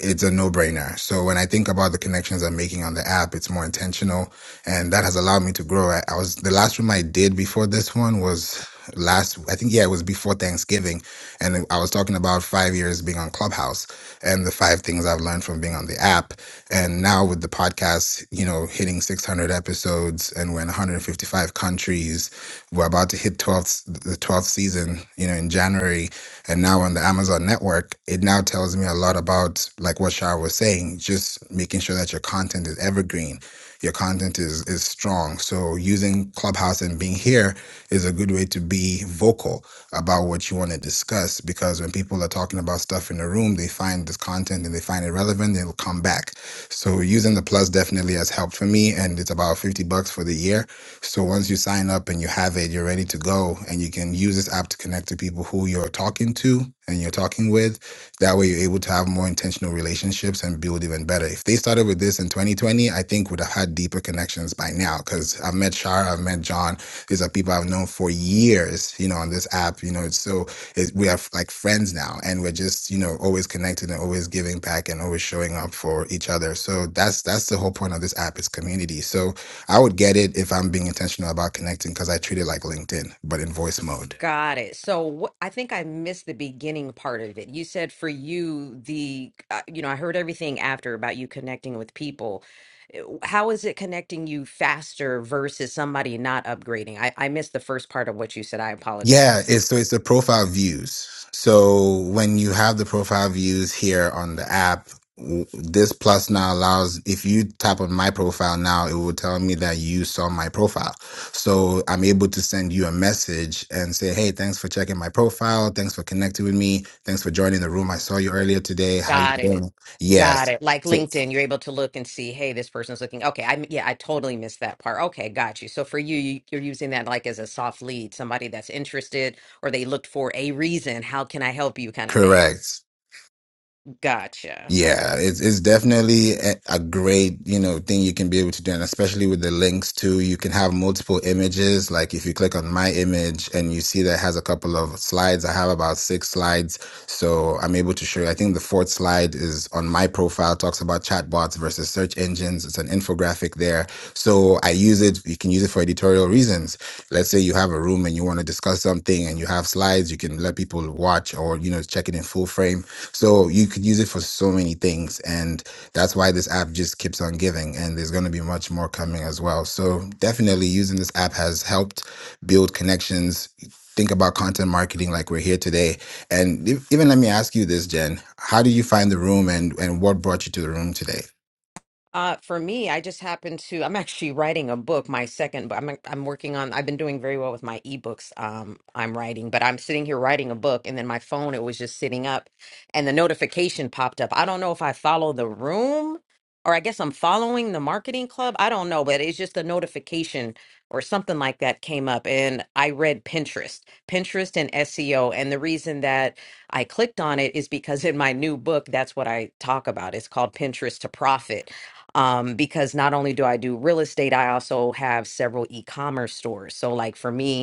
it's a no brainer. So when I think about the connections I'm making on the app, it's more intentional and that has allowed me to grow. I, I was, the last room I did before this one was last i think yeah it was before thanksgiving and i was talking about five years being on clubhouse and the five things i've learned from being on the app and now with the podcast you know hitting 600 episodes and we're in 155 countries we're about to hit 12th the 12th season you know in january and now on the amazon network it now tells me a lot about like what shara was saying just making sure that your content is evergreen your content is is strong so using clubhouse and being here is a good way to be vocal about what you want to discuss because when people are talking about stuff in a room, they find this content and they find it relevant, they'll come back. So using the plus definitely has helped for me and it's about 50 bucks for the year. So once you sign up and you have it, you're ready to go and you can use this app to connect to people who you're talking to and you're talking with. That way you're able to have more intentional relationships and build even better. If they started with this in 2020, I think would have had deeper connections by now because I've met Shara, I've met John, these are people I've known for years, you know, on this app, you know. It's so it's, we are like friends now, and we're just, you know, always connected and always giving back and always showing up for each other. So that's that's the whole point of this app is community. So I would get it if I'm being intentional about connecting because I treat it like LinkedIn, but in voice mode.
Got it. So wh- I think I missed the beginning part of it. You said for you, the, uh, you know, I heard everything after about you connecting with people. Uh, How is it connecting you faster versus somebody not upgrading? I, I missed the first part of what you said. I
Yeah,
apologize.
it's so it's the profile views. So when you have the profile views here on the app, w- this plus now allows if you tap on my profile now, it will tell me that you saw my profile. So I'm able to send you a message and say, "Hey, thanks for checking my profile. Thanks for connecting with me. Thanks for joining the room. I saw you earlier today. How you
Got it.
doing?"
Got
Yes.
it. Like LinkedIn, you're able to look and see, hey, this person's looking. Okay, I yeah, I totally missed that part. Okay, got you. So for you, you you're using that like as a soft lead, somebody that's interested or they looked for a reason. How can I help you kind of thing.
Correct.
Gotcha.
Yeah, it's it's definitely a, a great, you know, thing you can be able to do, and especially with the links too, you can have multiple images. Like if you click on my image and you see that it has a couple of slides, I have about six slides, so I'm able to show you. I think the fourth slide is on my profile, talks about chatbots versus search engines. It's an infographic there, so I use it. You can use it for editorial reasons. Let's say you have a room and you want to discuss something, and you have slides. You can let people watch or you know check it in full frame. So you could use it for so many things, and that's why this app just keeps on giving. And there's going to be much more coming as well. So definitely using this app has helped build connections. Think about content marketing like we're here today. And e- even let me ask you this, Jen. How did you find the room and, and what brought you to the room today?
Uh, for me, I just happen to, I'm actually writing a book, my second But I'm like, I'm working on, I've been doing very well with my ebooks. Um, I'm writing, but I'm sitting here writing a book and then my phone, it was just sitting up and the notification popped up. I don't know if I follow the room or I guess I'm following the marketing club. I don't know, but it's just a notification or something like that came up and I read Pinterest, Pinterest and SEO. And the reason that I clicked on it is because in my new book, that's what I talk about. It's called Pinterest to Profit um, because not only do I do real estate, I also have several e-commerce stores. So like for me,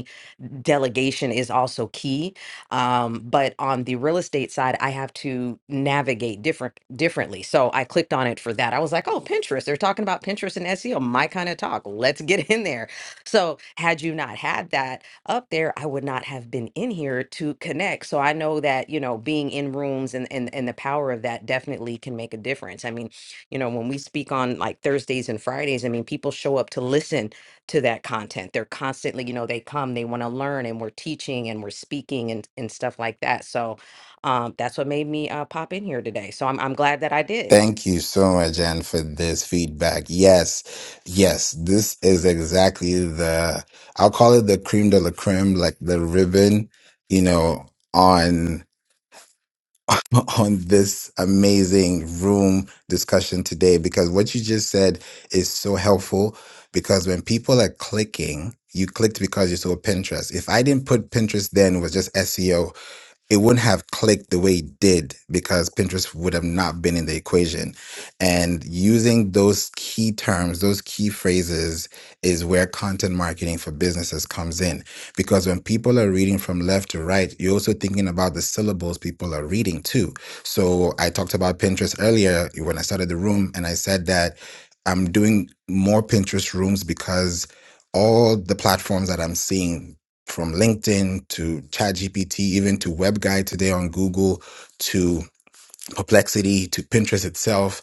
delegation is also key. Um, but on the real estate side, I have to navigate different differently. So I clicked on it for that. I was like, oh, Pinterest. They're talking about Pinterest and SEO. My kind of talk. Let's get in there. So had you not had that up there, I would not have been in here to connect. So I know that, you know, being in rooms and and, and the power of that definitely can make a difference. I mean, you know, when we speak on like Thursdays and Fridays, I mean, people show up to listen to that content. They're constantly, you know, they come, they want to learn, and we're teaching and we're speaking and, and stuff like that. So um, that's what made me uh, pop in here today. So I'm, I'm glad that I did.
Thank you so much, Anne, for this feedback. Yes, yes, this is exactly the, I'll call it the creme de la creme, like the ribbon, you know, on, on this amazing room discussion today, because what you just said is so helpful because when people are clicking, you clicked because you saw Pinterest. If I didn't put Pinterest then, it was just SEO it wouldn't have clicked the way it did because Pinterest would have not been in the equation. And using those key terms, those key phrases is where content marketing for businesses comes in. Because when people are reading from left to right, you're also thinking about the syllables people are reading too. So I talked about Pinterest earlier when I started the room, and I said that I'm doing more Pinterest rooms because all the platforms that I'm seeing from LinkedIn to ChatGPT, even to WebGuy today on Google to perplexity to pinterest itself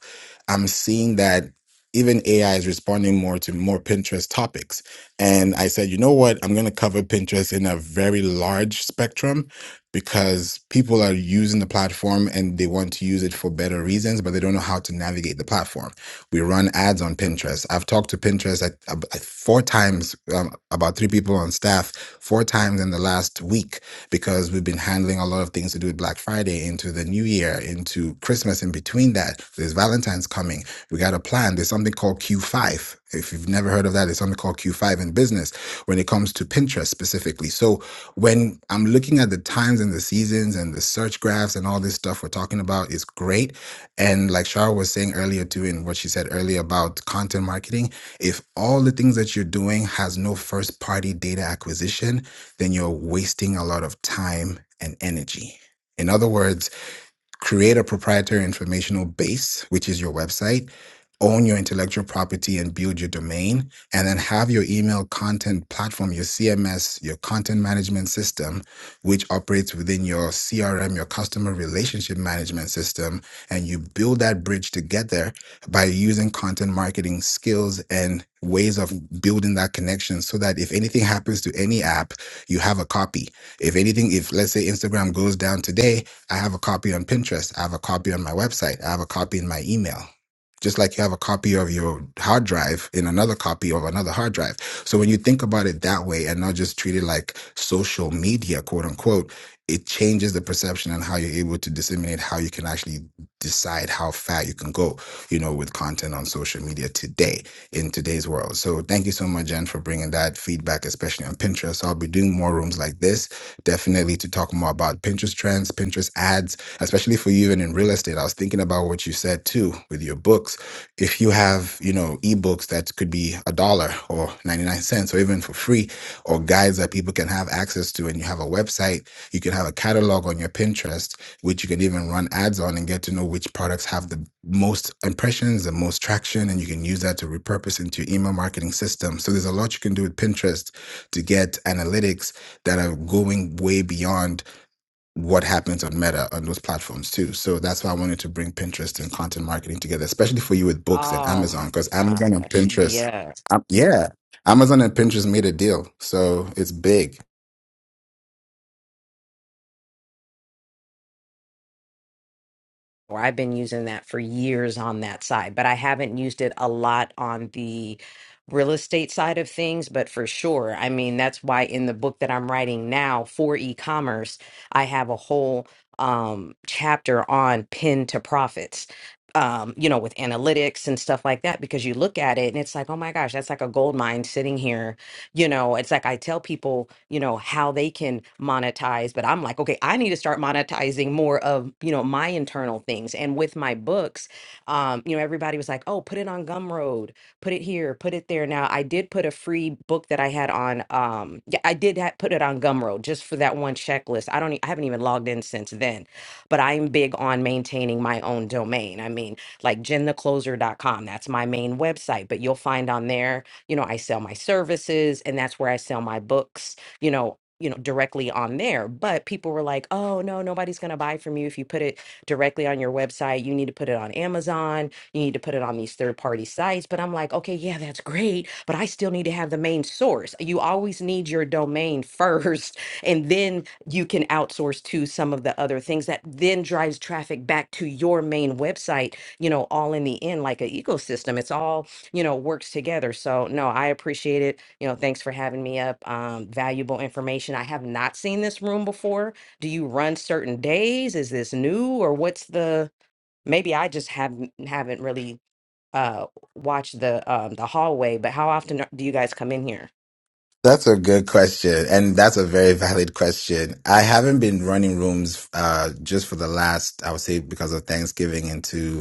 i'm seeing that even ai is responding more to more pinterest topics and i said you know what i'm going to cover pinterest in a very large spectrum because people are using the platform and they want to use it for better reasons but they don't know how to navigate the platform we run ads on pinterest i've talked to pinterest at, uh, at four times um, about three people on staff four times in the last week because we've been handling a lot of things to do with Black Friday into the new year, into Christmas in between that. There's Valentine's coming. We got a plan. There's something called Q5. If you've never heard of that, there's something called Q5 in business when it comes to Pinterest specifically. So when I'm looking at the times and the seasons and the search graphs and all this stuff we're talking about is great. And like Shara was saying earlier too, in what she said earlier about content marketing, if all the things that you're doing has no first party data acquisition, then you're wasting a lot of time and energy. In other words, create a proprietary informational base, which is your website, own your intellectual property and build your domain, and then have your email content platform, your CMS, your content management system, which operates within your CRM, your customer relationship management system. And you build that bridge together by using content marketing skills and ways of building that connection so that if anything happens to any app, you have a copy. If anything, if let's say Instagram goes down today, I have a copy on Pinterest. I have a copy on my website. I have a copy in my email. Just like you have a copy of your hard drive in another copy of another hard drive. So when you think about it that way and not just treat it like social media, quote unquote, it changes the perception and how you're able to disseminate how you can actually decide how far you can go, you know, with content on social media today in today's world. So thank you so much, Jen, for bringing that feedback, especially on Pinterest. So I'll be doing more rooms like this definitely to talk more about Pinterest trends, Pinterest ads, especially for you and in real estate. I was thinking about what you said too with your books. If you have, you know, ebooks that could be a dollar or 99 cents or even for free or guides that people can have access to and you have a website, you can have a catalog on your Pinterest which you can even run ads on and get to know which products have the most impressions, the most traction, and you can use that to repurpose into your email marketing system. So there's a lot you can do with Pinterest to get analytics that are going way beyond what happens on Meta on those platforms too. So that's why I wanted to bring Pinterest and content marketing together, especially for you with books and
Oh
Amazon,
my
because Amazon and
gosh.
Pinterest, um, yeah, Amazon and Pinterest made a deal, so it's big.
or I've been using that for years on that side, but I haven't used it a lot on the real estate side of things. But for sure, I mean, that's why in the book that I'm writing now for e commerce, I have a whole um, chapter on pin to profits. Um, you know, with analytics and stuff like that, because you look at it and it's like, oh my gosh, that's like a gold mine sitting here you know it's like i tell people you know how they can monetize but i'm like okay i need to start monetizing more of you know my internal things and with my books um you know everybody was like oh put it on gumroad put it here put it there now i did put a free book that i had on um yeah i did ha- put it on gumroad just for that one checklist i don't e- i haven't even logged in since then but i'm big on maintaining my own domain i mean like jenthecloser.com that's my main website but you'll find on there you know, I sell my services and that's where I sell my books, you know, you know, directly on there. But people were like, "Oh, no, nobody's going to buy from you if you put it directly on your website. You need to put it on Amazon. You need to put it on these third-party sites." But I'm like, "Okay, yeah, that's great, but I still need to have the main source. You always need your domain first, and then you can outsource to some of the other things that then drives traffic back to your main website, you know, all in the end like an ecosystem. It's all you know, works together. So no, I appreciate it. You know, thanks for having me up. Um, valuable information. I have not seen this room before. Do you run certain days? Is this new or what's the, maybe I just haven't, haven't really uh watched the um the hallway, but how often are- do you guys come in here?
That's a good question, and that's a very valid question. I haven't been running rooms uh, just for the last, I would say, because of Thanksgiving into.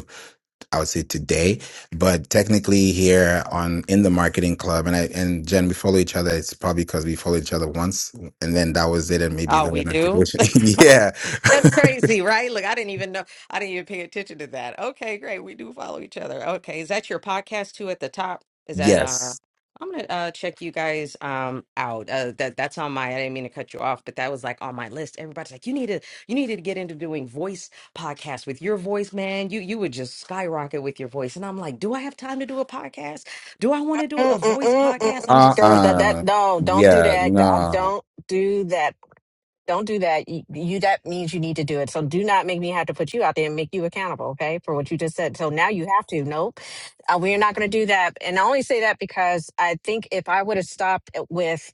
I would say today, but technically here on in the marketing club, and I and Jen, we follow each other. It's probably because we follow each other once, and then that was it, and maybe you
Oh,
got a
we do?
notification. yeah,
That's crazy, right? Look, I didn't even know. I didn't even pay attention to that. Okay, great. We do follow each other. Okay, is that your podcast too at the top? Is that uh
yes,
I'm gonna uh check you guys um out. Uh that that's on my I didn't mean to cut you off, but that was like on my list. Everybody's like, you need to you need to get into doing voice podcasts with your voice, man. You you would just skyrocket with your voice. And I'm like, do I have time to do a podcast? Do I want to do a voice podcast? I'm
uh,
Mm-mm-mm-mm.
just like
Girl, that that
uh,
no, don't do
yeah,
that. I
no,
don't do that. Don't do that. You, you that means you need to do it. So do not make me have to put you out there and make you accountable, okay, for what you just said. So now you have to. Nope, uh, we are not going to do that. And I only say that because I think if I would have stopped it with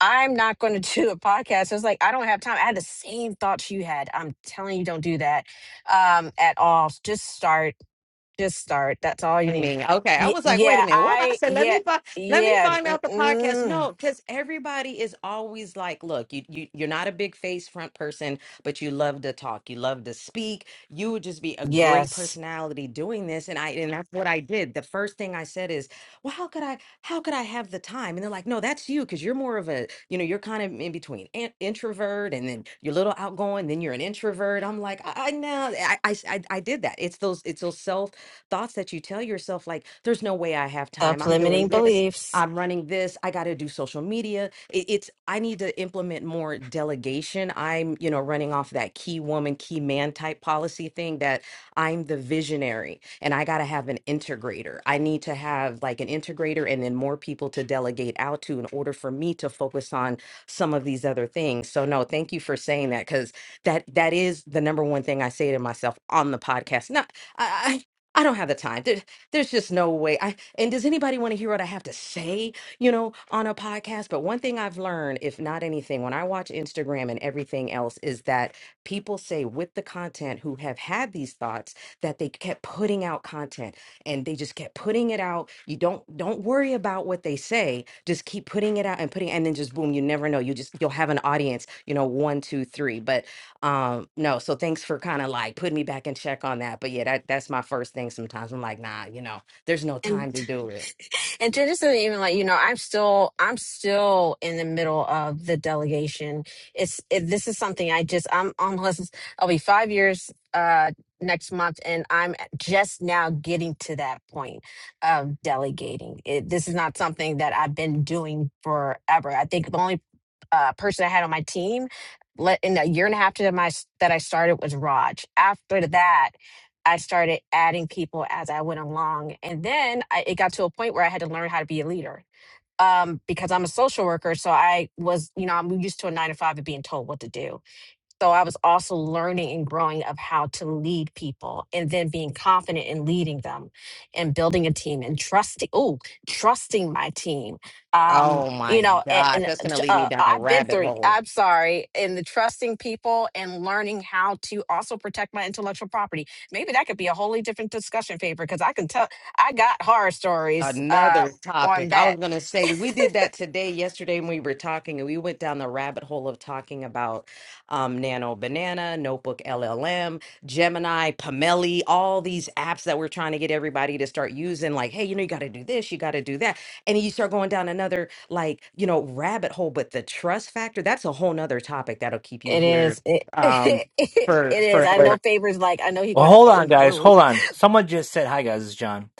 I'm not going to do a podcast. It's like I don't have time. I had the same thoughts you had. I'm telling you, don't do that um, at all. Just start. Just start. That's all you
I
need.
mean, okay. I
Yeah,
was like, wait a
yeah
minute. What I
I.
said? Let
Yeah,
me find. Let me
yeah.
find out the podcast.
Mm-mm.
No, because everybody is always like, look, you you you're not a big face front person, but you love to talk. You love to speak. You would just be a great
Yes.
personality doing this. And I and that's what I did. The first thing I said is, well, how could I? How could I have the time? And they're like, no, that's you, because you're more of a, you know, you're kind of in between an introvert, and then you're a little outgoing, then you're an introvert. I'm like, I, I know. I, I I I did that. It's those. It's those self thoughts that you tell yourself like there's no way I have time.
Self
I'm
limiting
doing this.
beliefs.
I'm running this. I got to do social media. It- It's I need to implement more delegation. I'm, you know, running off that key woman, key man type policy thing that I'm the visionary and I got to have an integrator. I need to have like an integrator and then more people to delegate out to in order for me to focus on some of these other things. So no, thank you for saying that cuz that that is the number one thing I say to myself on the podcast. Not I, I don't have the time. There, there's just no way. I and does anybody want to hear what I have to say, you know, on a podcast? But one thing I've learned, if not anything, when I watch Instagram and everything else, is that people say with the content who have had these thoughts that they kept putting out content and they just kept putting it out. You don't don't worry about what they say. Just keep putting it out and putting and then just boom, you never know. You just you'll have an audience, you know, one, two, three. But um, no, so thanks for kind of like putting me back in check on that. But yeah, that that's my first thing sometimes. I'm like, nah, you know, there's no
and
time to do it.
and to just to even let you know i'm still i'm still in the middle of the delegation it's it, this is something i just i'm almost i'll be five years uh next month and i'm just now getting to that point of delegating it, this is not something that i've been doing forever i think the only uh, person i had on my team let in a year and a half to my s- that i started was raj after that I started adding people as I went along. And then I, it got to a point where I had to learn how to be a leader um, because I'm a social worker. So I was, you know, I'm used to a nine to five of being told what to do. So I was also learning and growing of how to lead people and then being confident in leading them and building a team and trusting, oh, trusting my team. Um,
Oh
you
my
know, and,
God,
and
that's gonna lead me
uh,
down a
I've been
rabbit
through,
hole.
I'm sorry, in the trusting people and learning how to also protect my intellectual property. Maybe that could be a wholly different discussion paper because I can tell, I got horror stories uh,
Another
on
topic. I
that.
was going to say, we did that today, yesterday, when we were talking, and we went down the rabbit hole of talking about um, Nano Banana, Notebook LLM, Gemini, Pameli, all these apps that we're trying to get everybody to start using. Like, hey, you know, you got to do this, you got to do that. And you start going down another, like, you know, rabbit hole. But the trust factor, that's a whole nother topic that'll keep you
It
here
is, it,
um,
it
for
is. I
Wait.
know
forever.
Favor's like, I know he
Well,
gonna have
hold
to
on,
in the
guys.
room.
Hold on. Someone just said, "Hi, guys. It's John."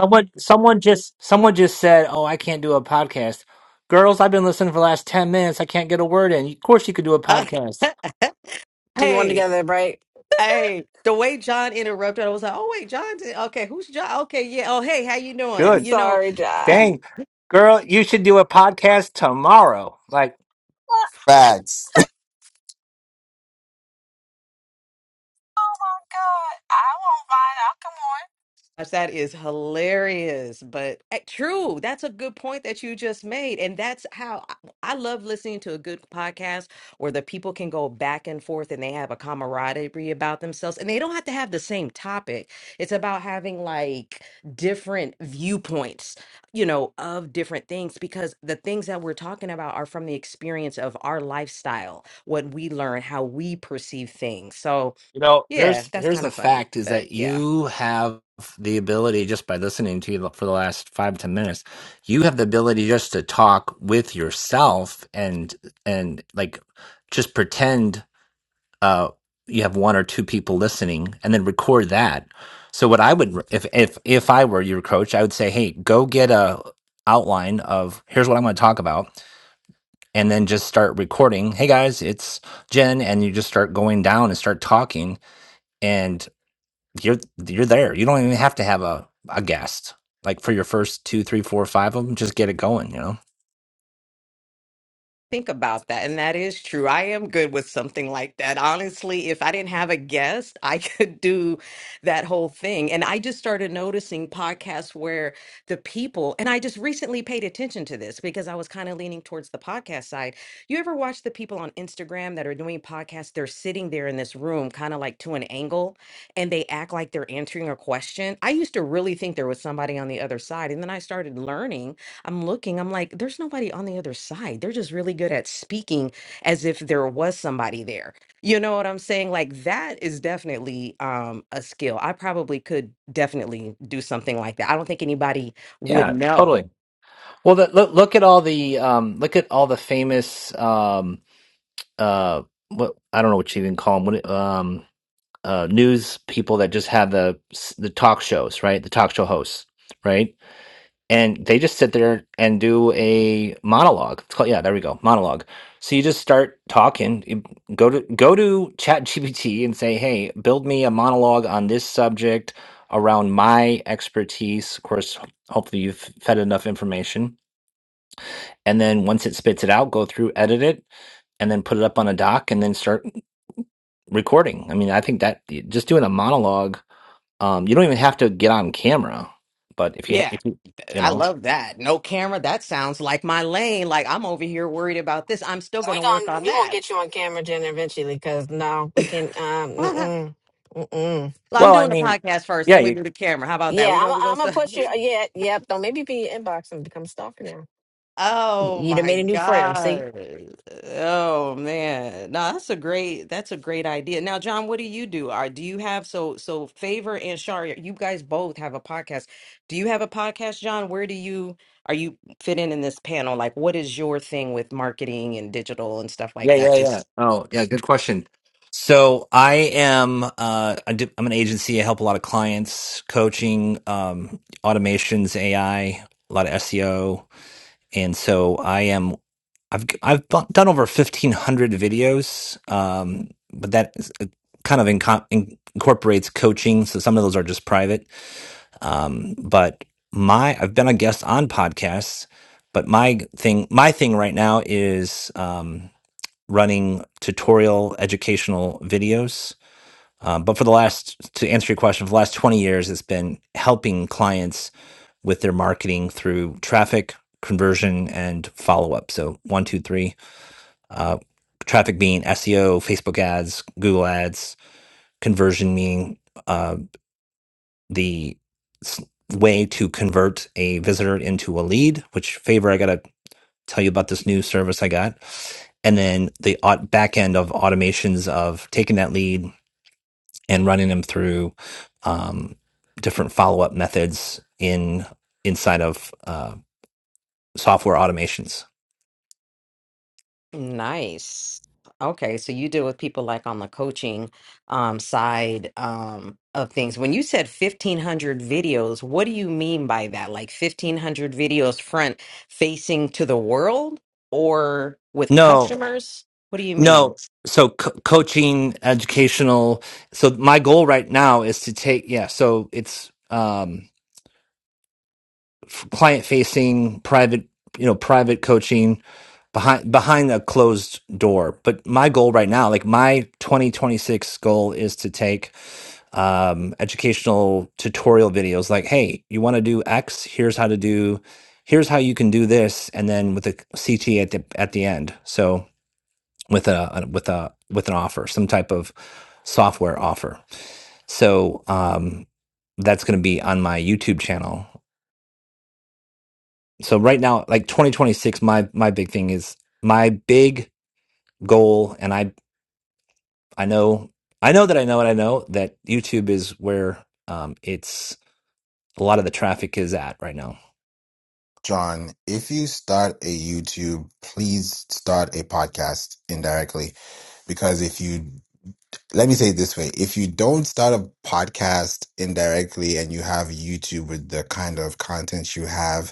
Someone, someone just, someone just said, "Oh, I can't do a podcast." Girls, I've been listening for the last ten minutes. I can't get a word in. Of course, you could do a podcast.
do one
hey.
together, right?
Hey, the way John interrupted, I was like, "Oh wait, John. did- Okay, who's John? Okay, yeah. Oh hey, how you doing?
I'm
Good.
You know."
sorry, Jai.
Dang, girl, you should do a podcast tomorrow. Like,
Oh
facts.
my god, I won't mind.
gosh, that is hilarious, but eh, true. That's a good point that you just made. And that's how I I love listening to a good podcast where the people can go back and forth and they have a camaraderie about themselves and they don't have to have the same topic. It's about having like different viewpoints, you know, of different things because the things that we're talking about are from the experience of our lifestyle, what we learn, how we perceive things. So,
You know,
yeah,
here's
that's
here's
kind
the
of funny,
fact is
but
that
yeah.
you have the ability just by listening to you for the last five, ten minutes, you have the ability just to talk with yourself and and like just pretend. uh, you have one or two people listening and then record that. So what I would if if if I were your coach, I would say, "Hey, go get a outline of here's what I'm going to talk about and then just start recording. Hey guys, it's Jen and you just start going down and start talking and you're you're there. You don't even have to have a, a guest. Like for your first two, three, four, five of them, just get it going, you know?
think about that. And that is true. I am good with something like that. Honestly, if I didn't have a guest, I could do that whole thing. And I just started noticing podcasts where the people, and I just recently paid attention to this because I was kind of leaning towards the podcast side. You ever watch the people on Instagram that are doing podcasts? They're sitting there in this room, kind of like to an angle, and they act like they're answering a question. I used to really think there was somebody on the other side. And then I started learning. I'm looking, I'm like, there's nobody on the other side. They're just really good at speaking as if there was somebody there. You know what I'm saying? Like that is definitely um a skill. I probably could definitely do something like that. I don't think anybody would
Yeah,
know.
totally. Well, the, look look at all the um, look at all the famous um, uh, what I don't know what you even call them, what, it- um, uh, news people that just have the s- the talk shows, right? The talk show hosts, right? and they just sit there and do a monologue. It's called yeah, there we go, monologue. So you just start talking. you Go to go to ChatGPT and say, hey, build me a monologue on this subject around my expertise. Of course, ho- hopefully you've fed enough information, and then once it spits it out, go through, edit it, and then put it up on a doc and then start recording. I mean, I think that just doing a monologue, um, you don't even have to get on camera, but if you ha-
Yeah,
if you
th-
you
I
know,
love that. No camera, that sounds like my lane. Like I'm over here worried about this. I'm still gonna
I'll
work
come on. We gonna
on
we gonna
that.
get you on camera, Jen, eventually. Cause no, we can. Um, mm-mm, mm-mm.
Well, I'm
well, I
doing the
mean,
podcast first, then we
yeah,
do the camera. How about that?
yeah,
We're
I'm.
gonna we gonna
I'm gonna
start.
put you. uh, Yeah, yep. Don't maybe be your inbox and become a stalker now. Y-
Oh
You done
my
made a new friend. See.
God. Oh man. No, that's a great that's a great idea. Now, John, what do you do? Are do you have so so Favor and Sharia, you guys both have a podcast. Do you have a podcast, John? Where do you are you fit in in this panel? Like what is your thing with marketing and digital and stuff
Yeah,
like that?
yeah, yeah.
Just
Oh, yeah, good question. So I am uh I do, I'm an agency. I help a lot of clients, coaching, um automations, AI, a lot of SEO. And so I am I've I've bu- done over 1500 videos. Um but that is uh, kind of inco- in- incorporates coaching, so some of those are just private. Um but my I've been a guest on podcasts, but my thing my thing right now is um running tutorial educational videos. Um, but for the last, to answer your question, for the last 20 years, it's been helping clients with their marketing through traffic, conversion, and follow up. So, one, two, three. Uh, traffic being SEO, Facebook ads, Google ads, conversion meaning uh, the way to convert a visitor into a lead, which favor I got to tell you about this new service I got. And then the back end of automations of taking that lead and running them through um, different follow up methods in inside of uh, software automations.
Nice. Okay, so you deal with people like on the coaching um, side um, of things. When you said 1500 videos, what do you mean by that? Like 1500 videos front facing to the world or with
No,
customers? What do you mean?
no. So co- coaching, educational. So my goal right now is to take yeah. So it's um, client facing, private you know private coaching behind behind a closed door but my goal right now like my 2026 goal is to take um educational tutorial videos like hey you want to do x here's how to do here's how you can do this and then with a ct at the at the end so with a a- with a with an offer some type of software offer so um that's going to be on my youtube channel so right now like 2026 my my big thing is my big goal and I. I know, I know that I know, and I know that YouTube is where um, it's a lot of the traffic is at right now.
John, if you start a YouTube, please start a podcast indirectly because if you let me say it this way if you don't start a podcast indirectly and you have youtube with the kind of content you have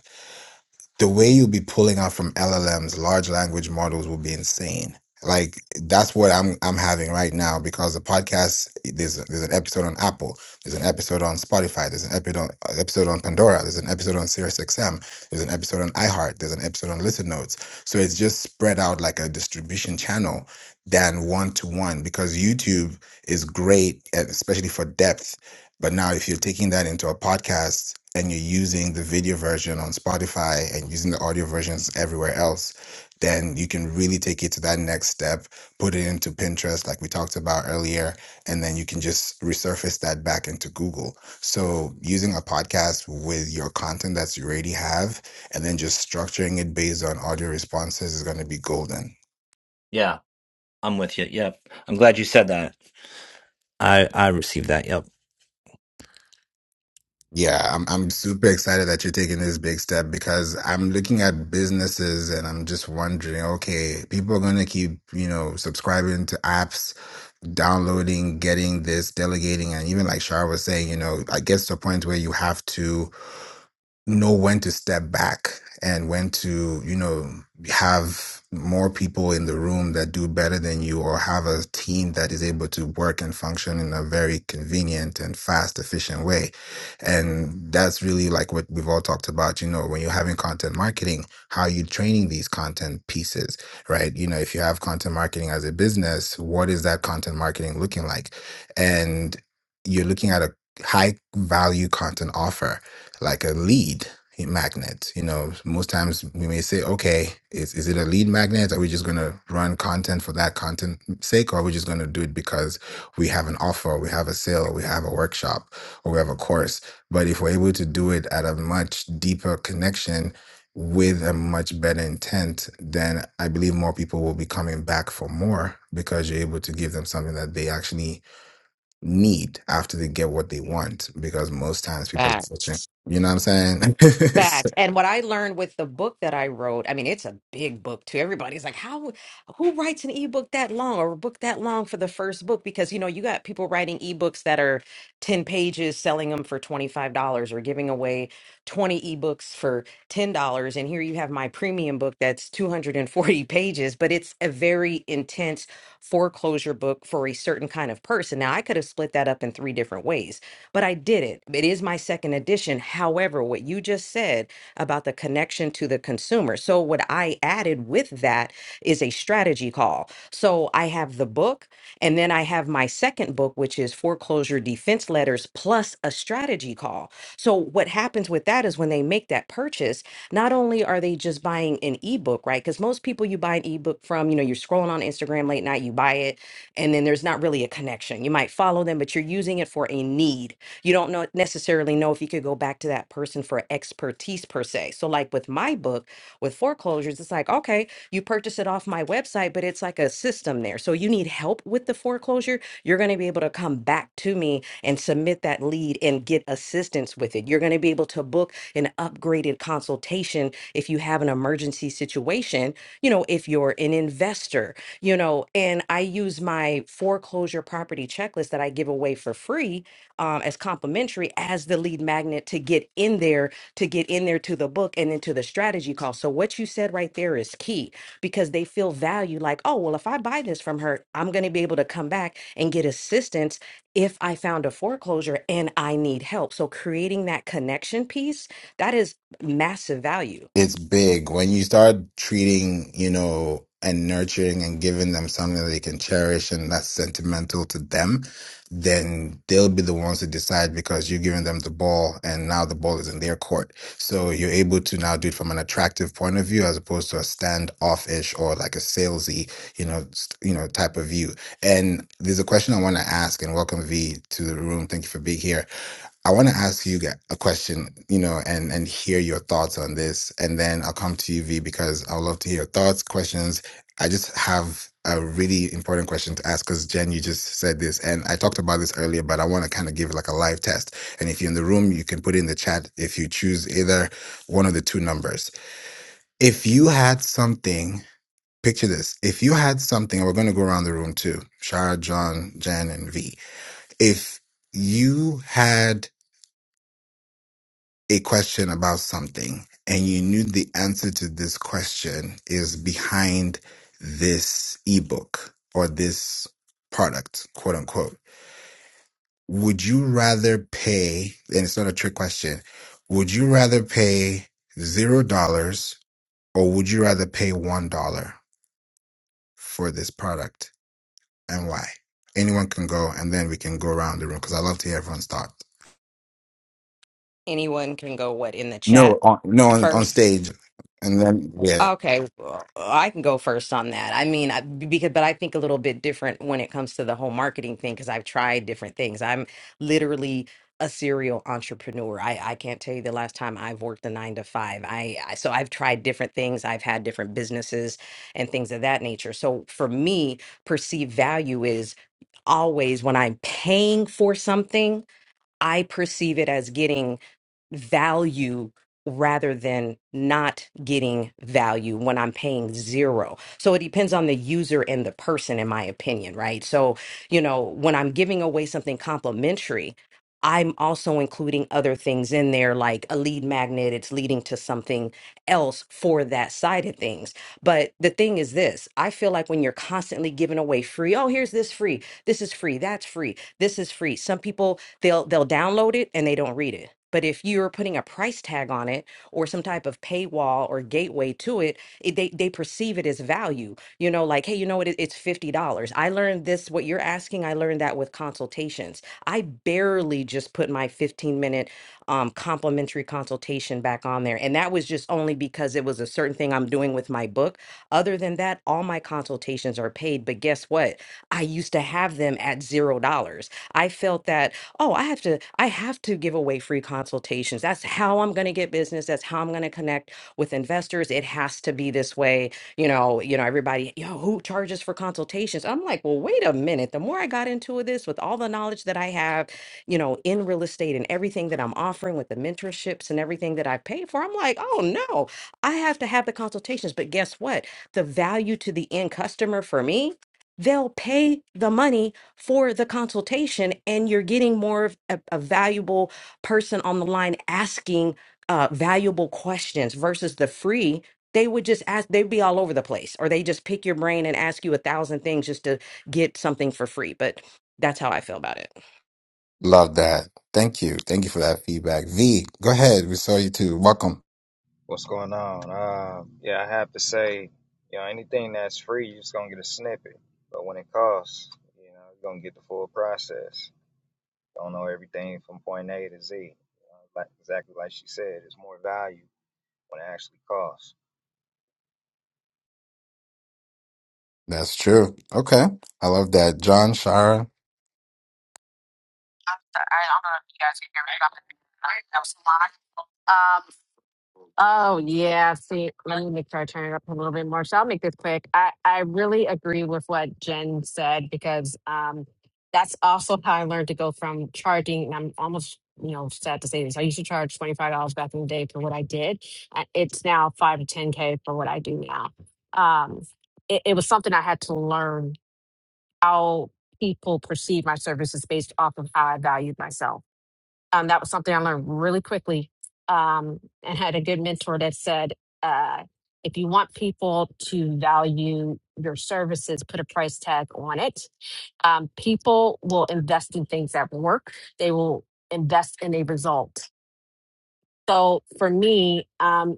the way you'll be pulling out from LLMs, large language models will be insane. Like that's what I'm I'm having right now because the podcast there's there's an episode on Apple, there's an episode on Spotify, there's an episode on, episode on Pandora, there's an episode on SiriusXM, there's an episode on iHeart, there's an episode on Listen Notes. So it's just spread out like a distribution channel than one to one because YouTube is great, especially for depth but now, if you're taking that into a podcast and you're using the video version on Spotify and using the audio versions everywhere else, then you can really take it to that next step, put it into Pinterest, like we talked about earlier, and then you can just resurface that back into Google. So, using a podcast with your content that you already have and then just structuring it based on audio responses is going to be golden.
Yeah, I'm with you. Yep, I'm glad you said that. I I received that. Yep.
Yeah, I'm I'm super excited that you're taking this big step because I'm looking at businesses and I'm just wondering, okay, people are going to keep, you know, subscribing to apps, downloading, getting this, delegating, and even like Shar was saying, you know, I guess to a point where you have to know when to step back and when to, you know, have more people in the room that do better than you or have a team that is able to work and function in a very convenient and fast, efficient way. And that's really like what we've all talked about, you know, when you're having content marketing, how are you training these content pieces, right? You know, if you have content marketing as a business, what is that content marketing looking like? And you're looking at a high value content offer like a lead magnet. You know, most times we may say, okay, is, is it a lead magnet? Are we just going to run content for that content sake? Or are we just going to do it because we have an offer, we have a sale, we have a workshop, or we have a course? But if we're able to do it at a much deeper connection, with a much better intent, then I believe more people will be coming back for more because you're able to give them something that they actually need after they get what they want because most times people are
Facts.
searching. You know what I'm saying?
Facts. And what I learned with the book that I wrote, I mean, it's a big book too. Everybody's like, how, who writes an ebook that long or a book that long for the first book? Because, you know, you got people writing ebooks that are 10 pages, selling them for $25 or giving away 20 ebooks for $10. And here you have my premium book that's 240 pages, but it's a very intense foreclosure book for a certain kind of person. Now, I could have split that up in three different ways, but I did it. It is my second edition. However, what you just said about the connection to the consumer. So, what I added with that is a strategy call. So, I have the book, and then I have my second book, which is foreclosure defense letters plus a strategy call. So, what happens with with that is when they make that purchase, not only are they just buying an ebook, right? Because most people you buy an ebook from, you know, you're scrolling on Instagram late night, you buy it, and then there's not really a connection. You might follow them, but you're using it for a need. You don't know necessarily know if you could go back to that person for expertise per se. So, like with my book with foreclosures, it's like, okay, you purchase it off my website, but it's like a system there. So you. So you need help with the foreclosure, you're going to be able to come back to me and submit that lead and get assistance with it. You're going to be able to book an upgraded consultation if you have an emergency situation, you know, if you're an investor, you know, and I use my foreclosure property checklist that I give away for free um, as complimentary as the lead magnet to get in there, to get in there to the book and then to the strategy call. So what you said right there is key because they feel value like, oh, well, if I buy this from her, I'm going to be able to come back and get assistance if I found a foreclosure and I need help. So creating that connection piece, that is massive value.
it's big when you start treating you know and nurturing and giving them something that they can cherish and that's sentimental to them then they'll be the ones to decide because you're giving them the ball and now the ball is in their court so you're able to now do it from an attractive point of view as opposed to a standoffish or like a salesy you know st- you know type of view and there's a question i want to ask and welcome v to the room thank you for being here I want to ask you g- a question, you know, and and hear your thoughts on this, and then I'll come to you, V, because I would love to hear your thoughts, questions. I just have a really important question to ask because Jen, you just said this, and I talked about this earlier, but I want to kind of give it like a live test. And if you're in the room, you can put it in the chat if you choose either one of the two numbers. If you had something, picture this: if you had something, and we're going to go around the room too, Shara, John, Jen, and V. If you had a question about something and you knew the answer to this question is behind this ebook or this product, quote unquote, would you rather pay, and it's not a trick question, would you rather pay zero dollars or would you rather pay one dollar for this product and why? Anyone can go and then we can go around the room because I love to hear everyone's thoughts.
Anyone can go what in the chat
No, on, no, on, on
first?
stage. And then, yeah.
Okay, well, I can go first on that. I mean, I, because but I think a little bit different when it comes to the whole marketing thing because I've tried different things. I'm literally a serial entrepreneur. I I can't tell you the last time I've worked a 9 to 5. I, I so I've tried different things. I've had different businesses and things of that nature. So for me, perceived value is always when I'm paying for something, I perceive it as getting value rather than not getting value when I'm paying zero. So it depends on the user and the person, in my opinion, right? So, you know, when I'm giving away something complimentary, I'm also including other things in there, like a lead magnet, it's leading to something else for that side of things. But the thing is this I feel like when you're constantly giving away free, oh, here's this free, this is free, that's free, this is free. Some people they'll they'll download it and they don't read it. But if you're putting a price tag on it or some type of paywall or gateway to it, it they they perceive it as value. You know, like hey, you know what? It, it's fifty dollars. I learned this. What you're asking, I learned that with consultations. I barely just put my fifteen minute um, complimentary consultation back on there, and that was just only because it was a certain thing I'm doing with my book. Other than that, all my consultations are paid. But guess what? I used to have them at zero dollars. I felt that oh i have to i have to give away free consultations that's how i'm going to get business that's how i'm going to connect with investors it has to be this way you know you know everybody yo who charges for consultations i'm like well wait a minute the more i got into this with all the knowledge that i have you know in real estate and everything that i'm offering with the mentorships and everything that i pay for i'm like oh no i have to have the consultations but guess what the value to the end customer for me they'll pay the money for the consultation and you're getting more of a, a valuable person on the line asking uh, valuable questions versus the free they would just ask they'd be all over the place or they just pick your brain and ask you a thousand things just to get something for free but that's how i feel about it
Love that. Thank you. Thank you for that feedback. V, go ahead. We saw you too. Welcome.
What's going on? Um, yeah, I have to say, you know, anything that's free, you're just gonna get a snippet. But when it costs, you know, you're gonna get the full process. Don't know everything from point A to Z. You know, like exactly like she said, it's more value when it actually costs.
That's true. Okay. I love that. John, Shara.
I'm sorry. I don't know if you guys can hear me. I'm- I was lying. Oh yeah, see, let me make sure I turn it up a little bit more. So I'll make this quick. I I really agree with what Jen said because um that's also how I learned to go from charging. And I'm almost you know sad to say this. I used to charge twenty five dollars back in the day for what I did. Uh, It's now five to ten k for what I do now. Um, it, it was something I had to learn how people perceive my services based off of how I valued myself um, that was something I learned really quickly um, and had a good mentor that said, uh, if you want people to value your services, put a price tag on it. Um, people will invest in things that work, they will invest in a result. So for me, um,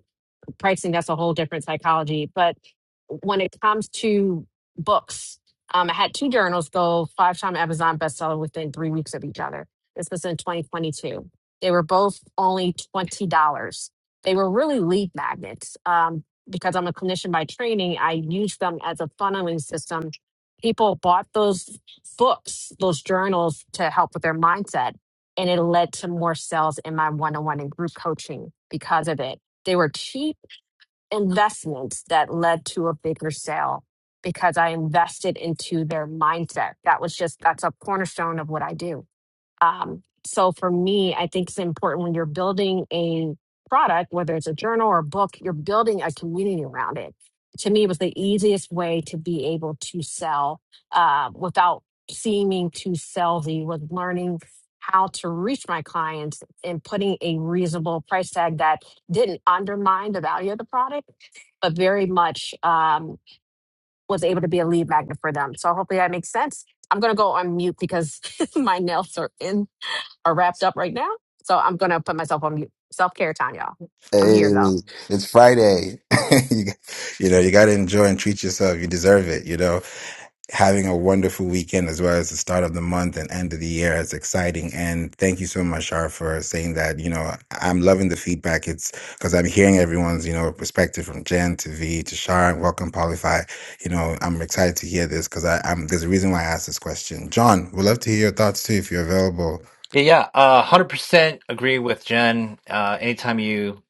pricing that's a whole different psychology but when it comes to books um, i had two journals go five time amazon bestseller within three weeks of each other this was in 2022 they were both only $20 they were really lead magnets um, because i'm a clinician by training i used them as a funneling system people bought those books those journals to help with their mindset and it led to more sales in my one-on-one and group coaching because of it they were cheap investment that led to a bigger sale because I invested into their mindset. That was just that's a cornerstone of what I do. Um, so for me, I think it's important when you're building a product, whether it's a journal or a book, you're building a community around it. To me, it was the easiest way to be able to sell uh, without seeming too salesy. Was learning how to reach my clients and putting a reasonable price tag that didn't undermine the value of the product but very much um, was able to be a lead magnet for them. So hopefully that makes sense. I'm going to go on mute because my nails are in are wrapped up right now. So I'm going to put myself on mute. Self care time, y'all. I'm
Hey,
here though.
it's Friday. you, you know, you got to enjoy and treat yourself. You deserve it, you know? having a wonderful weekend as well as the start of the month and end of the year. It's exciting. And thank you so much, Shar, for saying that. You know, I'm loving the feedback. It's because I'm hearing everyone's, you know, perspective from Jen to V to Shar and welcome Polify. You know, I'm excited to hear this because I'm there's a reason why I asked this question. John, we'd love to hear your thoughts too if you're available.
Yeah, yeah, uh, 100% agree with Jen. Uh, anytime you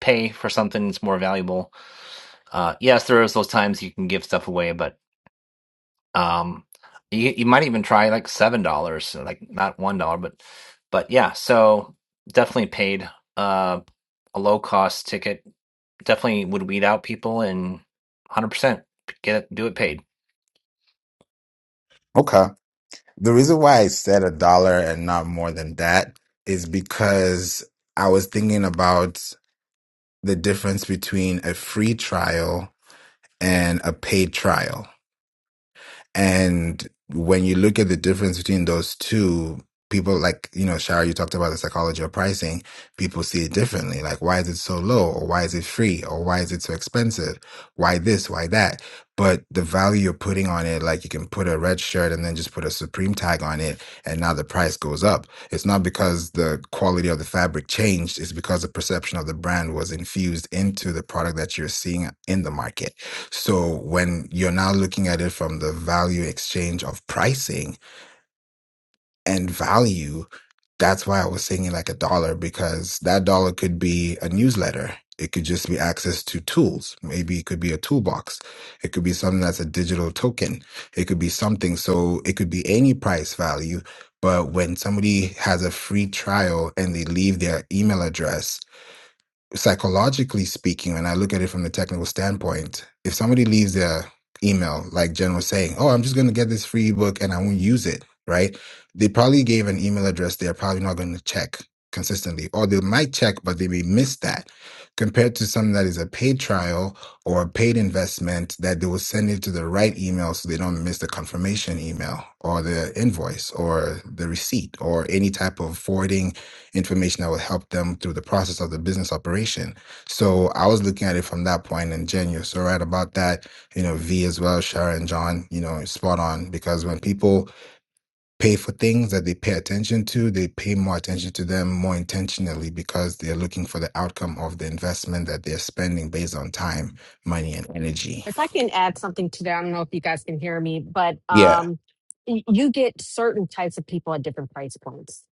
pay for something, it's more valuable. Uh, yes, there is those times you can give stuff away, but. Um, you you might even try like seven dollars, so like not one dollar, but but yeah. So definitely paid uh, a low cost ticket. Definitely would weed out people and one hundred percent get it, do it paid.
Okay. The reason why I said a dollar and not more than that is because I was thinking about the difference between a free trial and a paid trial. And when you look at the difference between those two, people like, you know, Shara, you talked about the psychology of pricing. People see it differently. Like, why is it so low? Or why is it free? Or why is it so expensive? Why this? Why that? But the value you're putting on it, like you can put a red shirt and then just put a Supreme tag on it, and now the price goes up. It's not because the quality of the fabric changed, it's because the perception of the brand was infused into the product that you're seeing in the market. So when you're now looking at it from the value exchange of pricing and value, that's why I was saying like a dollar because that dollar could be a newsletter. It could just be access to tools. Maybe it could be a toolbox. It could be something that's a digital token. It could be something. So it could be any price value. But when somebody has a free trial and they leave their email address psychologically speaking, when I look at it from the technical standpoint, if somebody leaves their email, like Jen was saying, oh, I'm just going to get this free ebook and I won't use it, right? They probably gave an email address they're probably not going to check consistently, or they might check, but they may miss that compared to something that is a paid trial or a paid investment that they will send it to the right email so they don't miss the confirmation email or the invoice or the receipt or any type of forwarding information that will help them through the process of the business operation. So I was looking at it from that point and Jen, you're so right about that. You know, V as well, Sharon, John, you know, spot on because when people pay for things that they pay attention to, they pay more attention to them more intentionally because they're looking for the outcome of the investment that they're spending based on time, money, and energy.
If I can add something to that, I don't know if you guys can hear me, but um, y- you get certain types of people at different price points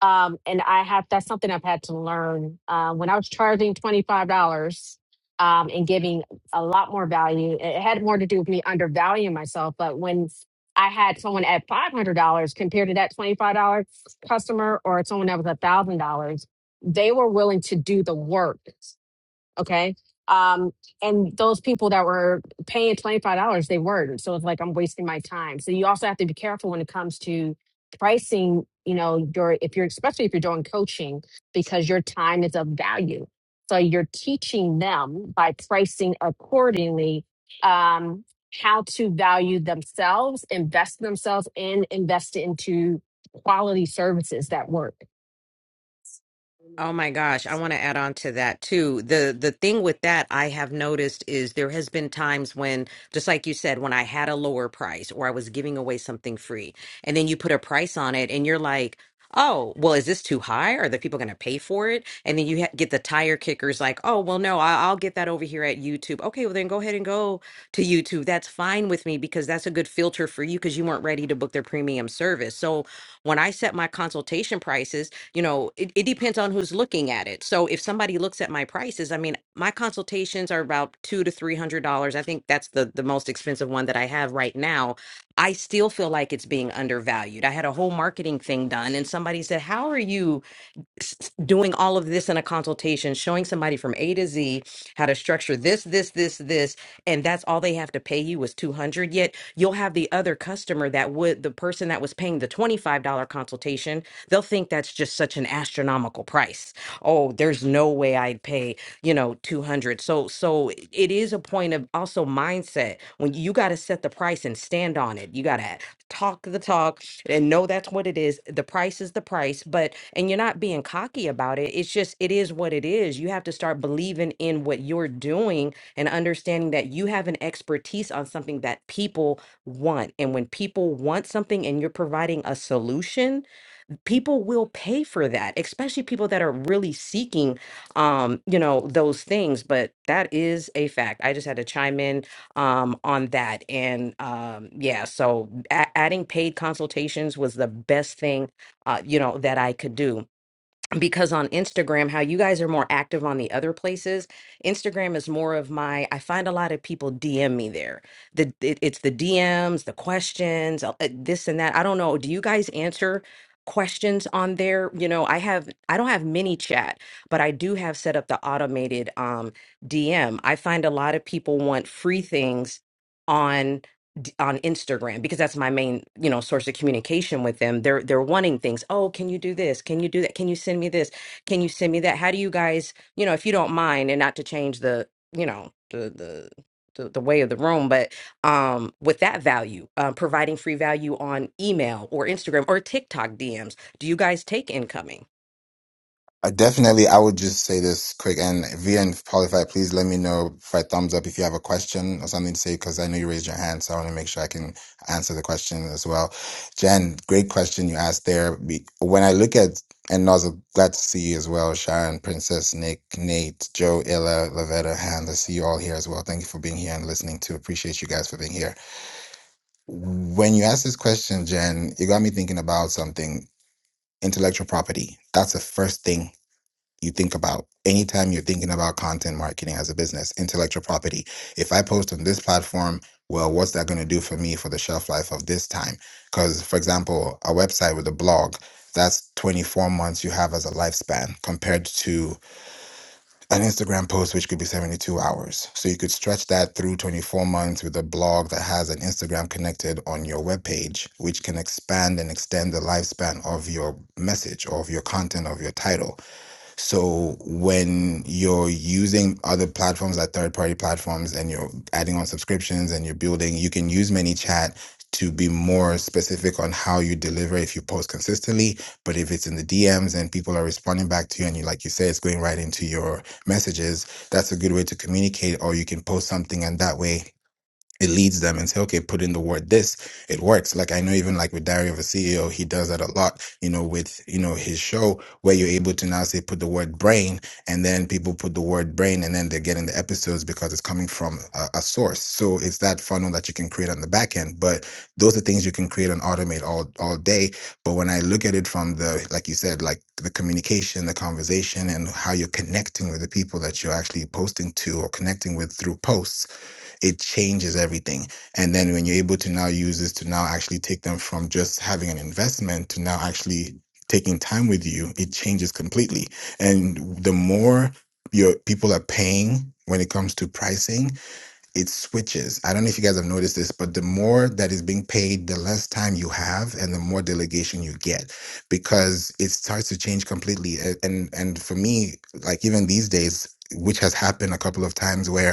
um, and I have that's something I've had to learn. Uh, when I was charging twenty five dollars um, and giving a lot more value, it it had more to do with me undervaluing myself. But when I had someone at five hundred dollars compared to that twenty five dollar customer, or someone that was a thousand dollars, they were willing to do the work Okay. Um, and those people that were paying $25, they weren't. So it's like I'm wasting my time. So you also have to be careful when it comes to pricing, you know, your if you're especially if you're doing coaching, because your time is of value. So you're teaching them by pricing accordingly um how to value themselves, invest in themselves and invest into quality services that work.
Oh my gosh, I want to add on to that too. The the thing with that I have noticed is there has been times when just like you said when I had a lower price or I was giving away something free and then you put a price on it and you're like, "Oh, well is this too high? Are the people going to pay for it?" And then you ha- get the tire kickers like, "Oh, well no, I- I'll get that over here at YouTube." Okay, well then go ahead and go to YouTube. That's fine with me because that's a good filter for you because you weren't ready to book their premium service. So, when I set my consultation prices, you know it, it depends on who's looking at it so if somebody looks at my prices i mean my consultations are about two to three hundred dollars i think that's the the most expensive one that i have right now i still feel like it's being undervalued i had a whole marketing thing done and somebody said how are you s- doing all of this in a consultation, showing somebody from A to Z how to structure this, this, this, this, and that's all they have to pay you is 200. Yet you'll have the other customer that would the person that was paying the $25 consultation, they'll think that's just such an astronomical price. Oh, there's no way I'd pay, you know, 200. So so it is a point of also mindset when you got to set the price and stand on it. You got to talk the talk and know that's what it is. The price is the price, but and you're not being cocky about it. It's just it is what it is. You have to start believing in what you're doing and understanding that you have an expertise on something that people want. And when people want something and you're providing a solution, people will pay for that, especially people that are really seeking, um, you know, those things. But that is a fact. I just had to chime in um, on that, and um, yeah, so a- adding paid consultations was the best thing, uh, you know, that I could do because on Instagram, how you guys are more active on the other places, Instagram is more of my. I find a lot of people DM me there. The it, it's the DMs, the questions, uh, uh, this and that. I don't know. Do you guys answer questions on there? You know, I have. I don't have mini chat, but I do have set up the automated um, DM. I find a lot of people want free things on d- on Instagram because that's my main, you know, source of communication with them. They're they're wanting things. Oh, can you do this? Can you do that? Can you send me this? Can you send me that? How do you guys, you know, if you don't mind and not to change the, you know, the the the, the way of the room, but um, with that value, uh, providing free value on email or Instagram or TikTok DMs. Do you guys take incoming?
I definitely, I would just say this quick. And Via and Polyfi, please let me know by thumbs up if you have a question or something to say, because I know you raised your hand. So I want to make sure I can answer the question as well. Jen, great question you asked there. Be- When I look at, and Nozzle, glad to see you as well, Sharon, Princess, Nick, Nate, Joe, Ella, Lavetta, Hannah, see you all here as well. Thank you for being here and listening too. Appreciate you guys for being here. When you asked this question, Jen, it got me thinking about something intellectual property. That's the first thing you think about anytime you're thinking about content marketing as a business, intellectual property. If I post on this platform, well, what's that going to do for me for the shelf life of this time? Because, for example, a website with a blog, that's 24 months you have as a lifespan compared to an Instagram post, which could be 72 hours. So you could stretch that through 24 months with a blog that has an Instagram connected on your webpage, which can expand and extend the lifespan of your message, or of your content, of your title. So when you're using other platforms like third party platforms and you're adding on subscriptions and you're building, you can use ManyChat to be more specific on how you deliver if you post consistently. But if it's in the DMs and people are responding back to you and you like you say it's going right into your messages, that's a good way to communicate or you can post something and that way it leads them and say, okay, put in the word this, it works. Like I know even like with Diary of a CEO, he does that a lot, you know, with, you know, his show where you're able to now say put the word brain and then people put the word brain and then they're getting the episodes because it's coming from a, a source. So it's that funnel that you can create on the back end. But those are things you can create and automate all, all day. But when I look at it from the, like you said, like the communication, the conversation and how you're connecting with the people that you're actually posting to or connecting with through posts, it changes everything. And then when you're able to now use this to now actually take them from just having an investment to now actually taking time with you, it changes completely. And the more your people are paying when it comes to pricing, it switches. I don't know if you guys have noticed this, but the more that is being paid, the less time you have and the more delegation you get because it starts to change completely. And and for me, like even these days, which has happened a couple of times where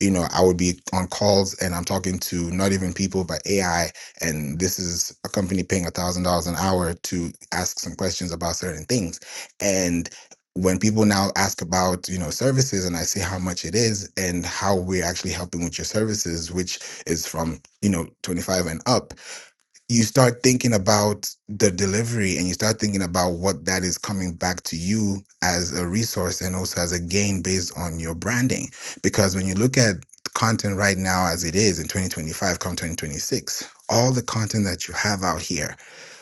you know, I would be on calls and I'm talking to not even people but AI, and this is a company paying a thousand dollars an hour to ask some questions about certain things. And when people now ask about you know services and I say how much it is and how we're actually helping with your services, which is from you know 25 and up, you start thinking about the delivery and you start thinking about what that is coming back to you as a resource and also as a gain based on your branding. Because when you look at content right now as it is in 2025, come 2026, all the content that you have out here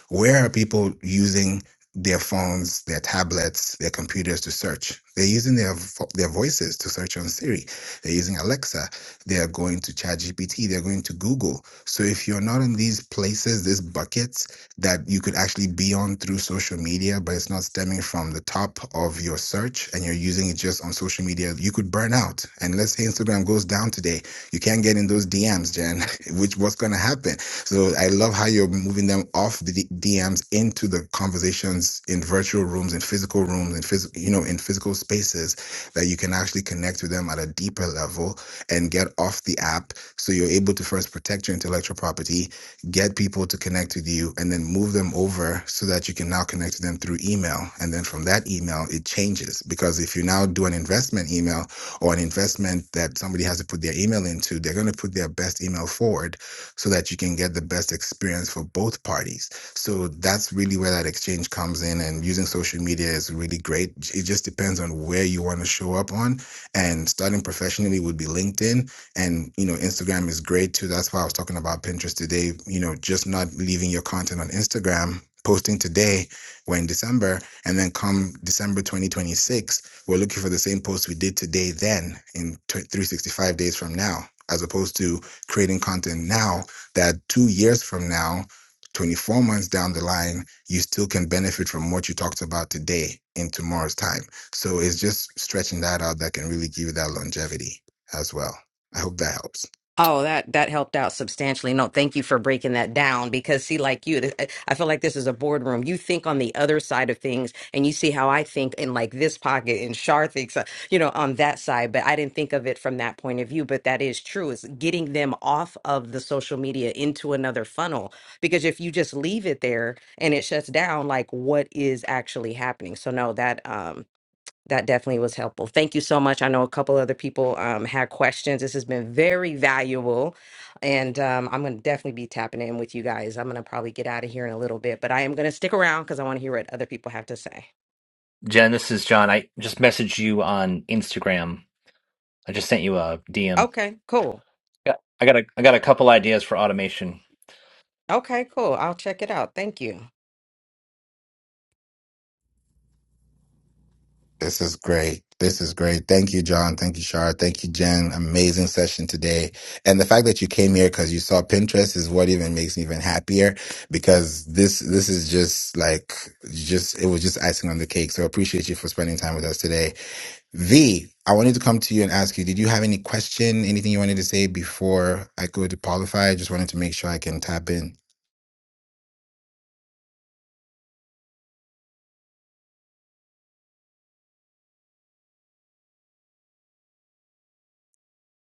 where are people using their phones, their tablets, their computers to search? They're using their vo- their voices to search on Siri. They're using Alexa. They are going to ChatGPT. They're going to Google. So if you're not in these places, these buckets that you could actually be on through social media, but it's not stemming from the top of your search, and you're using it just on social media, you could burn out. And let's say Instagram goes down today, you can't get in those DMs, Jen. Which what's going to happen? So I love how you're moving them off the D- DMs into the conversations in virtual rooms, in physical rooms, in physical, you know, in physical spaces that you can actually connect with them at a deeper level and get off the app. So you're able to first protect your intellectual property, get people to connect with you, and then move them over so that you can now connect with them through email. And then from that email, it changes because if you now do an investment email or an investment that somebody has to put their email into, they're going to put their best email forward so that you can get the best experience for both parties. So that's really where that exchange comes in. And using social media is really great. It just depends on where you want to show up on. And starting professionally would be LinkedIn. And, you know, Instagram is great too. That's why I was talking about Pinterest today. You know, just not leaving your content on Instagram. Posting today, we're in December, and then come December 2026, we're looking for the same post we did today, then in t- 365 days from now, as opposed to creating content now that two years from now, 24 months down the line, you still can benefit from what you talked about today in tomorrow's time. So it's just stretching that out that can really give you that longevity as well. I hope that helps.
Oh, that that helped out substantially. No, thank you for breaking that down because see, like you, th- I feel like this is a boardroom. You think on the other side of things, and you see how I think in like this pocket, and Shar thinks, uh, you know, on that side. But I didn't think of it from that point of view. But that is true. Is getting them off of the social media into another funnel because if you just leave it there and it shuts down, like what is actually happening? So no, that um that definitely was helpful. Thank you so much. I know a couple other people um, had questions. This has been very valuable, and um, I'm going to definitely be tapping in with you guys. I'm going to probably get out of here in a little bit, but I am going to stick around because I want to hear what other people have to say.
Jen, this is John. I just messaged you on Instagram. I just sent you a DM.
Okay, cool.
Yeah, I got a I got a couple ideas for automation.
Okay, cool. I'll check it out. Thank you.
This is great. This is great. Thank you, John. Thank you, Shar. Thank you, Jen. Amazing session today. And the fact that you came here because you saw Pinterest is what even makes me even happier because this this is just like just it was just icing on the cake. So I appreciate you for spending time with us today. V, I wanted to come to you and ask you, did you have any question, anything you wanted to say before I go to qualify? I just wanted to make sure I can tap in.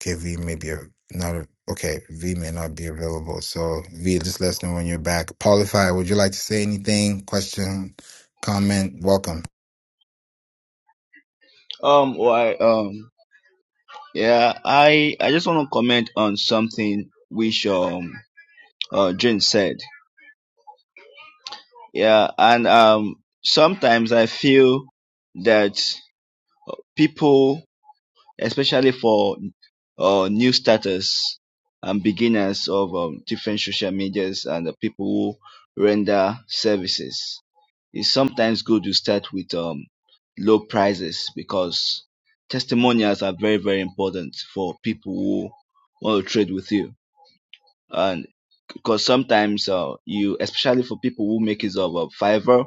Okay, V may be a- not okay, V may not be available. So V, just let us know when you're back. Qualify, would you like to say anything? Question, comment, welcome.
Um, why? Um, yeah, I I just want to comment on something which um uh Jane said. Yeah, and um sometimes I feel that people, especially for uh new starters and beginners of um, different social medias and the people who render services, it's sometimes good to start with um, low prices because testimonials are very very important for people who want to trade with you and because sometimes uh, you especially for people who make use of uh, fiverr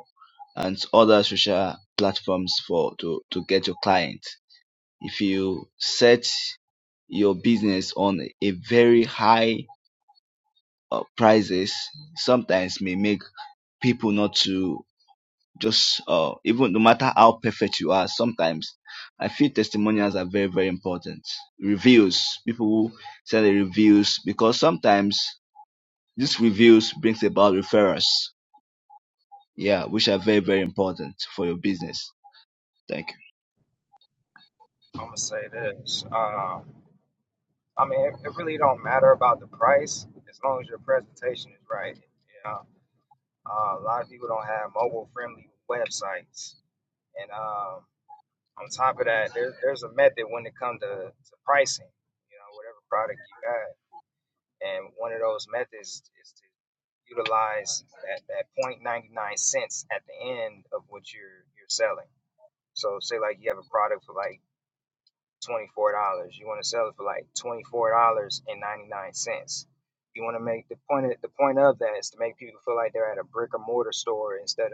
and other social platforms for to to get your clients. if you set your business on a very high uh, prices sometimes may make people not to Just uh, even no matter how perfect you are, sometimes I feel testimonials are very, very important. Reviews, people who send the reviews, because sometimes these reviews brings about referrals. Yeah, which are very, very important for your business. Thank you.
I'm gonna say this. Um, I mean, it, it really don't matter about the price as long as your presentation is right. You know, uh, a lot of people don't have mobile friendly websites, and um, On top of that, there, there's a method when it comes to, to pricing, you know, whatever product you got. And one of those methods is to utilize that, that 0.99 cents at the end of what you're you're selling. So say like you have a product for like $24, you want to sell it for like $24.99. You want to make the point of, the point of that is to make people feel like they're at a brick and mortar store instead of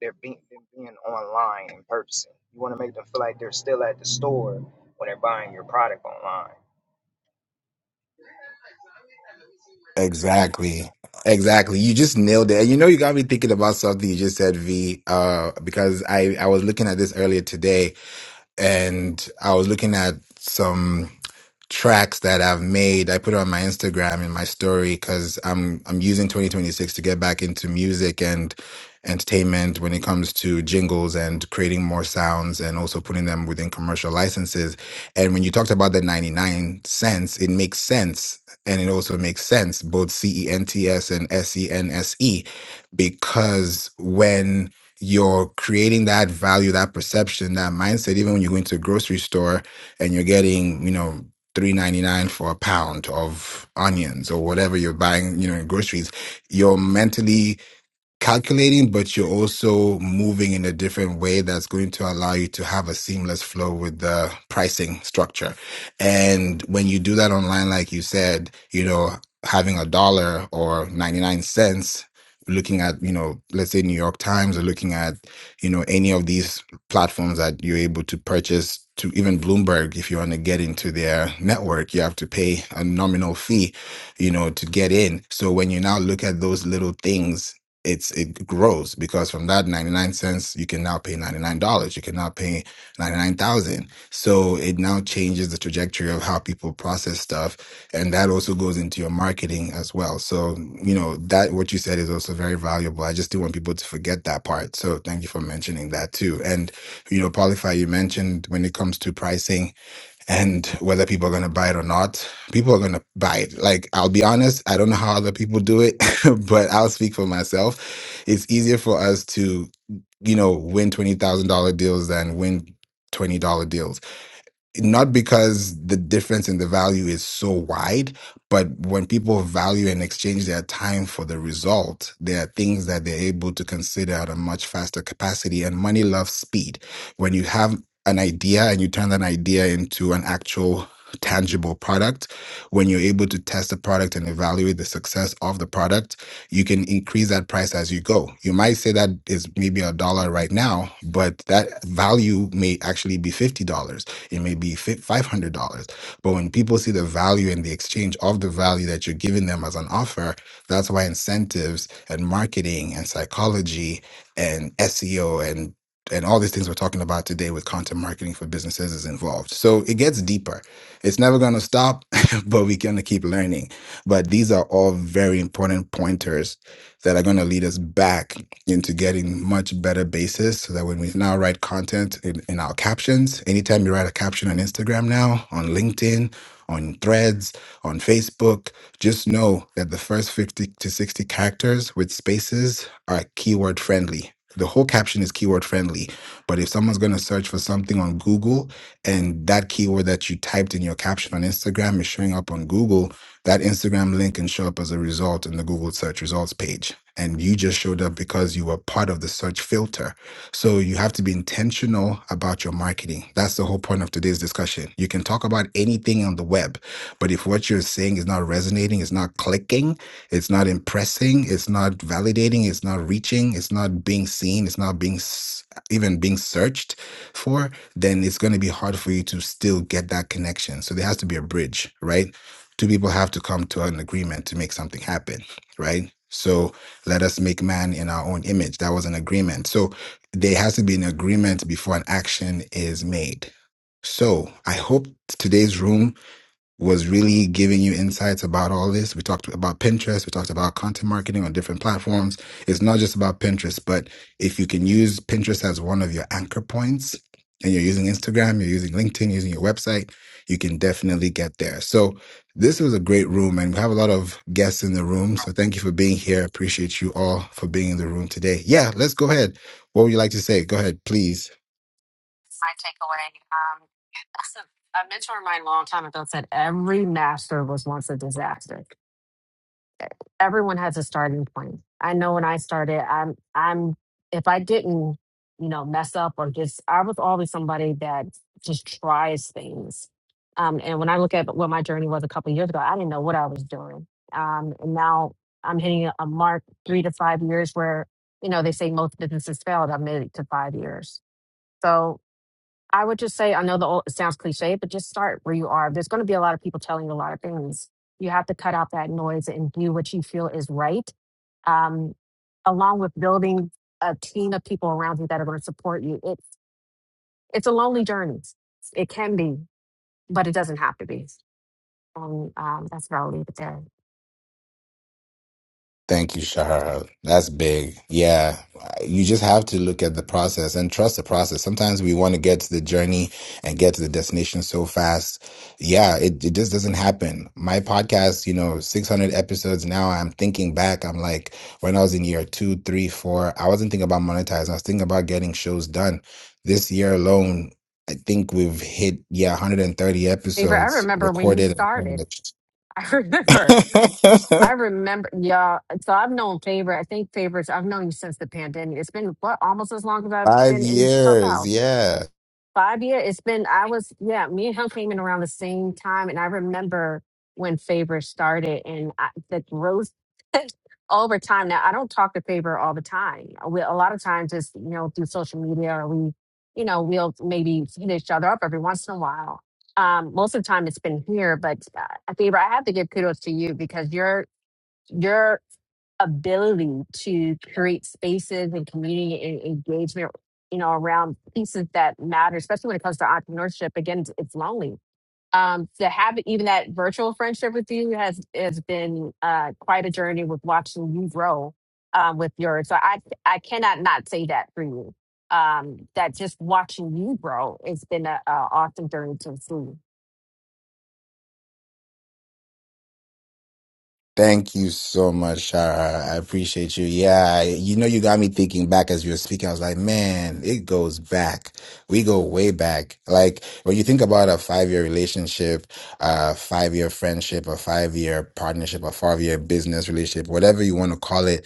they're being them being online in person. You want to make them feel like they're still at the store when they're buying your product online.
Exactly. Exactly. You just nailed it. And you know you got me thinking about something you just said, V, uh, because I, I was looking at this earlier today and I was looking at some tracks that I've made. I put it on my Instagram in my story because I'm I'm using 2026 to get back into music and entertainment when it comes to jingles and creating more sounds and also putting them within commercial licenses. And when you talked about the 99 cents, it makes sense. And it also makes sense, both C E N T S and S E N S E, because when you're creating that value, that perception, that mindset, even when you go into a grocery store and you're getting, you know, three ninety nine for a pound of onions or whatever you're buying, you know, in groceries, you're mentally calculating, but you're also moving in a different way that's going to allow you to have a seamless flow with the pricing structure. And when you do that online, like you said, you know, having a dollar or 99 cents, looking at, you know, let's say New York Times or looking at, you know, any of these platforms that you're able to purchase to even Bloomberg, if you want to get into their network, you have to pay a nominal fee, you know, to get in. So when you now look at those little things it's it grows because from that 99 cents you can now pay $99 you can now pay 99000 so it now changes the trajectory of how people process stuff and that also goes into your marketing as well so you know that what you said is also very valuable i just do want people to forget that part so thank you for mentioning that too and you know Polify, you mentioned when it comes to pricing and whether people are going to buy it or not people are going to buy it like i'll be honest i don't know how other people do it but i'll speak for myself it's easier for us to you know win $20000 deals than win $20 deals not because the difference in the value is so wide, but when people value and exchange their time for the result, there are things that they're able to consider at a much faster capacity. And money loves speed. When you have an idea and you turn that idea into an actual tangible product, when you're able to test the product and evaluate the success of the product, you can increase that price as you go. You might say that is maybe a dollar right now, but that value may actually be $50 It may be $500. But when people see the value and the exchange of the value that you're giving them as an offer, that's why incentives and marketing and psychology and SEO and and all these things we're talking about today with content marketing for businesses is involved. So it gets deeper. It's never going to stop, but we're going to keep learning. But these are all very important pointers that are going to lead us back into getting much better basis so that when we now write content in, in our captions, anytime you write a caption on Instagram now, on LinkedIn, on threads, on Facebook, just know that the first 50 to 60 characters with spaces are keyword friendly. The whole caption is keyword friendly, but if someone's going to search for something on Google and that keyword that you typed in your caption on Instagram is showing up on Google, that Instagram link can show up as a result in the Google search results page. And you just showed up because you were part of the search filter. So you have to be intentional about your marketing. That's the whole point of today's discussion. You can talk about anything on the web, but if what you're saying is not resonating, it's not clicking, it's not impressing, it's not validating, it's not reaching, it's not being seen, it's not being s- even being searched for, then it's going to be hard for you to still get that connection. So there has to be a bridge, right? two people have to come to an agreement to make something happen, right? So let us make man in our own image. That was an agreement. So there has to be an agreement before an action is made. So I hope today's room was really giving you insights about all this. We talked about Pinterest, we talked about content marketing on different platforms. It's not just about Pinterest, but if you can use Pinterest as one of your anchor points and you're using Instagram, you're using LinkedIn, using your website, you can definitely get there. So this was a great room and we have a lot of guests in the room. So thank you for being here. Appreciate you all for being in the room today. Yeah, let's go ahead. What would you like to say? Go ahead, please.
my takeaway. Um, a mentor of mine a long time ago said every master was once a disaster. Everyone has a starting point. I know when I started, I'm I'm if I didn't, you know, mess up or just I was always somebody that just tries things. Um, and when I look at what my journey was a couple years ago, I didn't know what I was doing. Um, and now I'm hitting a mark three to five years where, you know, they say most businesses fail. I made it to five years. So I would just say, I know the old, it sounds cliche, but just start where you are. There's going to be a lot of people telling you a lot of things. You have to cut out that noise and do what you feel is right, um, along with building a team of people around you that are going to support you. It's it's a lonely journey. It can be, but it doesn't have to be. And um, that's where I'll leave it there.
Thank you, Shahar. That's big. Yeah. You just have to look at the process and trust the process. Sometimes we want to get to the journey and get to the destination so fast. Yeah, it, it just doesn't happen. My podcast, you know, 600 episodes now, I'm thinking back. I'm like, when I was in year two, three, four, I wasn't thinking about monetizing. I was thinking about getting shows done. This year alone, I think we've hit, yeah, 130
Favor, I
episodes
remember when you
recorded and
started.
published.
I remember. I remember. Yeah. So I've known Favor. I think Favors. I've known you since the pandemic. It's been what almost as long as I've
Five
been in
years,
Clubhouse
yeah.
five years. It's been I was yeah. Me and him came in around the same time, and I remember when Faber started, and I, the growth over time. Now I don't talk to Faber all the time. We, a lot of times it's you know through social media, or we, you know, we'll maybe hit each other up every once in a while. Um, most of the time it's been here, but uh, Faber, I have to give kudos to you because you're you're ability to create spaces and community and engagement you know around pieces that matter especially when it comes to entrepreneurship again it's, it's lonely um to have even that virtual friendship with you has has been uh quite a journey with watching you grow um with yours so i i cannot not say that for you um that just watching you grow it's been a, a awesome journey to see
Thank you so much, Shara. I appreciate you. Yeah, you know, you got me thinking back as you were speaking. I was like, man, it goes back. We go way back. Like when you think about a five-year relationship, a five-year friendship, a five-year partnership, a five-year business relationship, whatever you want to call it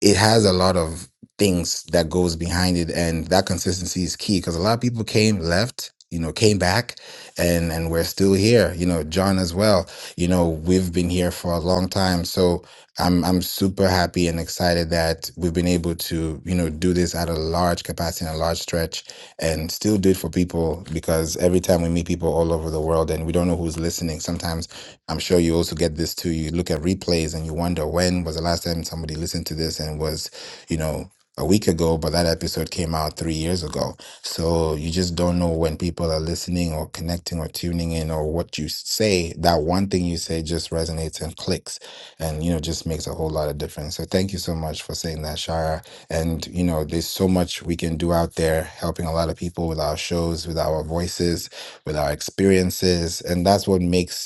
it has a lot of things that goes behind it and that consistency is key because a lot of people came left you know came back and and we're still here you know john as well you know we've been here for a long time so i'm i'm super happy and excited that we've been able to you know do this at a large capacity and a large stretch and still do it for people because every time we meet people all over the world and we don't know who's listening sometimes I'm sure you also get this too. You look at replays and you wonder when was the last time somebody listened to this and it was, you know, a week ago, but that episode came out three years ago. So you just don't know when people are listening or connecting or tuning in or what you say. That one thing you say just resonates and clicks and, you know, just makes a whole lot of difference. So thank you so much for saying that, Shara. And, you know, there's so much we can do out there helping a lot of people with our shows, with our voices, with our experiences. And that's what makes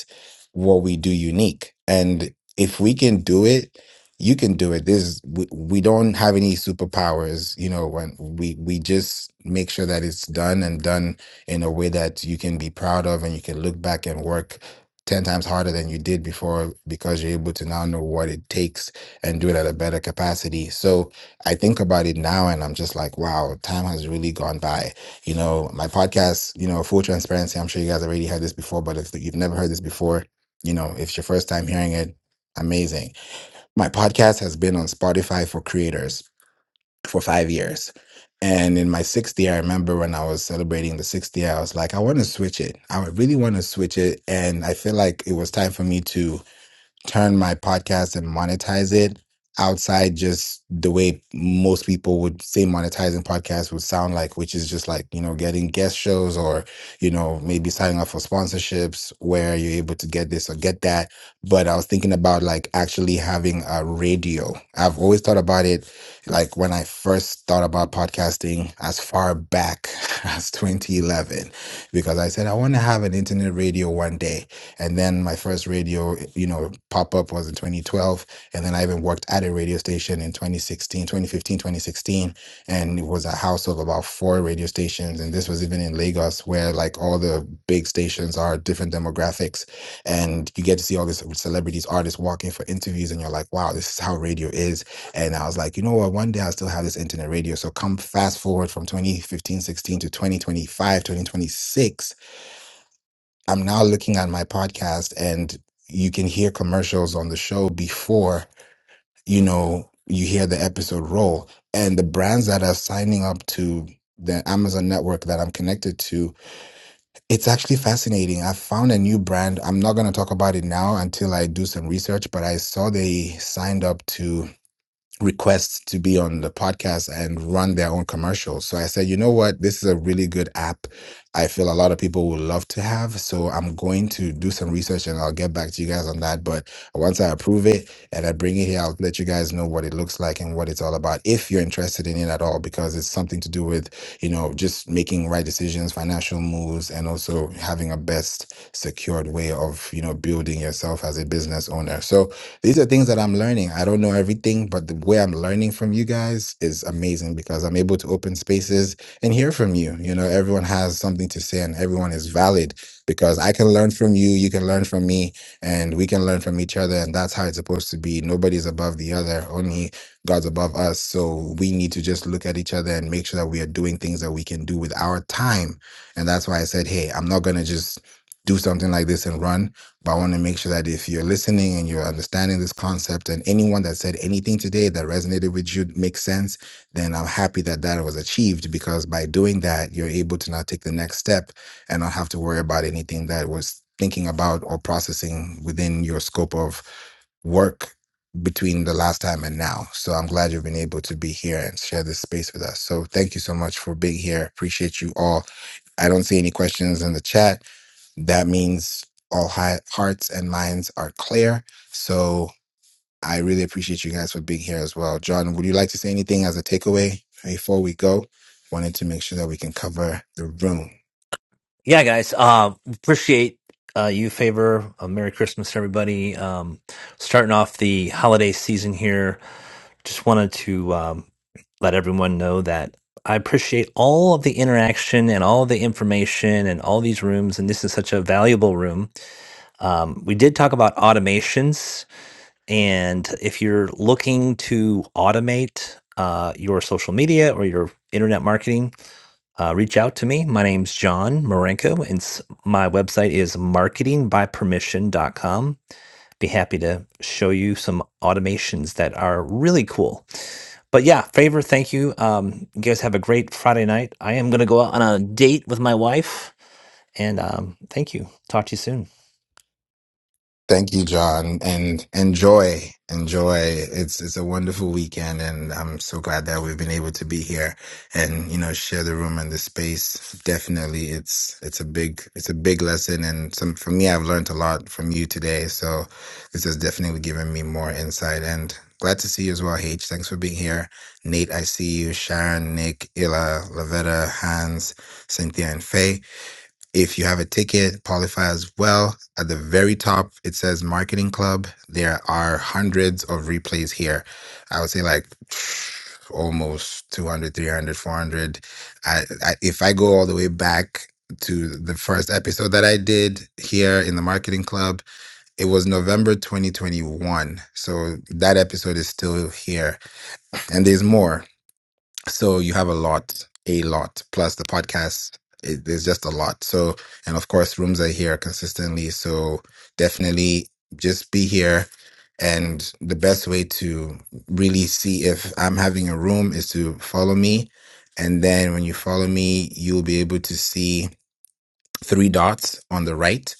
what we do unique. And if we can do it, you can do it. This is, we, we don't have any superpowers, you know, when we we just make sure that it's done and done in a way that you can be proud of and you can look back and work 10 times harder than you did before because you're able to now know what it takes and do it at a better capacity. So I think about it now and I'm just like, wow, time has really gone by you know my podcast you know full transparency i'm sure you guys already heard this before but if you've never heard this before you know, if it's your first time hearing it, amazing. My podcast has been on Spotify for creators for five years. And in my sixth year, I remember when I was celebrating the sixth year, I was like, I want to switch it. I really want to switch it. And I feel like it was time for me to turn my podcast and monetize it outside just the way most people would say monetizing podcasts would sound like, which is just like, you know, getting guest shows or, you know, maybe signing up for sponsorships where you're able to get this or get that. But I was thinking about like actually having a radio. I've always thought about it like when I first thought about podcasting as far back as 2011, because I said, I want to have an internet radio one day and then my first radio, you know, pop up was in 2012. And then I even worked at a radio station in 2016, 2015, 2016. And it was a house of about four radio stations. And this was even in Lagos, where like all the big stations are different demographics. And you get to see all these celebrities, artists walking for interviews. And you're like, wow, this is how radio is. And I was like, you know what? One day I'll still have this internet radio. So come fast forward from 2015, 16 to 2025, 2026 I'm now looking at my podcast and you can hear commercials on the show before, you know, you hear the episode roll. And the brands that are signing up to the Amazon network that I'm connected to, it's actually fascinating. I found a new brand. I'm not going to talk about it now until I do some research, but I saw they signed up to requests to be on the podcast and run their own commercials. So I said, you know what? This is a really good app. I feel a lot of people would love to have. So I'm going to do some research and I'll get back to you guys on that. But once I approve it and I bring it here, I'll let you guys know what it looks like and what it's all about if you're interested in it at all, because it's something to do with, you know, just making right decisions, financial moves, and also having a best secured way of, you know, building yourself as a business owner. So these are things that I'm learning. I don't know everything, but the way I'm learning from you guys is amazing because I'm able to open spaces and hear from you. You know, everyone has something to say and everyone is valid because I can learn from you, you can learn from me, and we can learn from each other. And that's how it's supposed to be. Nobody's above the other, only God's above us. So we need to just look at each other and make sure that we are doing things that we can do with our time. And that's why I said, hey, I'm not going to just do something like this and run. But I want to make sure that if you're listening and you're understanding this concept, and anyone that said anything today that resonated with you makes sense, then I'm happy that that was achieved because by doing that, you're able to now take the next step and not have to worry about anything that was thinking about or processing within your scope of work between the last time and now. So I'm glad you've been able to be here and share this space with us. So thank you so much for being here. Appreciate you all. I don't see any questions in the chat that means all hi- hearts and minds are clear. So I really appreciate you guys for being here as well. John, would you like to say anything as a takeaway before we go? Wanted to make sure that we can cover the room.
yeah, guys, uh, appreciate uh, you favor. Uh, Merry Christmas, everybody. Um, starting off the holiday season here. Just wanted to um, let everyone know that I appreciate all of the interaction and all the information and all these rooms. And this is such a valuable room. Um, we did talk about automations. And if you're looking to automate uh, your social media or your internet marketing, uh, reach out to me. My name's John Marenko, and s- my website is marketing by permission dot com. Be happy to show you some automations that are really cool. But yeah, favor, thank you. Um, you guys have a great Friday night. I am going to go out on a date with my wife, and um, thank you. Talk to you soon.
Thank you, John, and enjoy, enjoy. It's it's a wonderful weekend, and I'm so glad that we've been able to be here and you know share the room and the space. Definitely, it's it's a big it's a big lesson, and some for me, I've learned a lot from you today. So this has definitely given me more insight, and glad to see you as well, H. Thanks for being here, Nate. I see you, Sharon, Nick, Illa, Lavetta, Hans, Cynthia, and Faye. If you have a ticket, qualify as well. At the very top, it says Marketing Club. There are hundreds of replays here. I would say like almost 200, 300, 400. I, I, if I go all the way back to the first episode that I did here in the Marketing Club, it was November 2021. So that episode is still here. And there's more. So you have a lot, a lot, plus the podcast. It, there's just a lot. So, and of course, rooms are here consistently. So definitely just be here. And the best way to really see if I'm having a room is to follow me. And then when you follow me, you'll be able to see three dots on the right,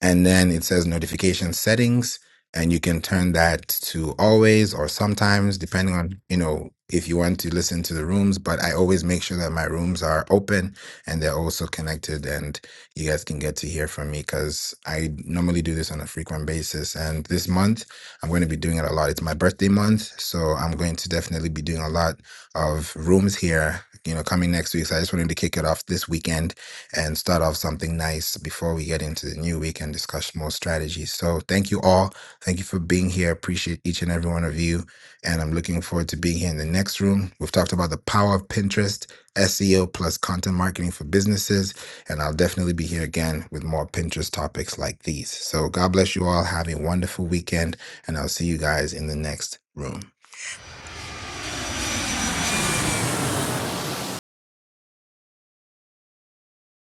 and then it says notification settings, and you can turn that to always or sometimes, depending on you know if you want to listen to the rooms. But I always make sure that my rooms are open and they're also connected, and you guys can get to hear from me because I normally do this on a frequent basis. And this month, I'm going to be doing it a lot. It's my birthday month, so I'm going to definitely be doing a lot of rooms here. You know, coming next week. So I just wanted to kick it off this weekend and start off something nice before we get into the new week and discuss more strategies. So, thank you all. Thank you for being here. Appreciate each and every one of you. And I'm looking forward to being here in the next room. We've talked about the power of Pinterest, SEO plus content marketing for businesses. And I'll definitely be here again with more Pinterest topics like these. So, God bless you all. Have a wonderful weekend. And I'll see you guys in the next room.